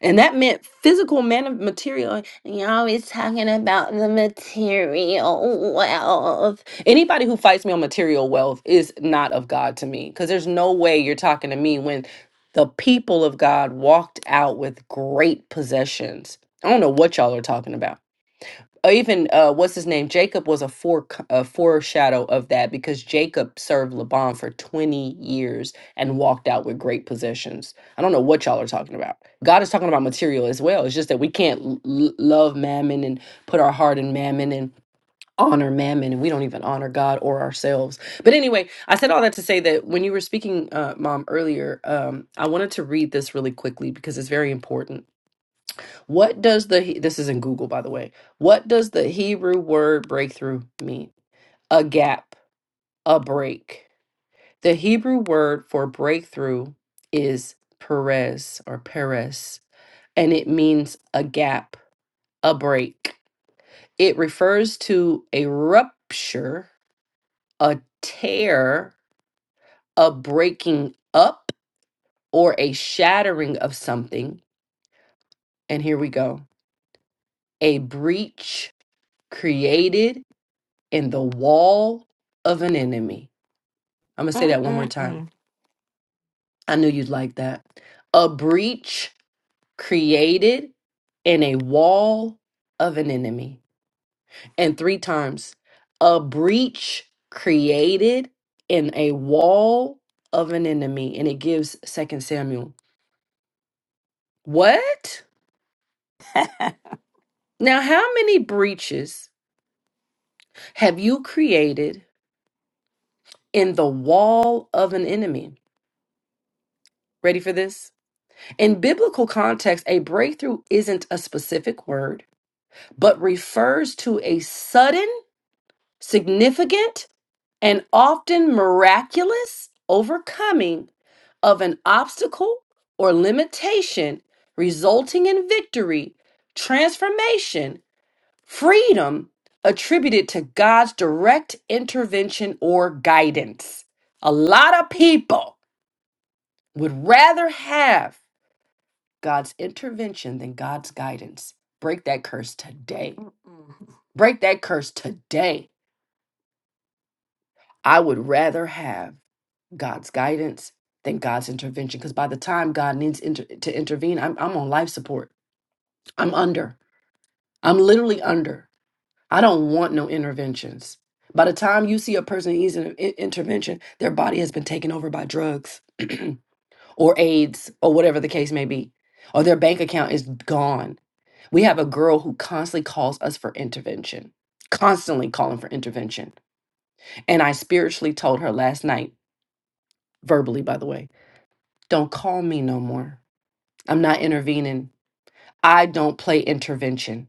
S7: And that meant physical man- material. You're always talking about the material wealth. Anybody who fights me on material wealth is not of God to me because there's no way you're talking to me when the people of God walked out with great possessions. I don't know what y'all are talking about or even uh, what's his name? Jacob was a, forec a foreshadow of that because Jacob served Laban for 20 years and walked out with great possessions. I don't know what y'all are talking about. God is talking about material as well. It's just that we can't l- l- love mammon and put our heart in mammon and honor mammon and we don't even honor God or ourselves. But anyway, I said all that to say that when you were speaking, uh, Mom, earlier, um, I wanted to read this really quickly because it's very important. What does the this is in Google by the way. What does the Hebrew word breakthrough mean? A gap, a break. The Hebrew word for breakthrough is perez or perez, and it means a gap, a break. It refers to a rupture, a tear, a breaking up, or a shattering of something. And here we go. A breach created in the wall of an enemy. I'm going to say that one more time.
S1: Mm-mm-mm.
S7: I knew you'd like that. A breach created in a wall of an enemy. And three times, a breach created in a wall of an enemy. And it gives Second Samuel. What? Now, how many breaches have you created in the wall of an enemy? Ready for this? In biblical context, a breakthrough isn't a specific word, but refers to a sudden, significant, and often miraculous overcoming of an obstacle or limitation, resulting in victory, transformation, freedom attributed to God's direct intervention or guidance. A lot of people would rather have God's intervention than God's guidance. Break that curse today. Break that curse today. I would rather have God's guidance than God's intervention because by the time God needs inter- to intervene, I'm, I'm on life support. I'm under. I'm literally under. I don't want no interventions. By the time you see a person needs an in- intervention, their body has been taken over by drugs or AIDS or whatever the case may be, or their bank account is gone We have a girl who constantly calls us for intervention, constantly calling for intervention. And I spiritually told her last night, verbally, by the way, don't call me no more. I'm not intervening. I don't play intervention.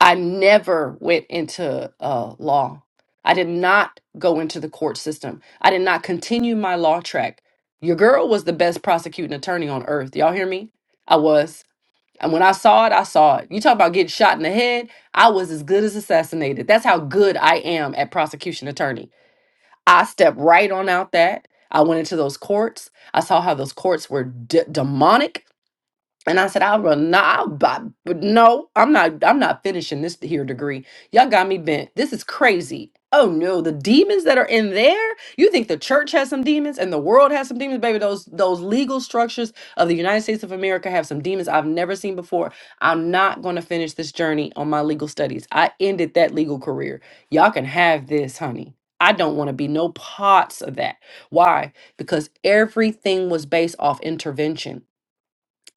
S7: I never went into uh, law. I did not go into the court system. I did not continue my law track. Your girl was the best prosecuting attorney on earth. Y'all hear me? I was. And when I saw it, I saw it. You talk about getting shot in the head. I was as good as assassinated. That's how good I am at prosecution attorney. I stepped right on out that. I went into those courts. I saw how those courts were d- demonic. And I said, I'll run. No, I'll buy, but no, I'm not. I'm not finishing this here degree. Y'all got me bent. This is crazy. Oh no, the demons that are in there. You think the church has some demons and the world has some demons, baby? Those those legal structures of the United States of America have some demons I've never seen before. I'm not going to finish this journey on my legal studies. I ended that legal career. Y'all can have this, honey. I don't want to be no parts of that. Why? Because everything was based off intervention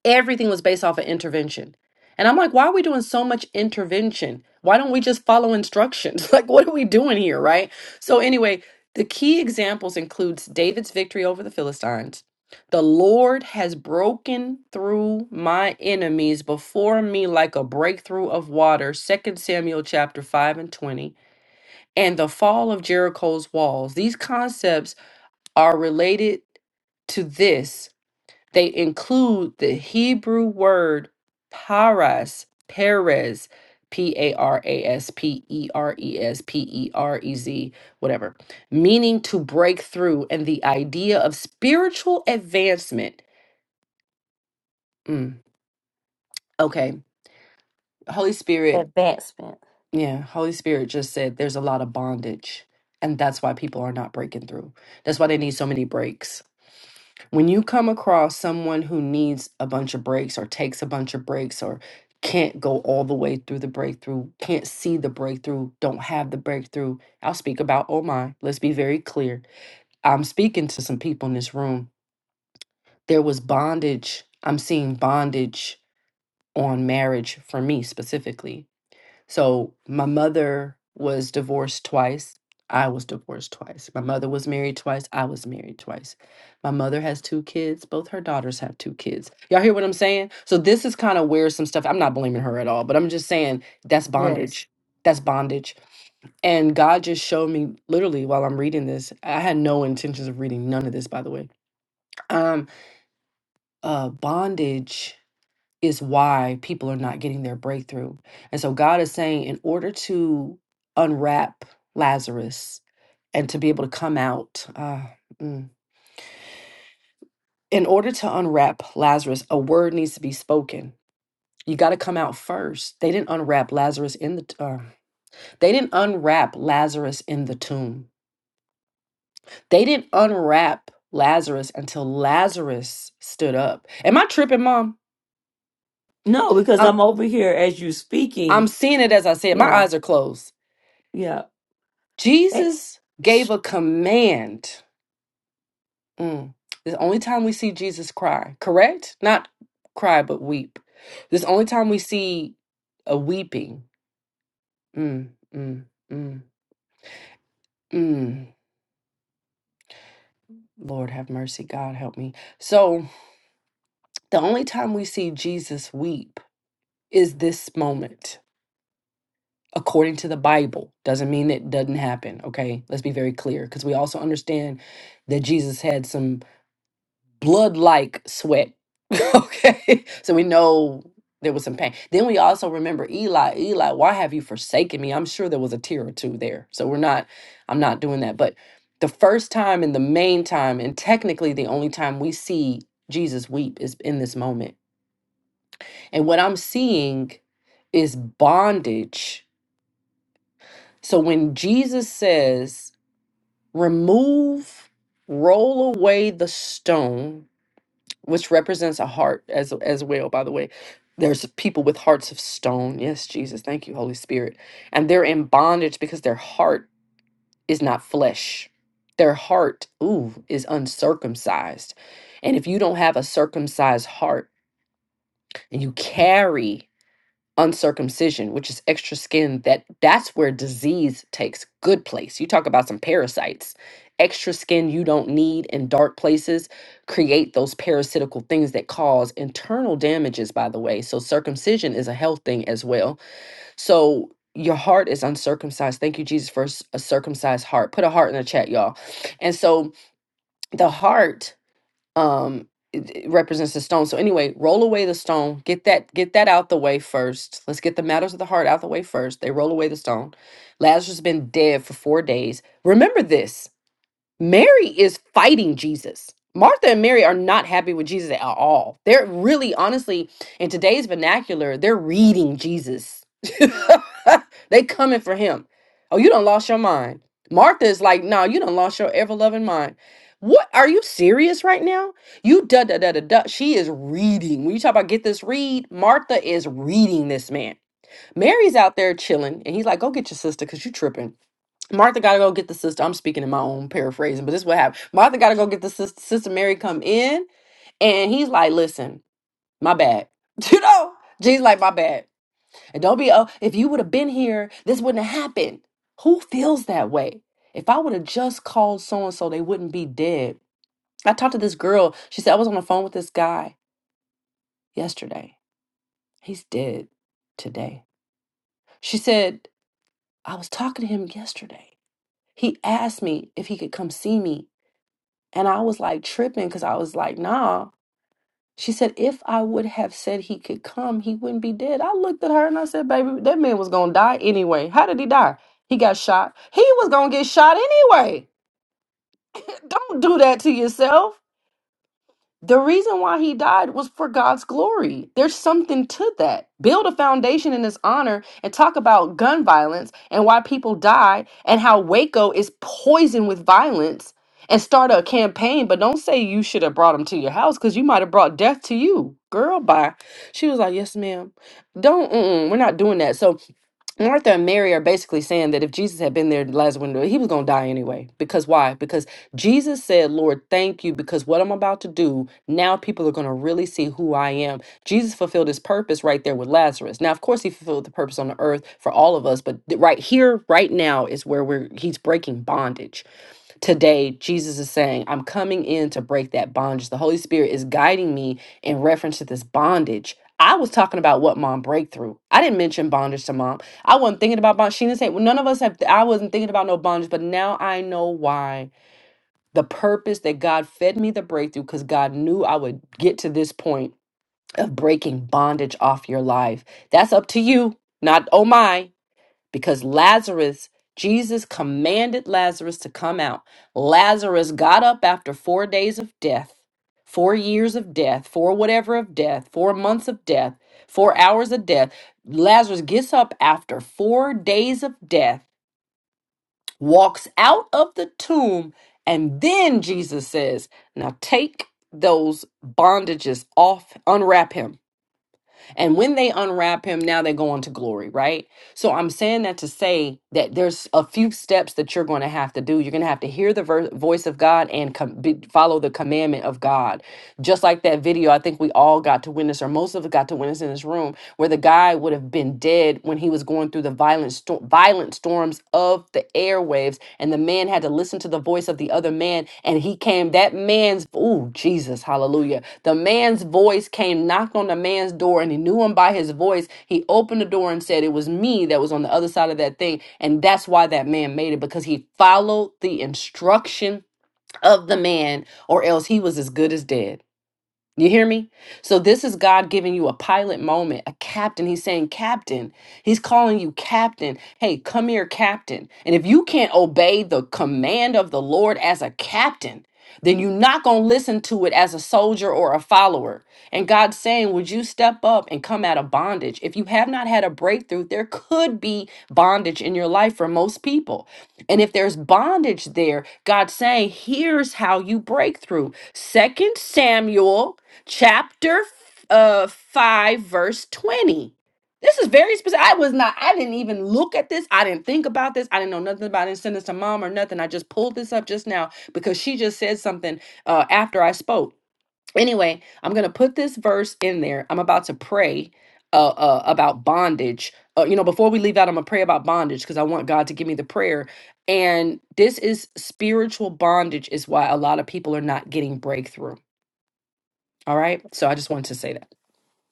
S7: everything was based off of intervention. And I'm like, why are we doing so much intervention? Why don't we just follow instructions? Like, what are we doing here, right? So anyway, the key examples includes David's victory over the Philistines. The Lord has broken through my enemies before me like a breakthrough of water, Second Samuel chapter 5 and 20, and the fall of Jericho's walls. These concepts are related to this they include the Hebrew word paras, Perez, P A R A S P E R E S P E R E Z, whatever, meaning to break through and the idea of spiritual advancement. Mm, okay, Holy Spirit,
S1: Advancement.
S7: yeah, Holy Spirit just said there's a lot of bondage, and that's why people are not breaking through. That's why they need so many breaks when you come across someone who needs a bunch of breaks or takes a bunch of breaks or can't go all the way through the breakthrough, can't see the breakthrough, don't have the breakthrough, I'll speak about oh my. Let's be very clear. I'm speaking to some people in this room. There was bondage. I'm seeing bondage on marriage for me specifically so my mother was divorced twice. I was divorced twice. My mother was married twice. I was married twice. My mother has two kids. Both her daughters have two kids. Y'all hear what I'm saying? So this is kind of where some stuff, I'm not blaming her at all, but I'm just saying that's bondage. That's bondage. And God just showed me literally while I'm reading this. I had no intentions of reading none of this, by the way. Um, uh, bondage is why people are not getting their breakthrough. And so God is saying, in order to unwrap Lazarus and to be able to come out, uh, mm, in order to unwrap Lazarus, a word needs to be spoken. You got to come out first. They didn't unwrap Lazarus in the t- uh, they didn't unwrap Lazarus in the tomb. They didn't unwrap Lazarus until Lazarus stood up. Am I tripping, mom?
S1: No, because
S7: I'm
S1: I'm over here as you
S7: I'm
S1: speaking.
S7: seeing it as I see it. My
S1: Yeah,
S7: eyes are closed.
S1: yeah.
S7: Jesus gave
S1: s-
S7: a command. Mm. This the only time we see Jesus cry, correct? Not cry, but weep. This is the only time we see a weeping. Mm, mm, mm, mm. Lord have mercy. God help me. So, the only time we see Jesus weep is this moment. According to the Bible, doesn't mean it doesn't happen. Okay, let's be very clear because we also understand that Jesus had some blood like sweat. okay. So we know there was some pain. Then we also remember Eli, Eli, why have you forsaken me? I'm sure there was a tear or two there. So we're not, I'm not doing that. But the first time and the main time, and technically the only time we see Jesus weep is in this moment. And what I'm seeing is bondage. So when Jesus says, remove, roll away the stone, which represents a heart as as well by the way there's people with hearts of stone yes jesus thank you holy spirit and they're in bondage because their heart is not flesh their heart ooh is uncircumcised and if you don't have a circumcised heart and you carry uncircumcision, which is extra skin, that that's where disease takes good place. You talk about some parasites. Extra skin you don't need in dark places create those parasitical things that cause internal damages, by the way. So circumcision is a health thing as well. So your heart is uncircumcised. Thank you, Jesus, for a circumcised heart. Put a heart in the chat, y'all. And so the heart um it, it represents the stone so anyway roll away the stone get that get that out the way first let's get the matters of the heart out the way first they roll away the stone lazarus has been dead for four days remember this Mary is fighting Jesus. Martha and Mary are not happy with Jesus at all. They're really, honestly, in today's vernacular, they're reading Jesus. they coming for him. Oh, you don't lost your mind. Martha is like, no, you don't lost your ever loving mind. What are you serious right now? You da da da da da. She is reading. When you talk about get this read, Martha is reading this man. Mary's out there chilling, and he's like, go get your sister because you tripping. Martha gotta go get the sister. I'm speaking in my own paraphrasing, but this is what happened. Martha gotta go get the sister. Sister Mary come in, and he's like, "Listen, my bad." You know, Jesus like, "My bad." And don't be oh, if you would have been here, this wouldn't have happened. Who feels that way? If I would have just called so and so, they wouldn't be dead. I talked to this girl. She said I was on the phone with this guy yesterday. He's dead today. She said I was talking to him yesterday. He asked me if he could come see me And I was like tripping because I was like, nah. She said, if I would have said he could come, he wouldn't be dead. I looked at her and I said, baby, that man was going to die anyway. How did he die? He got shot. He was going to get shot anyway. Don't do that to yourself. The reason why he died was for God's glory. There's something to that. Build a foundation in his honor and talk about gun violence and why people die and how Waco is poisoned with violence and start a campaign, but don't say you should have brought him to your house because you might have brought death to you. Girl, bye. She was like, Yes, ma'am. Don't, mm-mm, we're not doing that. So Martha and Mary are basically saying that if Jesus had been there, Lazarus wouldn't, he was going to die anyway. Because why? Because Jesus said, Lord, thank you, because what I'm about to do, now people are going to really see who I am. Jesus fulfilled his purpose right there with Lazarus. Now, of course, he fulfilled the purpose on the earth for all of us, but th- right here, right now is where we're, he's breaking bondage today Jesus is saying, I'm coming in to break that bondage. The Holy Spirit is guiding me in reference to this bondage. I was talking about what mom breakthrough. I didn't mention bondage to mom. I wasn't thinking about bondage. She didn't say, well, none of us have, I wasn't thinking about no bondage, but now I know why. The purpose that God fed me the breakthrough because God knew I would get to this point of breaking bondage off your life. That's up to you, not oh my because Lazarus, Jesus commanded Lazarus to come out. Lazarus got up after four days of death, four years of death, four whatever of death, four months of death, four hours of death. Lazarus gets up after four days of death, walks out of the tomb, and then Jesus says, Now take those bondages off, unwrap him and when they unwrap him, now they go on to glory, right? So I'm saying that to say that there's a few steps that you're going to have to do. You're going to have to hear the ver- voice of God and com- be- follow the commandment of God just like that video i think we all got to witness or most of us got to witness in this room where the guy would have been dead when he was going through the violent sto- violent storms of the airwaves and the man had to listen to the voice of the other man and he came that man's oh jesus hallelujah the man's voice came knocked on the man's door and he knew him by his voice he opened the door and said it was me that was on the other side of that thing and that's why that man made it because he followed the instruction of the man or else he was as good as dead you hear me? So this is God giving you a pilot moment, a captain. He's saying, Captain. He's calling you captain. Hey, come here, captain. And if you can't obey the command of the Lord as a captain, then you're not going to listen to it as a soldier or a follower. And God's saying, Would you step up and come out of bondage? If you have not had a breakthrough, there could be bondage in your life for most people. And if there's bondage there, God's saying, Here's how you break through. Second Samuel chapter uh, 5, verse 20. This is very specific. I was not, I didn't even look at this. I didn't think about this. I didn't know nothing about it. I didn't send this to mom or nothing. I just pulled this up just now because she just said something uh, after I spoke. Anyway, I'm going to put this verse in there. I'm about to pray uh, uh, about bondage. Uh, you know, before we leave out, I'm going to pray about bondage because I want God to give me the prayer. And this is spiritual bondage, is why a lot of people are not getting breakthrough. All right. So I just wanted to say that.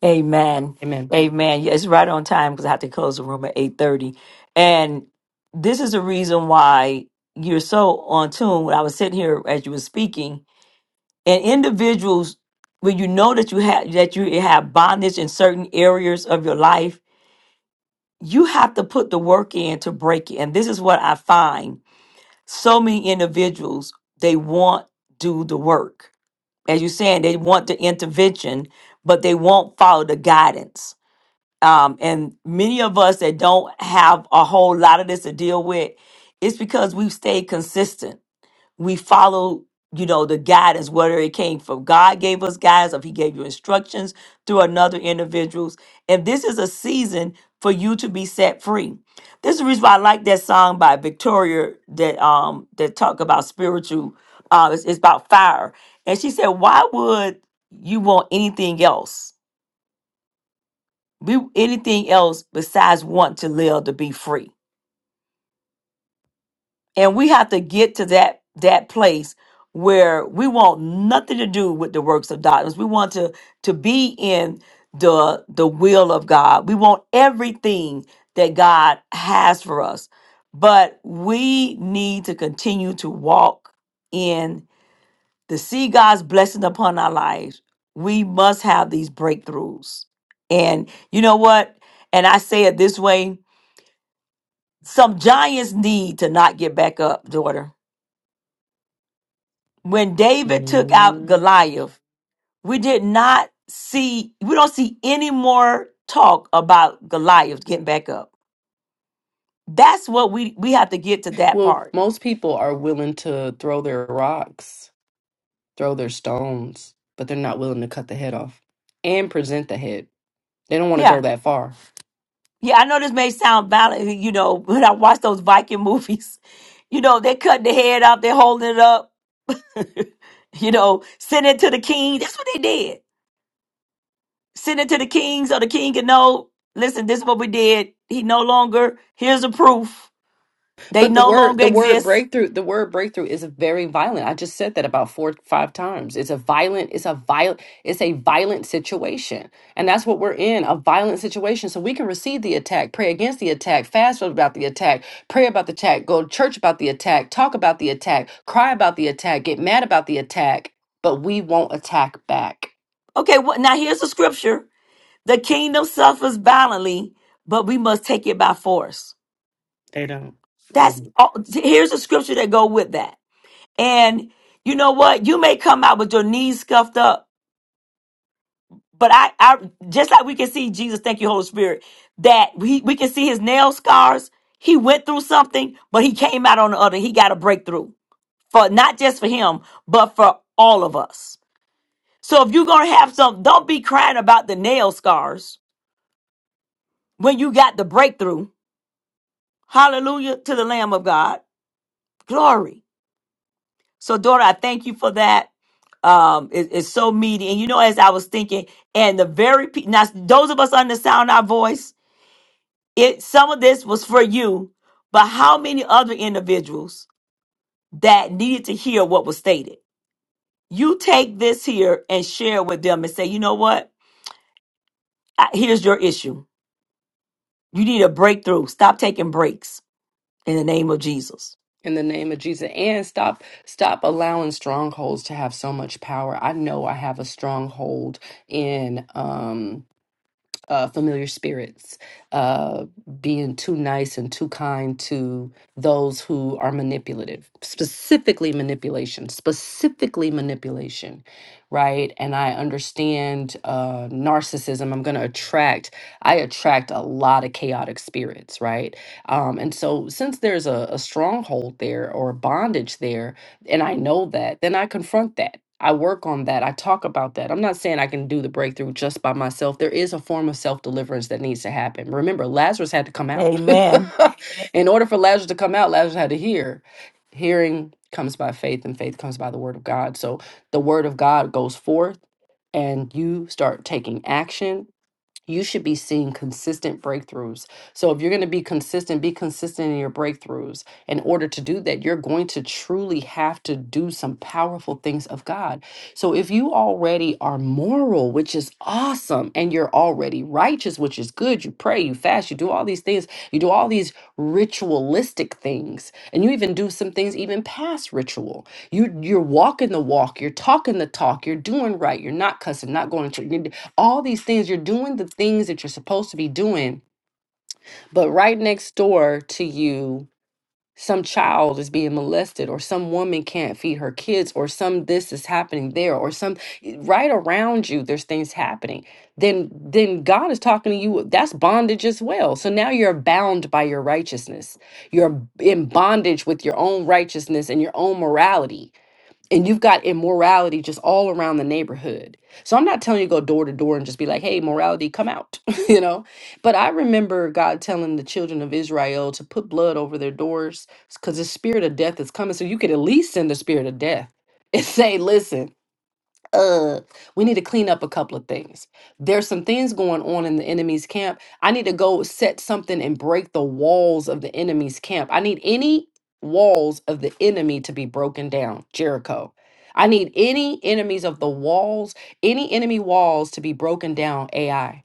S1: Amen.
S7: Amen.
S1: Amen. Yeah, It's right on time because I have to close the room at 8:30. And this is the reason why you're so on tune. When I was sitting here as you were speaking, and individuals when you know that you have that you have bondage in certain areas of your life, you have to put the work in to break it. And this is what I find. So many individuals, they want do the work. As you're saying, they want the intervention, but they won't follow the guidance. Um, and many of us that don't have a whole lot of this to deal with, it's because we've stayed consistent we follow you know the guidance whether it came from god gave us guidance or if he gave you instructions through another individuals and this is a season for you to be set free this is the reason why i like that song by victoria that um that talk about spiritual uh it's, it's about fire and she said why would you want anything else We anything else besides want to live to be free and we have to get to that that place where we want nothing to do with the works of darkness we want to to be in the the will of god we want everything that god has for us but we need to continue to walk in to see god's blessing upon our lives we must have these breakthroughs and you know what and i say it this way some giants need to not get back up daughter when David took out
S7: Mhm.
S1: Goliath, we did not see, we don't see any more talk about Goliath getting back up. That's what we we have to get to that
S7: Well,
S1: part.
S7: most people are willing to throw their rocks, throw their stones, but they're not willing to cut the head off and present the head. They don't want to go
S1: Yeah.
S7: that far.
S1: Yeah, I know this may sound violent, you know, when I watch those Viking movies, you know, they cut the head off, they're holding it up, you know, send it to the king. That's what they did. Send it to the king so the king can know, listen, this is what we did. He no longer, here's the proof. They
S7: But the
S1: no
S7: word
S1: longer
S7: the word
S1: exist
S7: breakthrough the word breakthrough is a very violent. I just said that about four five times. It's a violent it's a violent it's a violent situation. And that's what we're in, a violent situation. So we can receive the attack, pray against the attack, fast about the attack, pray about the attack, go to church about the attack, talk about the attack, cry about the attack, get mad about the attack, but we won't attack back
S1: Okay, well, now here's the scripture. The kingdom suffers violently, but we must take it by force.
S7: They don't.
S1: That's
S7: Um,
S1: all. Here's the scripture that go with that. And you know what? You may come out with your knees scuffed up, but I, I just like we can see Jesus, thank you, Holy Spirit, that we, we can see his nail scars. He went through something, but he came out on the other. He got a breakthrough for not just for him, but for all of us. So if you're going to have some, don't be crying about the nail scars when you got the breakthrough. Hallelujah to the Lamb of God. Glory. So, daughter, I thank you for that. Um, it- it's so meaty. And you know, as I was thinking, and the very pe- now those of us under the sound of our voice, it some of this was for you, but how many other individuals that needed to hear what was stated? You take this here and share with them and say, you know what? I- Here's your issue. You need a breakthrough. Stop taking breaks in the name of Jesus.
S7: in the name of Jesus, and stop stop allowing strongholds to have so much power. I know I have a stronghold in. Um, uh, familiar spirits, uh, being too nice and too kind to those who are manipulative, specifically manipulation, specifically manipulation right? And I understand uh, narcissism. I'm going to attract, I attract a lot of chaotic spirits, right? Um, and so, since there's a, a stronghold there or a bondage there, and I know that, then I confront that. I work on that. I talk about that. I'm not saying I can do the breakthrough just by myself. There is a form of self deliverance that needs to happen. Remember, Lazarus had to come out.
S1: Amen.
S7: In order for Lazarus to come out, Lazarus had to hear. Hearing comes by faith, and faith comes by the word of God. So the word of God goes forth and you start taking action you should be seeing consistent breakthroughs. So, if you're going to be consistent, be consistent in your breakthroughs. In order to do that, you're going to truly have to do some powerful things of God. So, if you already are moral, which is awesome, and you're already righteous, which is good, you pray, you fast, you do all these things, you do all these ritualistic things, and you even do some things even past ritual. You, you're walking the walk, you're talking the talk, you're doing right, you're not cussing, not going to church all these things you're doing the things that you're supposed to be doing but right next door to you some child is being molested or some woman can't feed her kids or some this is happening there or some eh, right around you there's things happening then then god is talking to you that's bondage as well so now you're bound by your righteousness you're in bondage with your own righteousness and your own morality and you've got immorality just all around the neighborhood. So I'm not telling you to go door to door and just be like, "Hey, morality, come out," you know. But I remember God telling the children of Israel to put blood over their doors because the spirit of death is coming. So you could at least send the spirit of death and say, "Listen." uh we need to clean up a couple of things there's some things going on in the enemy's camp i need to go set something and break the walls of the enemy's camp i need any walls of the enemy to be broken down jericho i need any enemies of the walls any enemy walls to be broken down ai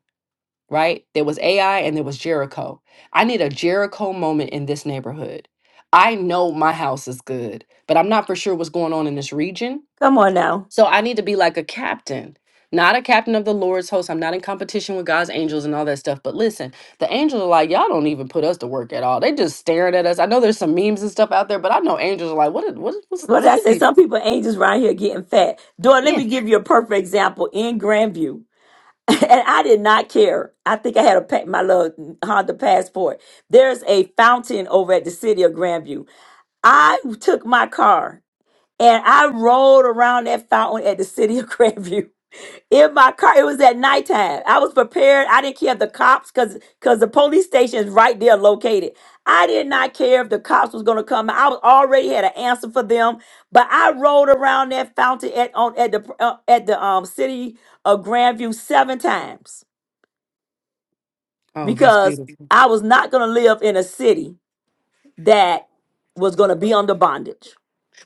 S7: right there was ai and there was jericho i need a jericho moment in this neighborhood i know my house is good but i'm not for sure what's going on in this region
S1: Come on now.
S7: so I need to be like a captain, not a captain of the Lord's host. I'm not in competition with God's angels and all that stuff. But listen, the angels are like, y'all don't even put us to work at all. They just staring at us. I know there's some memes and stuff out there, but I know angels are like, what? Is, what? Is, what's,
S1: What did I
S7: what is
S1: say?
S7: the?
S1: Some people ain't just around here getting fat. Dora, let
S7: Yeah.
S1: me give you a perfect example in Grandview. and I did not care. I think I had a pa- my little Honda passport. There's a fountain over at the city of Grandview. I took my car and I rolled around that fountain at the city of Grandview in my car. It was at nighttime. I was prepared. I didn't care if the cops, cause cause the police station is right there located. I did not care if the cops was gonna come. I was already had an answer for them. But I rolled around that fountain at on at the uh, at the um city of Grandview seven times
S7: Oh, that's
S1: because
S7: beautiful.
S1: I was not going to live in a city that was going to be under bondage.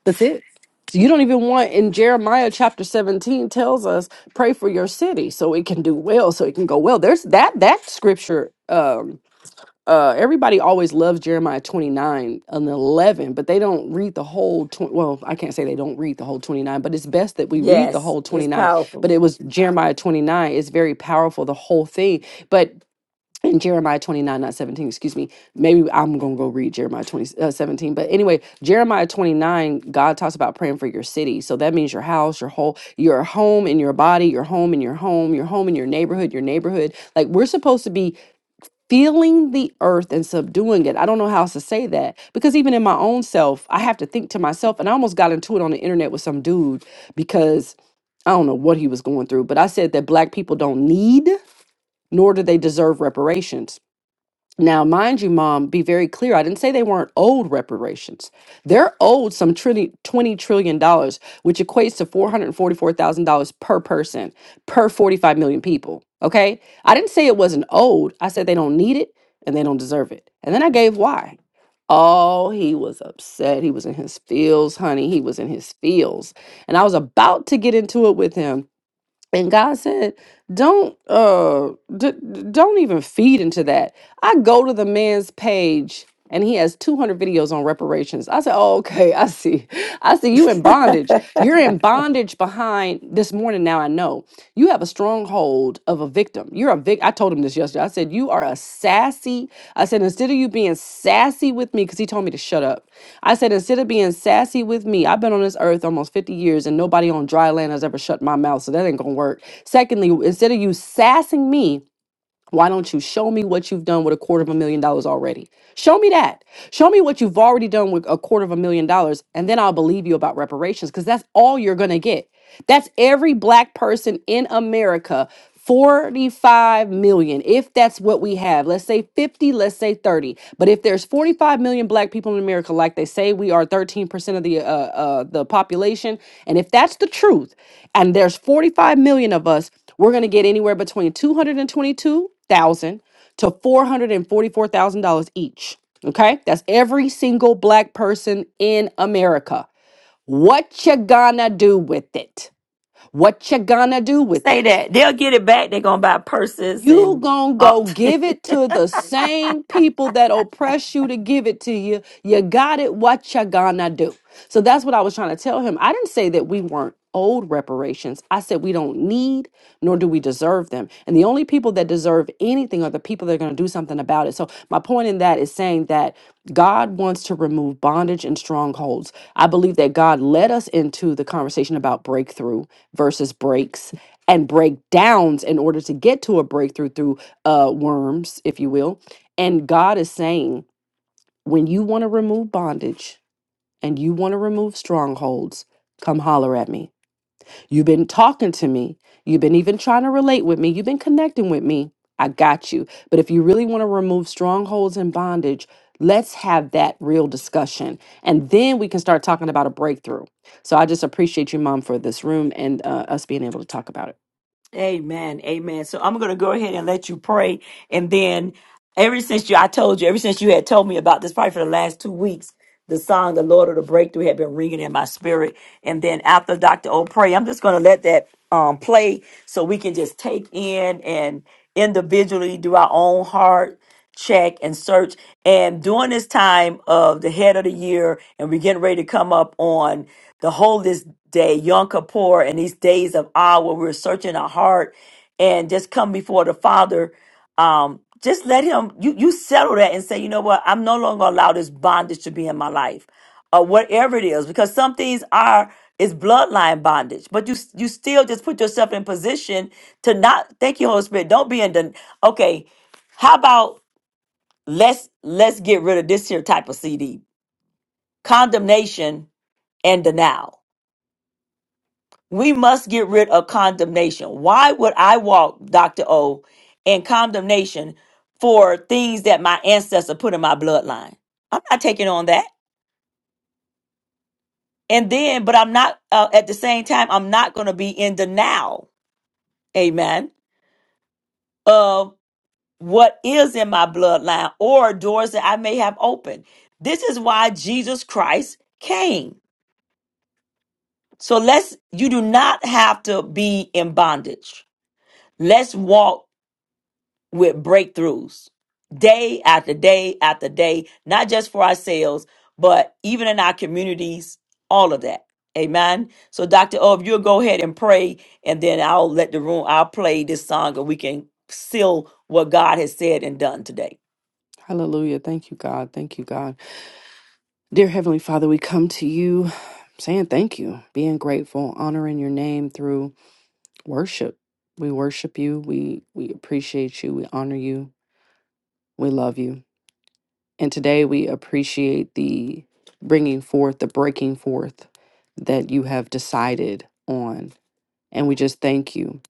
S7: That's it. So you don't even want in Jeremiah chapter 17 tells us pray for your city so it can do well, so it can go well. There's that that scripture Um, uh everybody always loves jeremiah 29 and 11 but they don't read the whole 20 well i can't say they don't read the whole 29 but it's best that we read the
S1: Yes,
S7: whole
S1: it's
S7: 29
S1: powerful.
S7: but it was jeremiah 29 it's very powerful the whole thing but in jeremiah 29 not 17 excuse me maybe i'm gonna go read jeremiah 20 uh, 17 but anyway jeremiah 29 god talks about praying for your city so that means your house your whole your home and your body your home and your home your home and your neighborhood your neighborhood like we're supposed to be feeling the earth and subduing it. I don't know how else to say that because even in my own self, I have to think to myself, and I almost got into it on the internet with some dude because I don't know what he was going through, but I said that black people don't need nor do they deserve reparations now, mind you, mom, be very clear. I didn't say they weren't old reparations. They're owed some trillion, $20 trillion, dollars, which equates to $444,000 per person, per 45 million people. Okay. I didn't say it wasn't old. I said they don't need it and they don't deserve it. And then I gave why. Oh, he was upset. He was in his feels, honey. He was in his feels. And I was about to get into it with him and God said, "Don't uh d- d- don't even feed into that." I go to the man's page and he has 200 videos on reparations. I said, "Oh, okay, I see. I see you in bondage. You're in bondage behind this morning now I know. You have a stronghold mode of a victim. You're a vic. I told him this yesterday. I said you are a sassy. I said instead of you being sassy with me, because he told me to shut up. I said instead of being sassy with me, I've been on this earth almost 50 years, and nobody on dry land has ever shut my mouth, so that ain't gonna work. Secondly, instead of you sassing me. Why don't you show me what you've done with a quarter of a million dollars already? Show me that. Show me what you've already done with a quarter of a million dollars, and then I'll believe you about reparations because that's all you're going to get. That's every black person in America. 45 million, if that's what we have. Let's say 50, let's say 30. But if there's 45 million black people in America, like they say, we are 13% of the uh, uh, the population. And if that's the truth, and there's 45 million of us, we're going to get anywhere between 222,000 to 444,000 dollars each. Okay? That's every single black person in America. What you gonna do with it? What you gonna do with
S1: Say
S7: it?
S1: that. They'll get it back. They're going to buy purses
S7: You
S1: and
S7: gonna
S1: all.
S7: go give it to the same people that oppress you to give it to you. You got it. What you gonna do? So that's what I was trying to tell him. I didn't say that we weren't old reparations. I said we don't need nor do we deserve them. And the only people that deserve anything are the people that are gonna do something about it. So my point in that is saying that God wants to remove bondage and strongholds. I believe that God led us into the conversation about breakthrough versus breaks and breakdowns in order to get to a breakthrough through uh, worms, if you will. And God is saying, when you want to remove bondage and you want to remove strongholds, come holler at me. You've been talking to me. You've been even trying to relate with me. You've been connecting with me. I got you. But if you really want to remove strongholds and bondage, let's have that real discussion. And then we can start talking about a breakthrough. So I just appreciate you, Mom, for this room and uh, us being able to talk about it.
S1: Amen. Amen. So I'm going to go ahead and let you pray. And then, ever since you, I told you, ever since you had told me about this, probably for the last two weeks, the song, The Lord of the Breakthrough, had been ringing in my spirit. And then after Dr. O pray, I'm just going to let that um, play so we can just take in and individually do our own heart check and search. And during this time of the head of the year, and we're getting ready to come up on the holiest day, Yom Kippur, and these days of awe where we're searching our heart and just come before the Father. Um, just let him you you settle that and say, you know what, I'm no longer gonna allow this bondage to be in my life. Or whatever it is, because some things are is bloodline bondage, but you you still just put yourself in position to not thank you, Holy Spirit. Don't be in the okay. How about let's let's get rid of this here type of CD. Condemnation and denial. We must get rid of condemnation. Why would I walk, Dr. O, in condemnation for things that my ancestor put in my bloodline? I'm not taking on that. And then, but I'm not uh, at the same time, I'm not going to be in denial. Amen. Of what is in my bloodline or doors that I may have opened. This is why Jesus Christ came. So let's, you do not have to be in bondage. Let's walk with breakthroughs day after day after day, not just for ourselves, but even in our communities, all of that. Amen. So, Dr. O, if you'll go ahead and pray, and then I'll let the room, I'll play this song, and we can seal what God has said and done today.
S7: Hallelujah. Thank you, God. Thank you, God. Dear Heavenly Father, we come to you saying thank you, being grateful, honoring your name through worship. We worship you. We we appreciate you. We honor you. We love you. And today we appreciate the bringing forth, the breaking forth that you have decided on. And we just thank you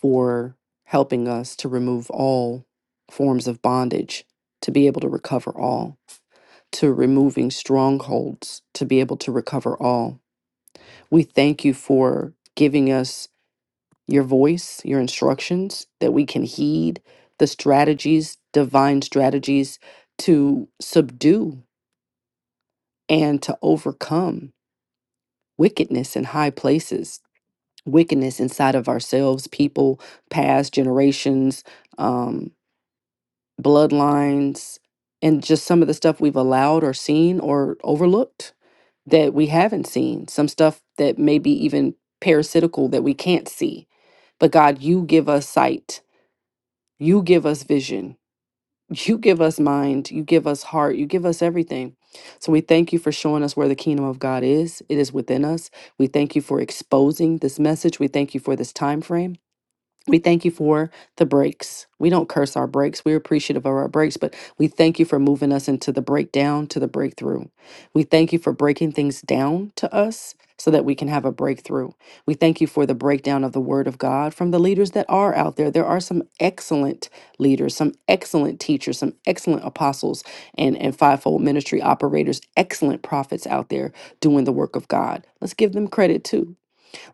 S7: for helping us to remove all forms of bondage, to be able to recover all. to removing strongholds to be able to recover all. We thank you for giving us your voice, your instructions, that we can heed the strategies, divine strategies to subdue and to overcome wickedness in high places, wickedness inside of ourselves, people, past generations. um, bloodlines, and just some of the stuff we've allowed or seen or overlooked that we haven't seen, some stuff that may be even parasitical that we can't see. But God, you give us sight, you give us vision, you give us mind, you give us heart, you give us everything. So we thank you for showing us where the kingdom of God is. It is within us. We thank you for exposing this message. We thank you for this time frame. We thank you for the breaks. We don't curse our breaks. We're appreciative of our breaks, but we thank you for moving us into the breakdown to the breakthrough. We thank you for breaking things down to us so that we can have a breakthrough. We thank you for the breakdown of the word of God from the leaders that are out there. There are some excellent leaders, some excellent teachers, some excellent apostles and, and fivefold ministry operators, excellent prophets out there doing the work of God. Let's give them credit too.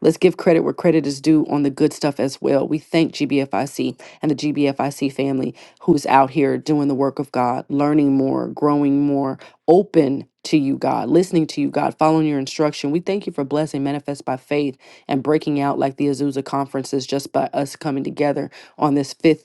S7: Let's give credit where credit is due on the good stuff as well. We thank GBFIC and the GBFIC family who's out here doing the work of God, learning more, growing more, open to you, God, listening to you, God, following your instruction. We thank you for blessing Manifest by Faith and breaking out like the Azusa conferences just by us coming together on this fifth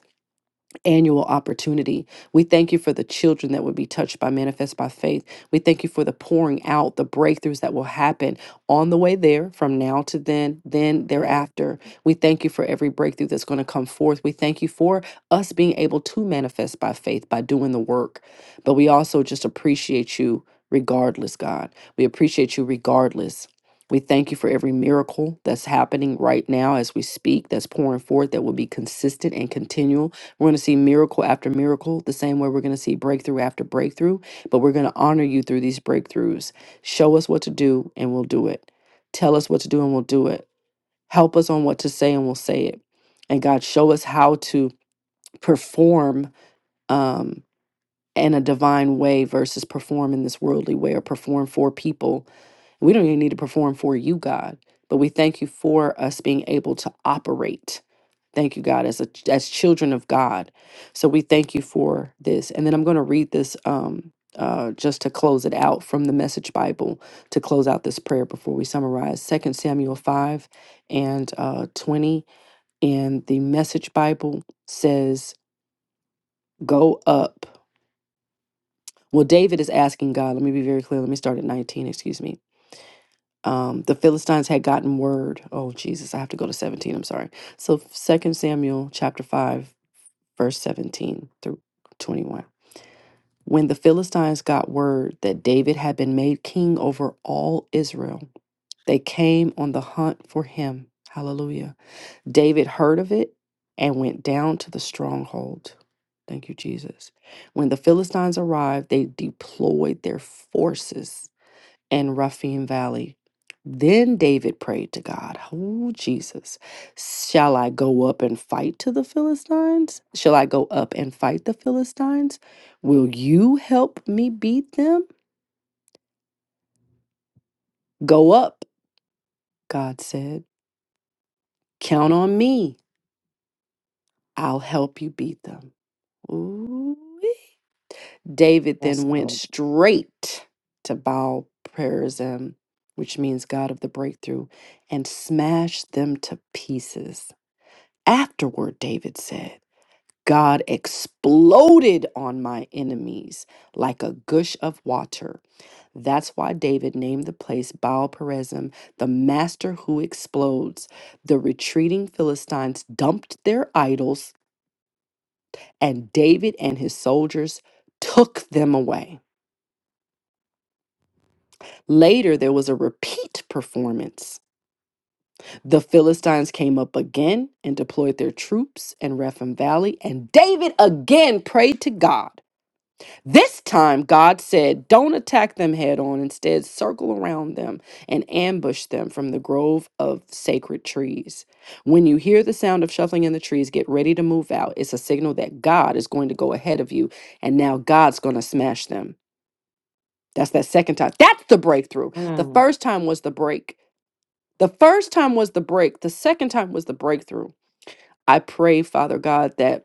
S7: annual opportunity. We thank you for the children that would be touched by Manifest by Faith. We thank you for the pouring out, the breakthroughs that will happen on the way there from now to then, then
S1: Yeah.
S7: thereafter. We thank you for every breakthrough that's going to come forth. We thank you for us being able to manifest by faith by doing the work. But we also just appreciate you regardless, God. We appreciate you regardless. We thank you for every miracle that's happening right now as we speak, that's pouring forth, that will be consistent and continual we're going to see miracle after miracle, the same way we're going to see breakthrough after breakthrough, but we're going to honor you through these breakthroughs. Show us what to do and we'll do it. Tell us what to do and we'll do it. Help us on what to say and we'll say it. And God, show us how to perform um, in a divine way versus perform in this worldly way or perform for people we don't even need to perform for you, God, but we thank you for us being able to operate. Thank you, God, as a, as children of God. So we thank you for this. And then I'm going to read this um, uh, just to close it out from the Message Bible to close out this prayer before we summarize. Second Samuel five and uh, twenty, and the Message Bible says, "Go up." Well, David is asking God. Let me be very clear. Let me start at 19. Excuse me. um, the Philistines had gotten word. Oh, Jesus, I have to go to 17. I'm sorry. So Second Samuel chapter 5, verse 17 through 21. When the Philistines got word that David had been made king over all Israel, they came on the hunt for him. Hallelujah. David heard of it and went down to the stronghold. Thank you, Jesus. When the Philistines arrived, they deployed their forces and Rephaim Valley. Then David prayed to God, Oh Jesus, shall I go up and fight to the Philistines? Shall I go up and fight the Philistines? Will you help me beat them? Go up, God said. Count on me. I'll help you beat them. Ooh. David then went straight to Baal Perazim, which means God of the breakthrough, and smashed them to pieces. Afterward, David said, God exploded on my enemies like a gush of water. That's why David named the place Baal Perazim, the master who explodes. The retreating Philistines dumped their idols, and David and his soldiers took them away. Later, there was a repeat performance. The Philistines came up again and deployed their troops in Rephaim Valley, and David again prayed to God. This time, God said, Don't attack them head on. Instead, circle around them and ambush them from the grove of sacred trees. When you hear the sound of shuffling in the trees, get ready to move out. It's a signal that God is going to go ahead of you, and now God's going to smash them. That's that second time. That's the breakthrough. The first time was the break. The first time was the break. The second time was the breakthrough. I pray, Father God, that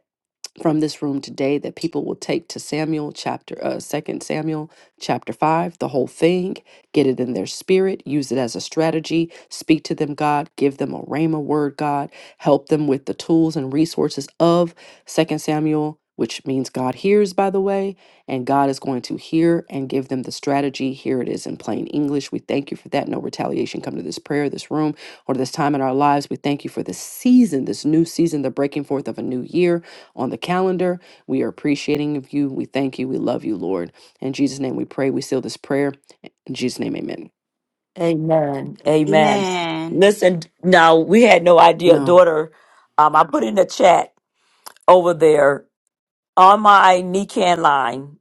S7: from this room today that people will take to Samuel chapter uh second Samuel chapter 5 the whole thing get it in their spirit use it as a strategy speak to them God give them a rhema word God help them with the tools and resources of second Samuel which means God hears by the way and God is going to hear and give them the strategy here it is in plain English we thank you for that no retaliation come to this prayer this room or this time in our lives we thank you for this season this new season the breaking forth of a new year on the calendar. We are appreciating of you. We thank you. We love you, Lord. In Jesus' name we pray. We seal this prayer. In Jesus' name, amen.
S1: Amen. Amen.
S6: Amen.
S1: Listen, now we had no idea,
S7: No.
S1: daughter. Um, I put in the chat over there on my Nican line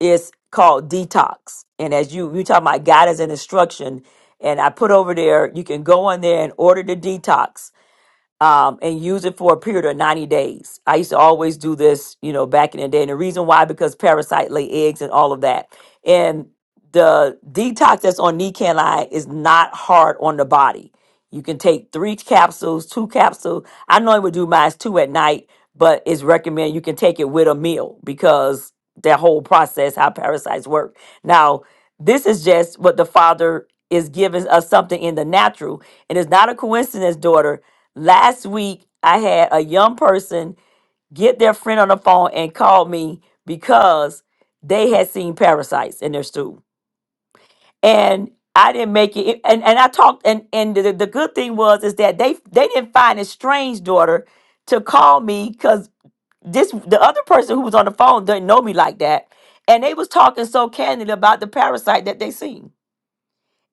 S1: is called Detox. And as you you talk about guidance and instruction, and I put over there, you can go on there and order the detox um, and use it for a period of 90 days. I used to always do this, you know, back in the day. And the reason why, because parasite lay eggs and all of that. And the detox that's on Nicanline is not hard on the body. You can take three capsules, two capsules. I normally would do mine two at night, but it's recommended you can take it with a meal because that whole process, how parasites work. Now, this is just what the father is giving us something in the natural. And it's not a coincidence, daughter, Last week, I had a young person get their friend on the phone and call me because they had seen parasites in their stool. And I didn't make it and, and I talked and, and the, the good thing was is that they they didn't find a strange daughter to call me because this the other person who was on the phone didn't know me like that. And they was talking so candidly about the parasite that they seen.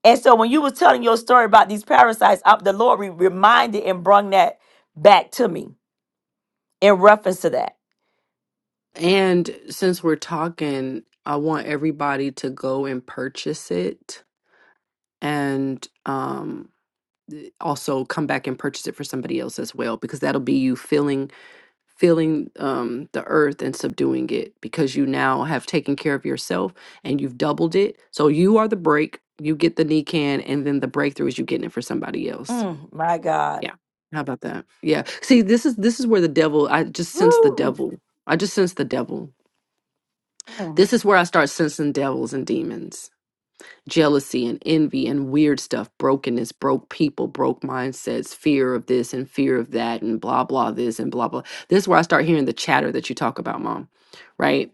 S1: And so when you was telling your story about these parasites, up the Lord re- reminded and brung that back to me in reference to that?
S7: And since we're talking, I want everybody to go and purchase it and um also come back and purchase it for somebody else as well because that'll be you filling feeling um, the earth and subduing it because you now have taken care of yourself and you've doubled it. So you are the break, you get the knee can, and then the breakthrough is you getting it for somebody else.
S1: God.
S7: Yeah. How about that? Yeah. See, this is this is where the devil. I just sense the devil. I just sense the devil. This is where I start sensing devils and demons jealousy and envy and weird stuff, brokenness, broke people, broke mindsets, fear of this and fear of that, and blah, blah, this and blah, blah. This is where I start hearing the chatter that you talk about, mom, right?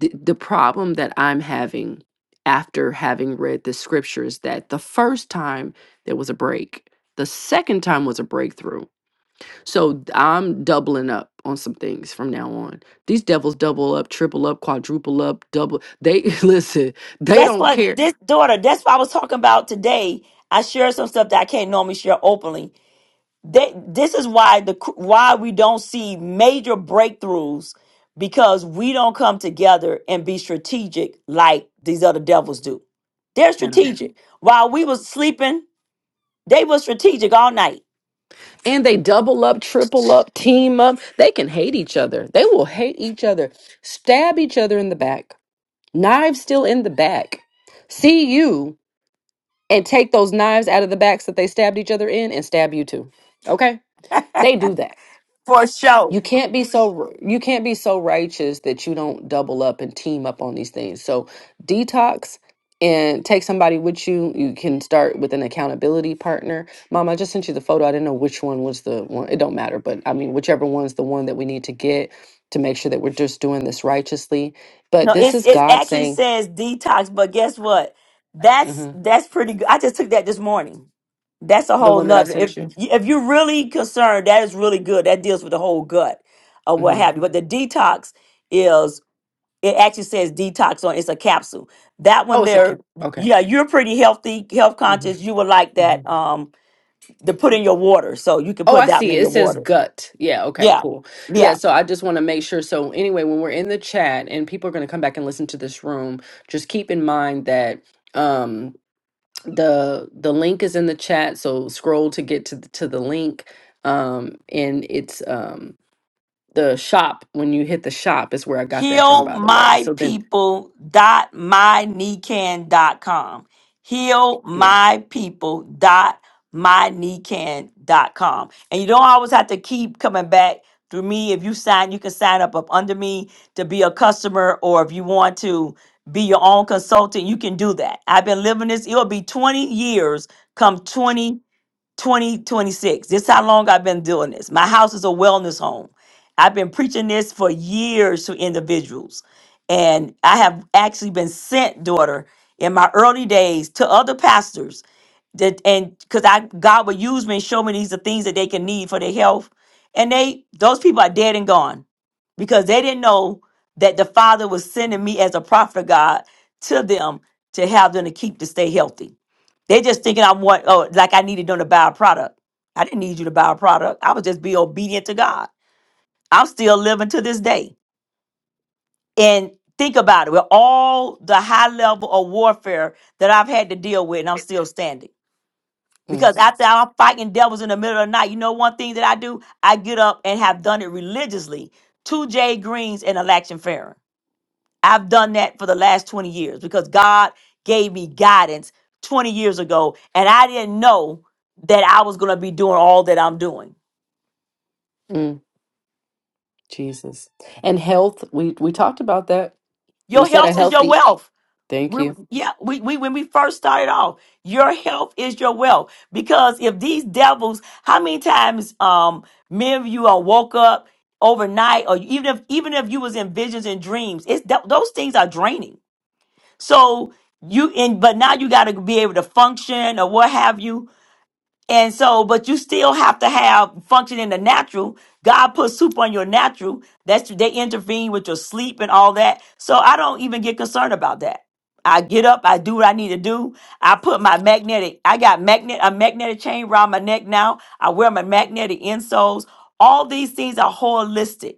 S7: The, the problem that I'm having after having read the scripture is that the first time there was a break, the second time was a breakthrough. So I'm doubling up on some things from now on. These devils double up, triple up, quadruple up, double. They listen, they
S1: That's
S7: don't
S1: what
S7: care.
S1: this daughter, that's what I was talking about today. I shared some stuff that I can't normally share openly. They, this is why the why we don't see major breakthroughs because we don't come together and be strategic like these other devils do. They're
S7: I don't.
S1: strategic. While we was sleeping, they was strategic all night
S7: and they double up, triple up, team up. They can hate each other. They will hate each other, stab each other in the back, knives still in the back, see you and take those knives out of the backs that they stabbed each other in and stab you too. Okay? They do that
S1: for sure.
S7: you can't be so you can't be so righteous that you don't double up and team up on these things so detox and take somebody with you you can start with an accountability partner mom i just sent you the photo i didn't know which one was the one it don't matter but i mean whichever one's the one that we need to get to make sure that we're just doing this righteously but
S1: No,
S7: this
S1: it's
S7: is
S1: it
S7: god
S1: actually
S7: saying
S1: says detox, but guess what? That's
S7: Mhm.
S1: that's pretty good. I just took that this morning. That's a
S7: the
S1: whole
S7: one that i
S1: nother. If
S7: sent you
S1: if you're really concerned, that is really good. That deals with the whole gut or what
S7: hmm
S1: have you. But the detox is. it actually says detox on it's a capsule that
S7: oh
S1: one
S7: it's a okay
S1: there
S7: okay
S1: yeah you're pretty healthy health
S7: Mm-hmm.
S1: conscious you would like
S7: Mm-hmm.
S1: that um to put in your water so you can
S7: Oh,
S1: put
S7: I
S1: that one
S7: see.
S1: in your
S7: It says
S1: water
S7: gut. Yeah. Okay.
S1: yeah
S7: Cool. Yeah.
S1: yeah
S7: So I just want to make sure. So, anyway, when we're in the chat and people are going to come back and listen to this room, just keep in mind that um, the the link is in the chat. So scroll to get to the, to the link, um, and it's um, the shop. When you hit the shop, is where I got that from,
S1: heal
S7: by the way.
S1: my
S7: So then,
S1: people dot my nican dot com heal
S7: yeah.
S1: my people dot my nican dot com and you don't always have to keep coming back through me if you sign you can sign up up under me to be a customer or if you want to be your own consultant you can do that i've been living this it'll be 20 years come 2026. This is how long I've been doing this. My house is a wellness home. I've been preaching this for years to individuals. And I have actually been sent, daughter, in my early days to other pastors that and because I God will use me and show me these are things that they can need for their health. And they those people are dead and gone because they didn't know that the Father was sending me as a prophet of God to them to have them to keep to stay healthy. They just thinking I want oh like I needed them to buy a product. I didn't need you to buy a product. I was just be obedient to God. I'm still living to this day. And think about it with all the high level of warfare that I've had to deal with and I'm still standing because after I'm fighting devils in the middle of the night, you know one thing that I do? I get up and have done it religiously. Two J Greens and Alaction Farron. I've done that for the last 20 years because God gave me guidance 20 years ago, and I didn't know that I was going to be doing all that I'm doing.
S7: Mm, Jesus. And health, we we talked about that. We
S1: Your
S7: said a
S1: health is your
S7: healthy.
S1: wealth.
S7: Thank
S1: We,
S7: you.
S1: yeah, we, we when we first started off, your health is your wealth. Because if these devils, how many times um many of you are woke up overnight, or even if even if you was in visions and dreams, it's th- those things are draining. So you and but now you got to be able to function or what have you and so, but you still have to have function in the natural. God put soup on your natural. That's they intervene with your sleep and all that. So I don't even get concerned about that. I get up, I do what I need to do. I put my magnetic, I got magnet a magnetic chain around my neck now. I wear my magnetic insoles. All these things are holistic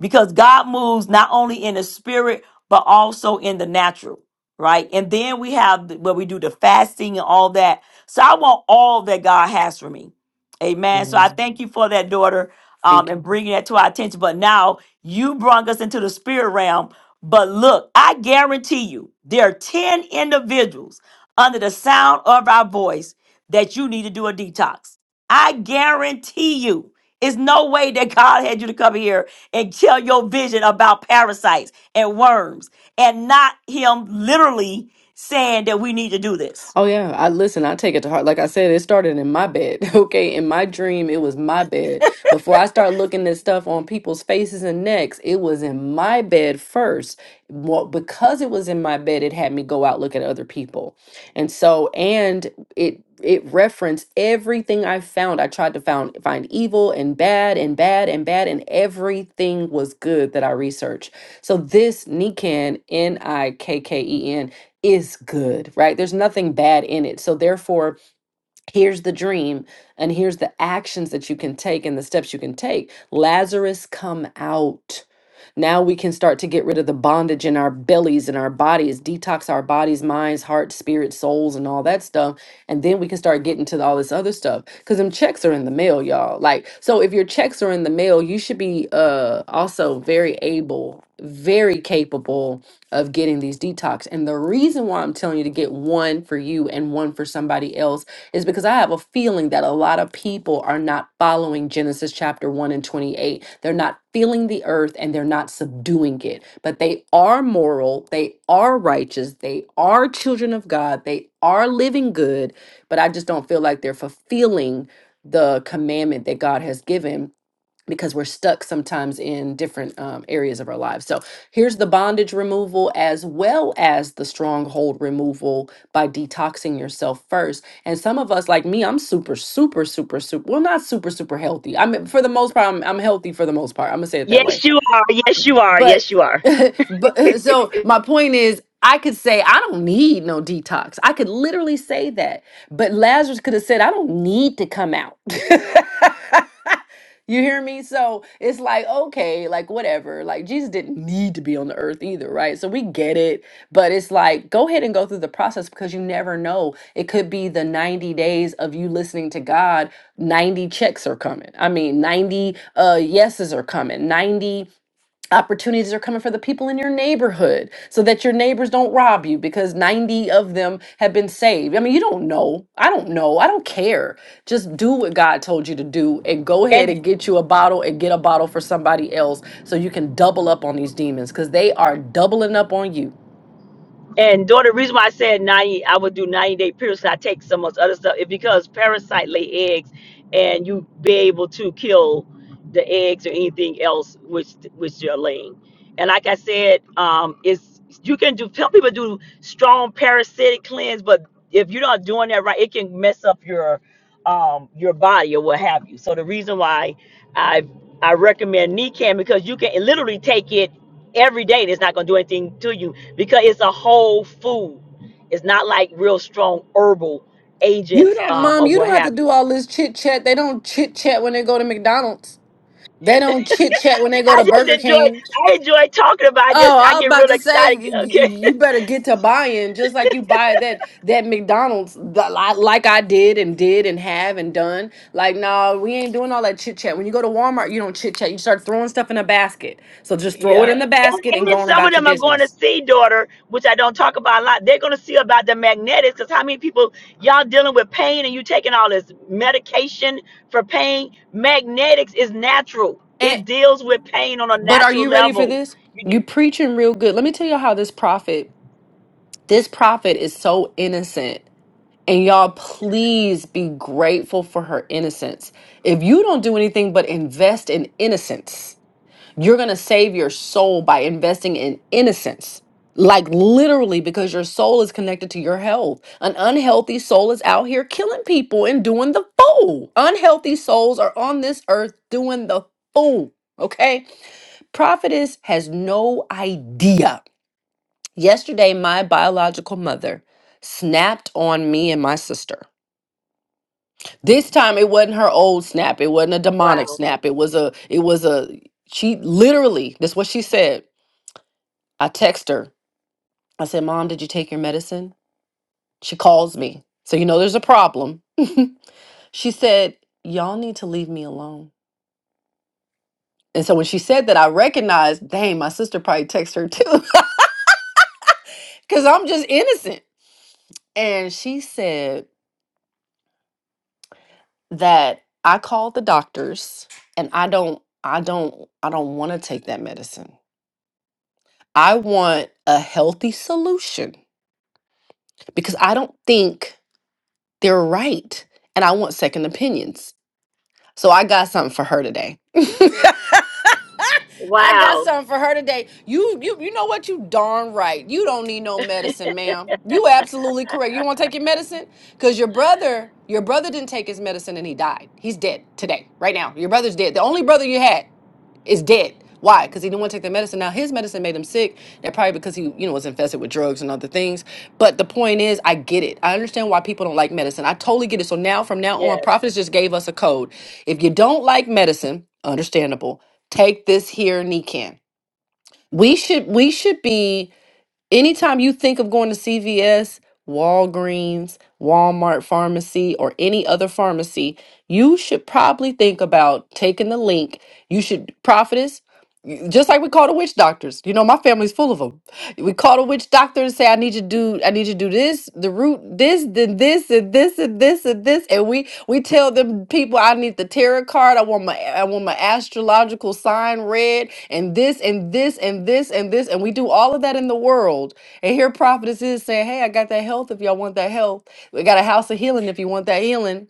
S1: because God moves not only in the spirit, but also in the natural, right? And then we have the- where we do the fasting and all that. So I want all that God has for me. Amen. So I
S7: Mhm.
S1: thank you for that, daughter, um,
S7: Thank you.
S1: and bringing that to our attention. But now you brought us into the spirit realm. But look, I guarantee you, there are 10 individuals under the sound of our voice that you need to do a detox. I guarantee you. It's no way that God had you to come here and tell your vision about parasites and worms and not him literally saying that we need to do this.
S7: Oh yeah, I listen, I take it to heart. Like I said, it started in my bed. Okay, in my dream, it was my bed. Before I start looking at stuff on people's faces and necks, it was in my bed first. Well, because it was in my bed, it had me go out look at other people. And so and it it referenced everything I found. I tried to found find evil and bad and bad and bad and everything was good that I researched. So this Nikan, N I K K E N is good, right? There's nothing bad in it. So, therefore, here's the dream and here's the actions that you can take and the steps you can take. Lazarus, come out. Now we can start to get rid of the bondage in our bellies and our bodies, detox our bodies, minds, hearts, spirits, souls, and all that stuff. And then we can start getting to all this other stuff. Cause them checks are in the mail, y'all. Like, so if your checks are in the mail, you should be uh also very able very capable of getting these detox. And the reason why I'm telling you to get one for you and one for somebody else is because I have a feeling that a lot of people are not following Genesis chapter 1 and 28. They're not feeling the earth and they're not subduing it, but they are moral, they are righteous, they are children of God, they are living good, but I just don't feel like they're fulfilling the commandment that God has given because we're stuck sometimes in different um, areas of our lives. So here's the bondage removal as well as the stronghold removal by detoxing yourself first. And some of us, like me, I'm super, super, super, super, well, not super, super healthy. I mean, for the most part, I'm, I'm healthy for the most part. I'm going to say it that way
S1: Yes, you are. Yes, you are.
S7: but
S1: Yes, you
S7: but so my point is I could say I don't need no detox. I could literally say that. But Lazarus could have said I don't need to come out. you hear me? So it's like okay, like whatever. Like Jesus didn't need to be on the earth either, right? So we get it, but it's like go ahead and go through the process because you never know. It could be the 90 days of you listening to God, 90 checks are coming. I mean, 90 uh yeses are coming. 90 opportunities are coming for the people in your neighborhood so that your neighbors don't rob you because 90 of them have been saved. I mean, you don't know. I don't know. I don't care. Just do what God told you to do and go ahead
S1: are.
S7: and get you a bottle and get a bottle for somebody else so you can double up on these demons because they are doubling up on you.
S1: And though the reason why I said 90, I would do 90 day periods, 'cause I take so much other stuff, is because parasite lay eggs and you be able to kill the eggs or anything else which which you're laying. And like I said, um, it's you can do some people do strong parasitic cleanse, but if you're not doing that right, it can mess up your um your body or what have you. So the reason why I I recommend Nican because you can literally take it every day and it's not gonna do anything to you because it's a whole food. It's not like real strong herbal
S7: You
S1: agents
S7: don't,
S1: um,
S7: mom,
S1: or
S7: you
S1: what
S7: don't have to
S1: have you.
S7: do all this chit chat. They don't chit chat when they go to McDonald's. They don't chit chat when they go
S1: I
S7: to
S1: just
S7: Burger
S1: enjoy.
S7: King.
S1: I enjoy talking about. I
S7: Oh,
S1: just I
S7: I was
S1: get
S7: about
S1: real
S7: to say
S1: excited
S7: y- y-
S1: Okay.
S7: you better get to buying just like you buy that that McDonald's that li- like I did and did and have and done. Like, no, we ain't doing all that chit chat. When you go to Walmart, you don't chit chat. You start throwing stuff in a basket. So just throw it
S1: Yeah.
S7: in Yeah. the
S1: And,
S7: basket
S1: and
S7: and
S1: then
S7: go on
S1: some of
S7: about your
S1: them are going to
S7: business.
S1: see, daughter, which I don't talk about a lot. They're going to see about the magnetics because how many people, y'all dealing with pain and you taking all this medication for pain? Magnetics is natural,
S7: And
S1: it deals with pain on a
S7: but are
S1: natural
S7: you ready for
S1: level.
S7: this?
S1: You
S7: You
S1: do,
S7: preaching real good. Let me tell you how this prophet, this prophet is so innocent. And y'all, please be grateful for her innocence. If you don't do anything but invest in innocence, you're going to save your soul by investing in innocence. Like literally, because your soul is connected to your health. An unhealthy soul is out here killing people and doing the fool. Unhealthy souls are on this earth doing the fool. Okay? Prophetess has no idea. Yesterday, my biological mother snapped on me and my sister. This time it wasn't her old snap. It wasn't a demonic
S1: wow.
S7: snap. It was a it was a she literally that's what she said. I text her. I said, Mom, did you take your medicine? She calls me. So you know there's a problem. she said, Y'all need to leave me alone. And so when she said that, I recognized, dang, my sister probably texted her too. Cause I'm just innocent. And she said that I called the doctors and I don't I don't I don't want to take that medicine. I want a healthy solution because I don't think they're right. And I want second opinions. So I got something for her today. I got
S1: Wow.
S7: something for her today. You you you know what? You darn right. You don't need no medicine, ma'am. You absolutely correct. You want to take your medicine? Because your brother, your brother didn't take his medicine and he died. He's dead today, right now. Your brother's dead. The only brother you had is dead. Why? Because he didn't want to take the medicine. Now his medicine made him sick. That probably because he, you know, was infested with drugs and other things. But the point is, I get it. I understand why people don't like medicine. I totally get it. So now, from now on,
S1: Yes,
S7: prophets just gave us a code. If you don't like medicine, understandable. Take this here, Nican. We should we should be anytime you think of going to CVS, Walgreens, Walmart pharmacy, or any other pharmacy, you should probably think about taking the link. You should prophetess just like we call the witch doctors. You know, my family's full of them. We call the witch doctor and say, "I need you to do, I need you to do this, the root, this, then this, and this, and this, and this." And we we tell them people, "I need the tarot card. I want my I want my astrological sign read, and this, and this, and this, and this." And we do all of that in the world. And here, prophetess is saying, "Hey, I got that health. If y'all want that health, we got a house of healing. If you want that healing."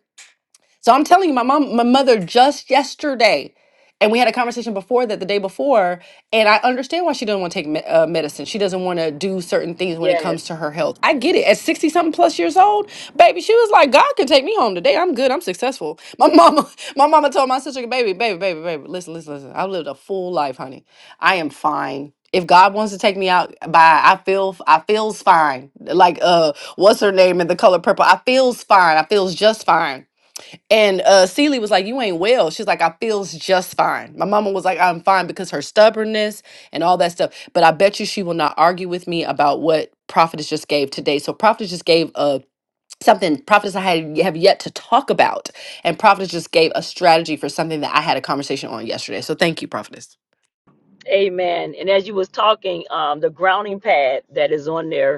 S7: So I'm telling you, my mom, my mother just yesterday, and we had a conversation before that the day before, and I understand why she doesn't want to take me- uh, medicine. She doesn't want to do certain things when it comes to
S1: yes.
S7: her health. I get it. At 60 something plus years old, baby, she was like, God can take me home today. I'm good. I'm successful. My mama, my mama told my sister, baby, baby, baby, baby, listen, listen, listen. I've lived a full life, honey. I am fine. If God wants to take me out by I feel I feels fine. Like uh what's her name in the color purple? I feels fine. I feels just fine. And uh Celie was like, You ain't well. She's like, I feels just fine. My mama was like, I'm fine because her stubbornness and all that stuff. But I bet you she will not argue with me about what Prophetess just gave today. So Prophetess just gave a something Prophetess I had have yet to talk about. And Prophetess just gave a strategy for something that I had a conversation on yesterday. So thank you, Prophetess.
S1: Amen. And as you was talking, um, the grounding pad that is on there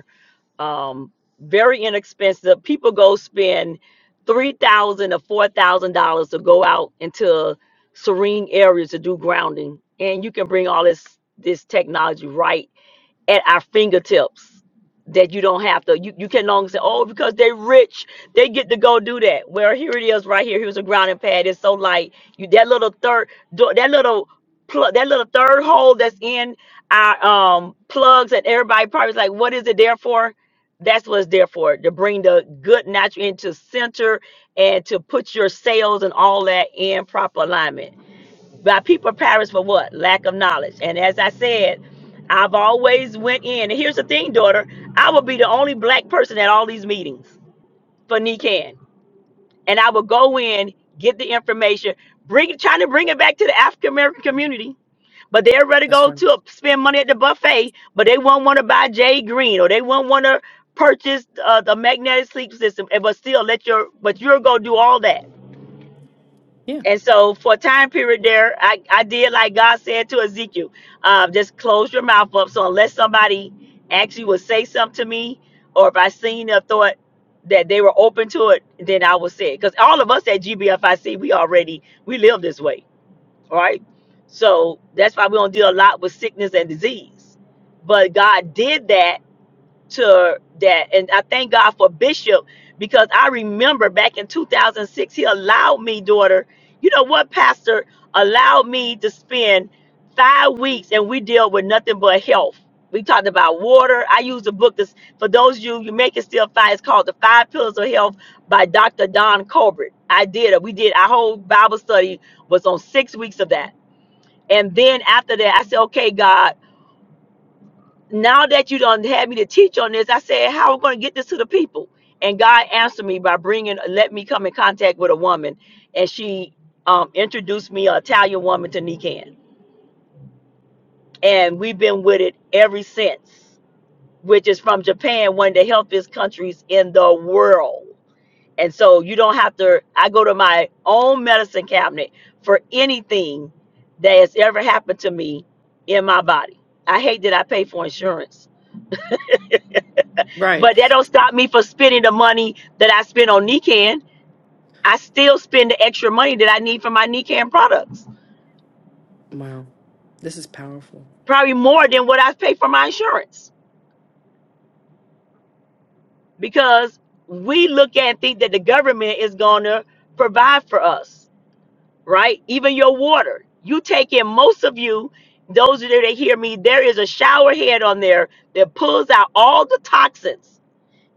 S1: um, very inexpensive. People go spend three thousand or four thousand dollars to go out into serene areas to do grounding, and you can bring all this this technology right at our fingertips that you don't have to you, you can no longer say oh because they're rich they get to go do that well here it is right here here's a grounding pad it's so light you that little third do- that little plug that little third hole that's in our um plugs and everybody probably is like what is it there for that's what it's there for to bring the good natural into center and to put your sales and all that in proper alignment but people perish for what? Lack of knowledge. And as I said, I've always went in. And here's the thing, daughter. I would be the only black person at all these meetings for NECAN. And I would go in, get the information, bring trying to bring it back to the African American community but they're ready to
S7: That's
S1: go
S7: fine.
S1: to spend money at the buffet, but they won't want to buy Jay Green or they won't want to purchase uh, the magnetic sleep system, and but still let your but you're gonna do all that.
S7: Yeah.
S1: And so for a time period there, I, I did like God said to Ezekiel, uh, just close your mouth up. So unless somebody actually would say something to me, or if I seen a thought that they were open to it, then I would say it. Because all of us at GBFIC, we already we live this way. All right. So that's why we don't deal a lot with sickness and disease. But God did that to that. And I thank God for Bishop because I remember back in 2006, he allowed me, daughter, you know what, Pastor, allowed me to spend five weeks and we dealt with nothing but health. We talked about water. I used a book that's for those of you, you make it still five. It's called The Five Pillars of Health by Dr. Don Colbert. I did it. We did our whole Bible study was on six weeks of that. And then after that, I said, okay, God, now that you don't have me to teach on this, I said, how am I going to get this to the people? And God answered me by bringing, let me come in contact with a woman, and she um, introduced me an Italian woman to Nikan, and we've been with it ever since. Which is from Japan, one of the healthiest countries in the world. And so you don't have to. I go to my own medicine cabinet for anything that has ever happened to me in my body. I hate that I pay for insurance
S7: Right.
S1: But that don't stop me from spending the money that I spend on Nican. I still spend the extra money that I need for my Nican products,
S7: Wow. This is powerful.
S1: probably more than what I pay for my insurance, because we look at and think that the government is going to provide for us, right? Even your water, you take in most of you. Those of you that hear me, there is a shower head on there that pulls out all the toxins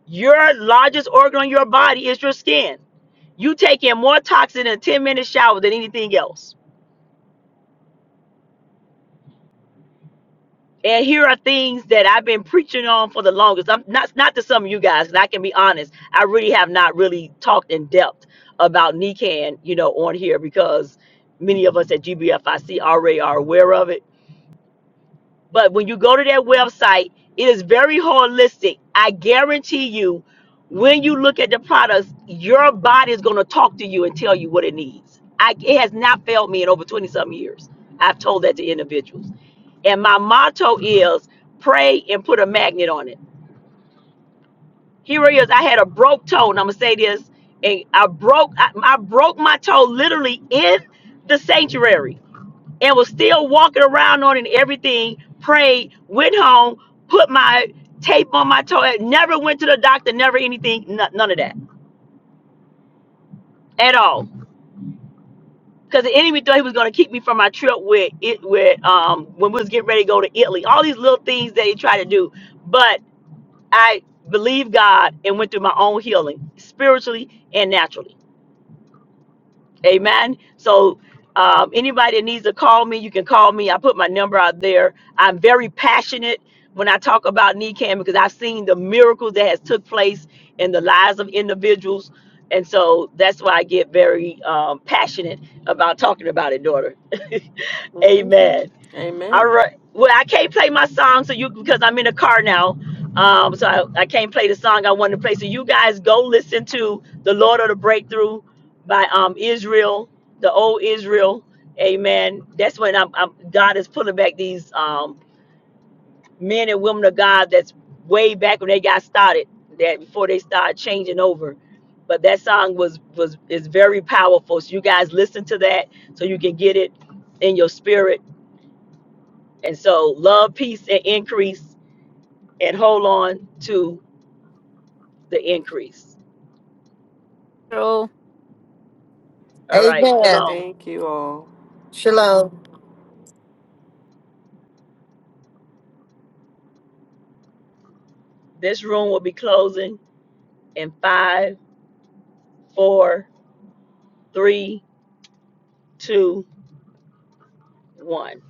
S1: Your largest organ on your body is your skin. You take in more toxin in a 10 minute shower than anything else. And here are things that I've been preaching on for the longest. I'm not not to some of you guys, guys, 'cause I can be honest. I really have not really talked in depth about NECAN, you know, on here because many of us at GBFIC already are aware of it But when you go to their website, it is very holistic. I guarantee you, when you look at the products, your body is going to talk to you and tell you what it needs. I, it has not failed me in over 20 some years. I've told that to individuals. And my motto is pray and put a magnet on it. Here it is. I had a broke toe, and I'm gonna say this, and I broke I, I broke my toe literally in the sanctuary and was still walking around on and everything, prayed, went home, put my tape on my toe, never went to the doctor, never anything, n- none of that at all. Because the enemy thought he was going to keep me from my trip with it, with um, when we was getting ready to go to Italy, all these little things that he tried to do. But I believed God and went through my own healing spiritually and naturally. Amen. So, um, anybody that needs to call me, you can call me. I put my number out there. I'm very passionate when I talk about NECAM because I've seen the miracles that has took place in the lives of individuals, and so that's why I get very um, passionate about talking about it, daughter.
S7: hmm
S1: Amen. All
S7: Amen.
S1: right. Well, I can't play my song, so you because I'm in a car now. Um, so I, I can't play the song I wanted to play. So you guys go listen to "The Lord of the Breakthrough" by um Israel, the old Israel. Amen. That's when I'm, I'm God is pulling back these um men and women of God. That's way back when they got started. That before they started changing over. But that song was was is very powerful. So you guys listen to that so you can get it in your spirit and so love, peace, and increase, and hold on to the increase. All right,
S4: Amen.
S1: shalom.
S7: Thank you all.
S4: Shalom.
S1: This room will be closing in five, four, three, two, one.